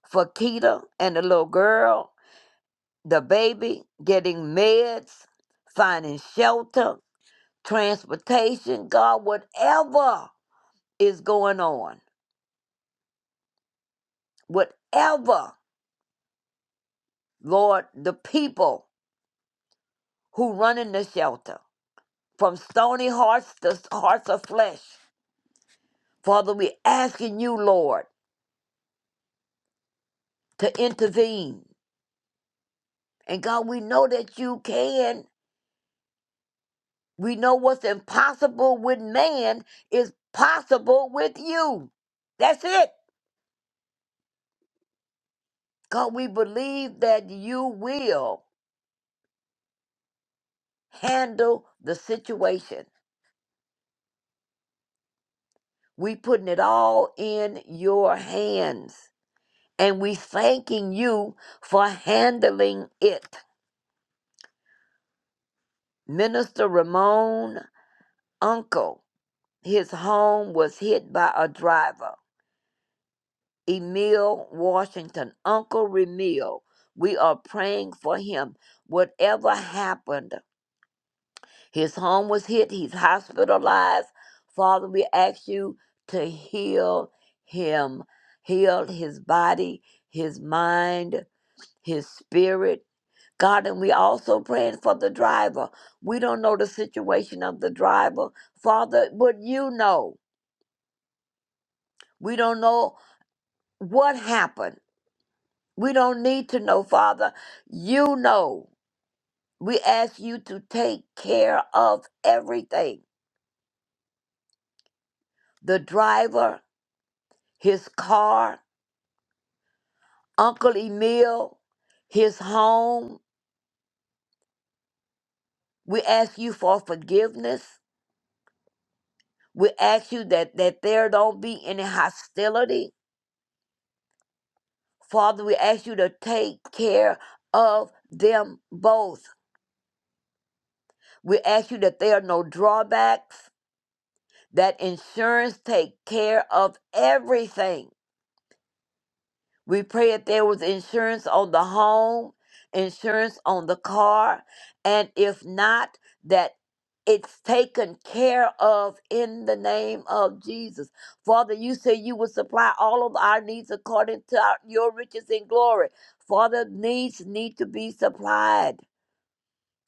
for Keita and the little girl, the baby, getting meds, finding shelter, transportation, God, whatever is going on, whatever, Lord, the people who run in the shelter, from stony hearts to hearts of flesh, Father, we're asking you, Lord, to intervene And God, we know that you can. We know what's impossible with man is possible with you. That's it. God, we believe that you will handle the situation. We putting it all in your hands. And we thanking you for handling it. Minister Ramon, uncle, his home was hit by a driver. Emil Washington, Uncle Remil. We are praying for him. Whatever happened, his home was hit, he's hospitalized. Father, we ask you to heal him, heal his body, his mind, his spirit. God, and we also praying for the driver. We don't know the situation of the driver. Father, but you know. We don't know what happened. We don't need to know, Father. You know. We ask you to take care of everything the driver, his car, Uncle Emil, his home. We ask you for forgiveness. We ask you that, that there don't be any hostility. Father, we ask you to take care of them both. We ask you that there are no drawbacks, that insurance take care of everything We pray if there was insurance on the home, insurance on the car, and if not, that it's taken care of in the name of Jesus. Father, you say you will supply all of our needs according to our, your riches and glory. Father, needs need to be supplied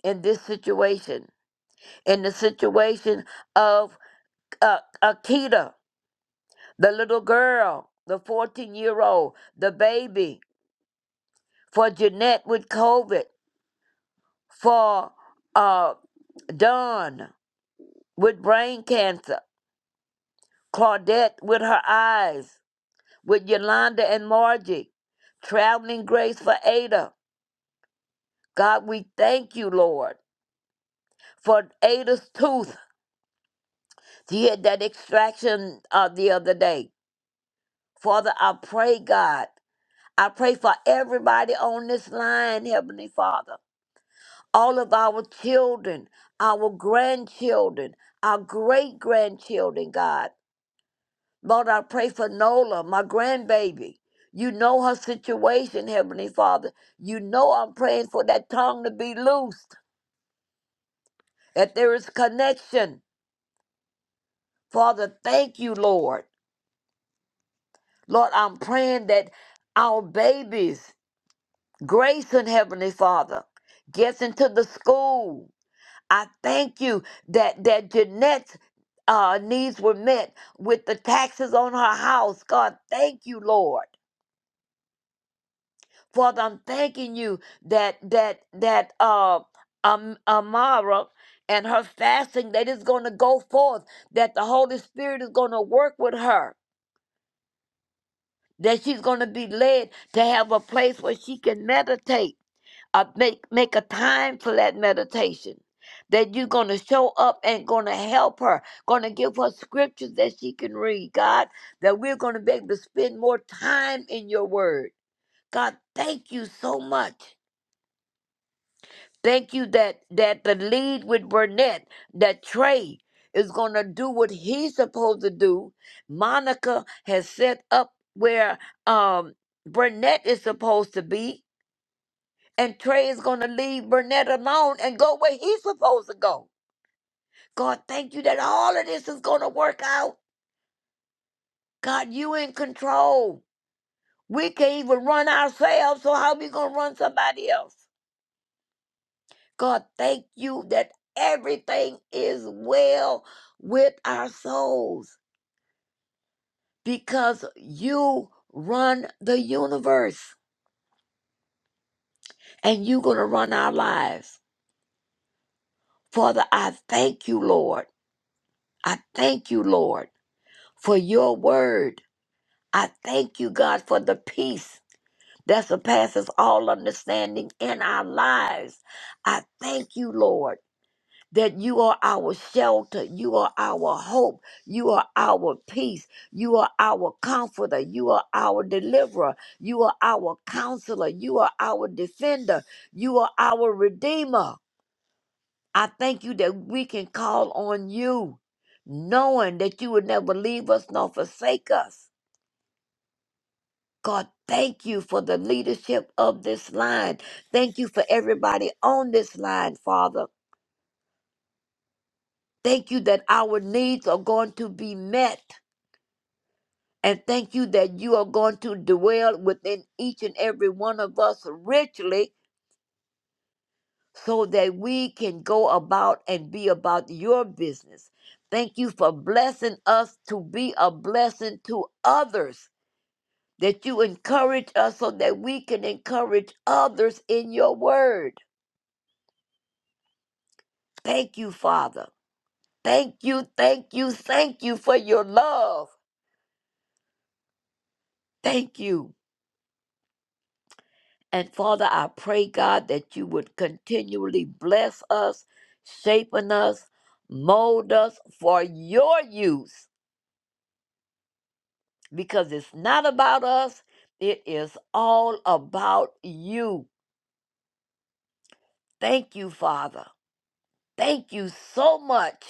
in this situation, in the situation of uh, Akita, the little girl, the 14 year old, the baby for Jeanette with COVID, for uh, Dawn with brain cancer, Claudette with her eyes, with Yolanda and Margie, traveling grace for Ada. God, we thank you, Lord, for Ada's tooth. She had that extraction uh, the other day. Father, I pray, God, I pray for everybody on this line, Heavenly Father. all of our children, our grandchildren, our great grandchildren, God. Lord, I pray for Nola, my grandbaby. You know her situation, Heavenly Father. You know I'm praying for that tongue to be loosed, that there is connection. Father, thank you, Lord. Lord, I'm praying that our babies, Grace and Heavenly Father, gets into the school I thank you that that Jeanette's uh, needs were met with the taxes on her house. God, thank you, Lord. Father, I'm thanking you that that that uh, um, Amara and her fasting that is going to go forth. That the Holy Spirit is going to work with her. That she's going to be led to have a place where she can meditate uh, make make a time for that meditation that you're going to show up and going to help her going to give her scriptures that she can read god that we're going to be able to spend more time in your word god thank you so much thank you that that the lead with burnett that trey is going to do what he's supposed to do monica has set up where um burnett is supposed to be and Trey is going to leave Burnett alone and go where he's supposed to go. God, thank you that all of this is going to work out. God, you in control. We can't even run ourselves, so how we going to run somebody else? God, thank you that everything is well with our souls because you run the universe and you're going to run our lives. Father, I thank you, Lord. I thank you, Lord, for your word I thank you, God, for the peace that surpasses all understanding in our lives. I thank you, Lord, that you are our shelter. You are our hope. You are our peace. You are our comforter. You are our deliverer. You are our counselor. You are our defender. You are our redeemer. I thank you that we can call on you, knowing that you would never leave us nor forsake us. God, thank you for the leadership of this line. Thank you for everybody on this line, Father. Thank you that our needs are going to be met. And thank you that you are going to dwell within each and every one of us richly so that we can go about and be about your business. Thank you for blessing us to be a blessing to others, that you encourage us so that we can encourage others in your word. Thank you, Father. Thank you, thank you, thank you for your love. Thank you. And Father, I pray, God, that you would continually bless us, shaping us, mold us for your use, because it's not about us, it is all about you. Thank you, Father. Thank you so much.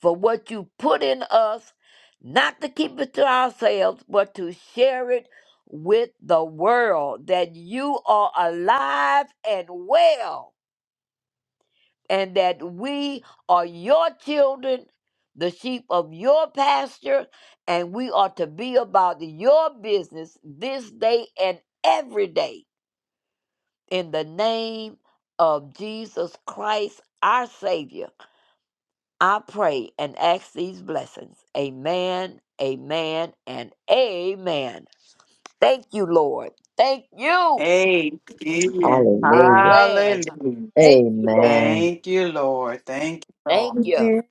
for what you put in us, not to keep it to ourselves, but to share it with the world that you are alive and well, and that we are your children, the sheep of your pasture, and we are to be about your business this day and every day in the name of Jesus Christ, our Savior. I pray and ask these blessings. Amen, amen, and amen. Thank you, Lord. Thank you. Amen. hallelujah. Amen. Hallelujah. Thank you, Lord. Amen. Thank you, Lord. Thank you, Thank Lord. you. Amen.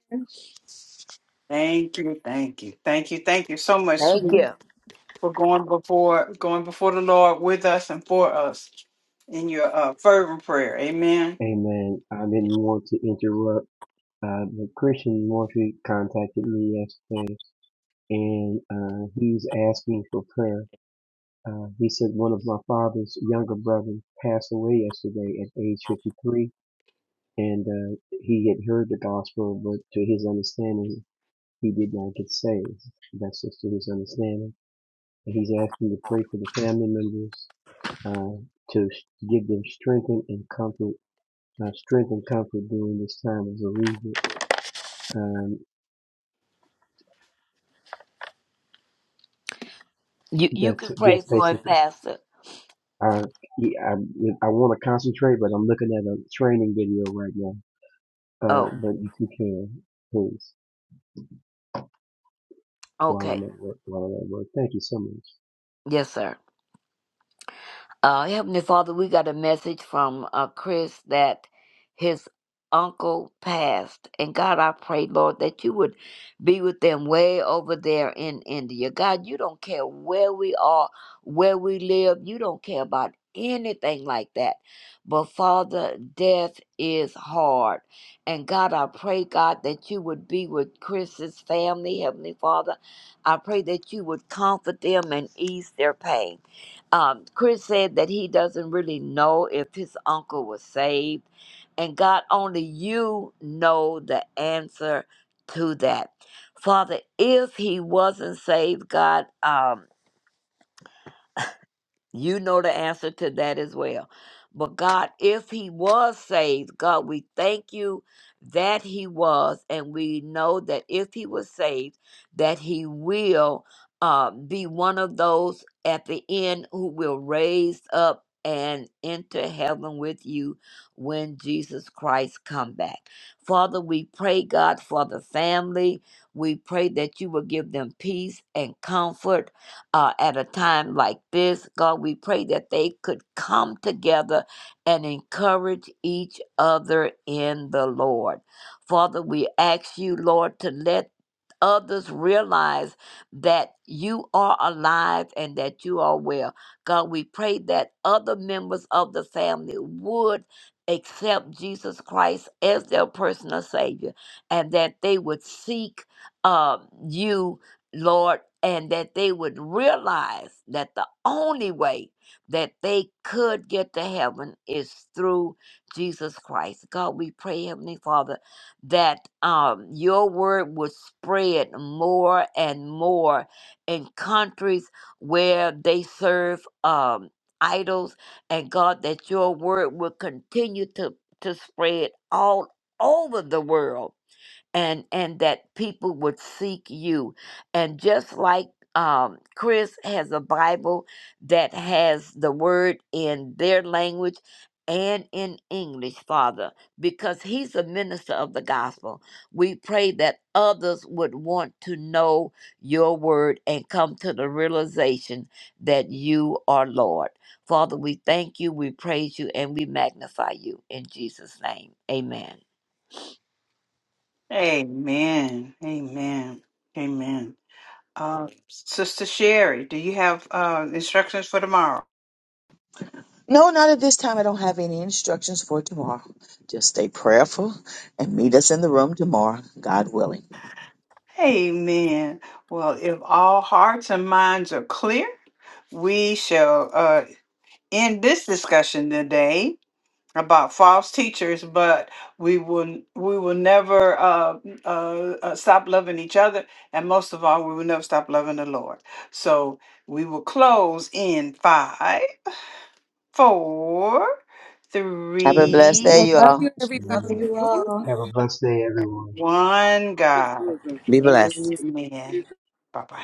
Thank you, thank you, thank you, thank you so much, Thank sweet you. for going before going before the Lord with us and for us in your uh, fervent prayer. Amen. Amen. I didn't want to interrupt. Uh, but Christian Murphy contacted me yesterday, and uh, he's asking for prayer. Uh, he said one of my father's younger brothers passed away yesterday at age 53, and uh, he had heard the gospel, but to his understanding, he did not get saved. That's just to his understanding. And he's asking to pray for the family members uh, to give them strength and comfort, uh, strength and comfort during this time of bereavement. Um, You you that's can pray yes, for him, basically. Pastor. Uh, yeah, I, I want to concentrate, but I'm looking at a training video right now. Uh, Oh, but if you can, please, while okay. I'm at work, while I'm at work, thank you so much. Yes, sir. Uh, Heavenly Father, we got a message from uh, Chris that his uncle passed. And God, I pray, Lord, that you would be with them way over there in India. God, you don't care where we are, where we live, you don't care about anything like that. But Father, death is hard. And God, I pray, God, that you would be with Chris's family, Heavenly Father. I pray that you would comfort them and ease their pain. Um, Chris said that he doesn't really know if his uncle was saved, and God, only you know the answer to that. Father, if he wasn't saved, God, um, you know the answer to that as well. But God, if he was saved, God, we thank you that he was. And we know that if he was saved, that he will uh, be one of those at the end who will raise up and enter heaven with you when Jesus Christ come back. Father, we pray, God, for the family. We pray that you will give them peace and comfort uh, at a time like this. God, we pray that they could come together and encourage each other in the Lord. Father, we ask you, Lord, to let others realize that you are alive and that you are well. God, we pray that other members of the family would accept Jesus Christ as their personal Savior and that they would seek um, you Lord, and that they would realize that the only way that they could get to heaven is through Jesus Christ. God, we pray, Heavenly Father, that um, your word would spread more and more in countries where they serve um, idols, and God, that your word would continue to, to spread all over the world and and that people would seek you and just like um, chris has a bible that has the word in their language and in english father because he's a minister of the gospel we pray that others would want to know your word and come to the realization that you are lord father we thank you we praise you and we magnify you in jesus name amen Amen. Amen. Amen. Uh, Sister Sherry, do you have uh, instructions for tomorrow? No, not at this time. I don't have any instructions for tomorrow. Just stay prayerful and meet us in the room tomorrow, God willing. Amen. Well, if all hearts and minds are clear, we shall uh, end this discussion today. about false teachers, but we will we will never uh, uh, uh, stop loving each other, and most of all, we will never stop loving the Lord. So we will close in five, four, Have a blessed three, day, I you love all. you, everybody. Love Amen. you two, all. Have a blessed day, everyone. one. God, Be blessed. Amen. Bye bye.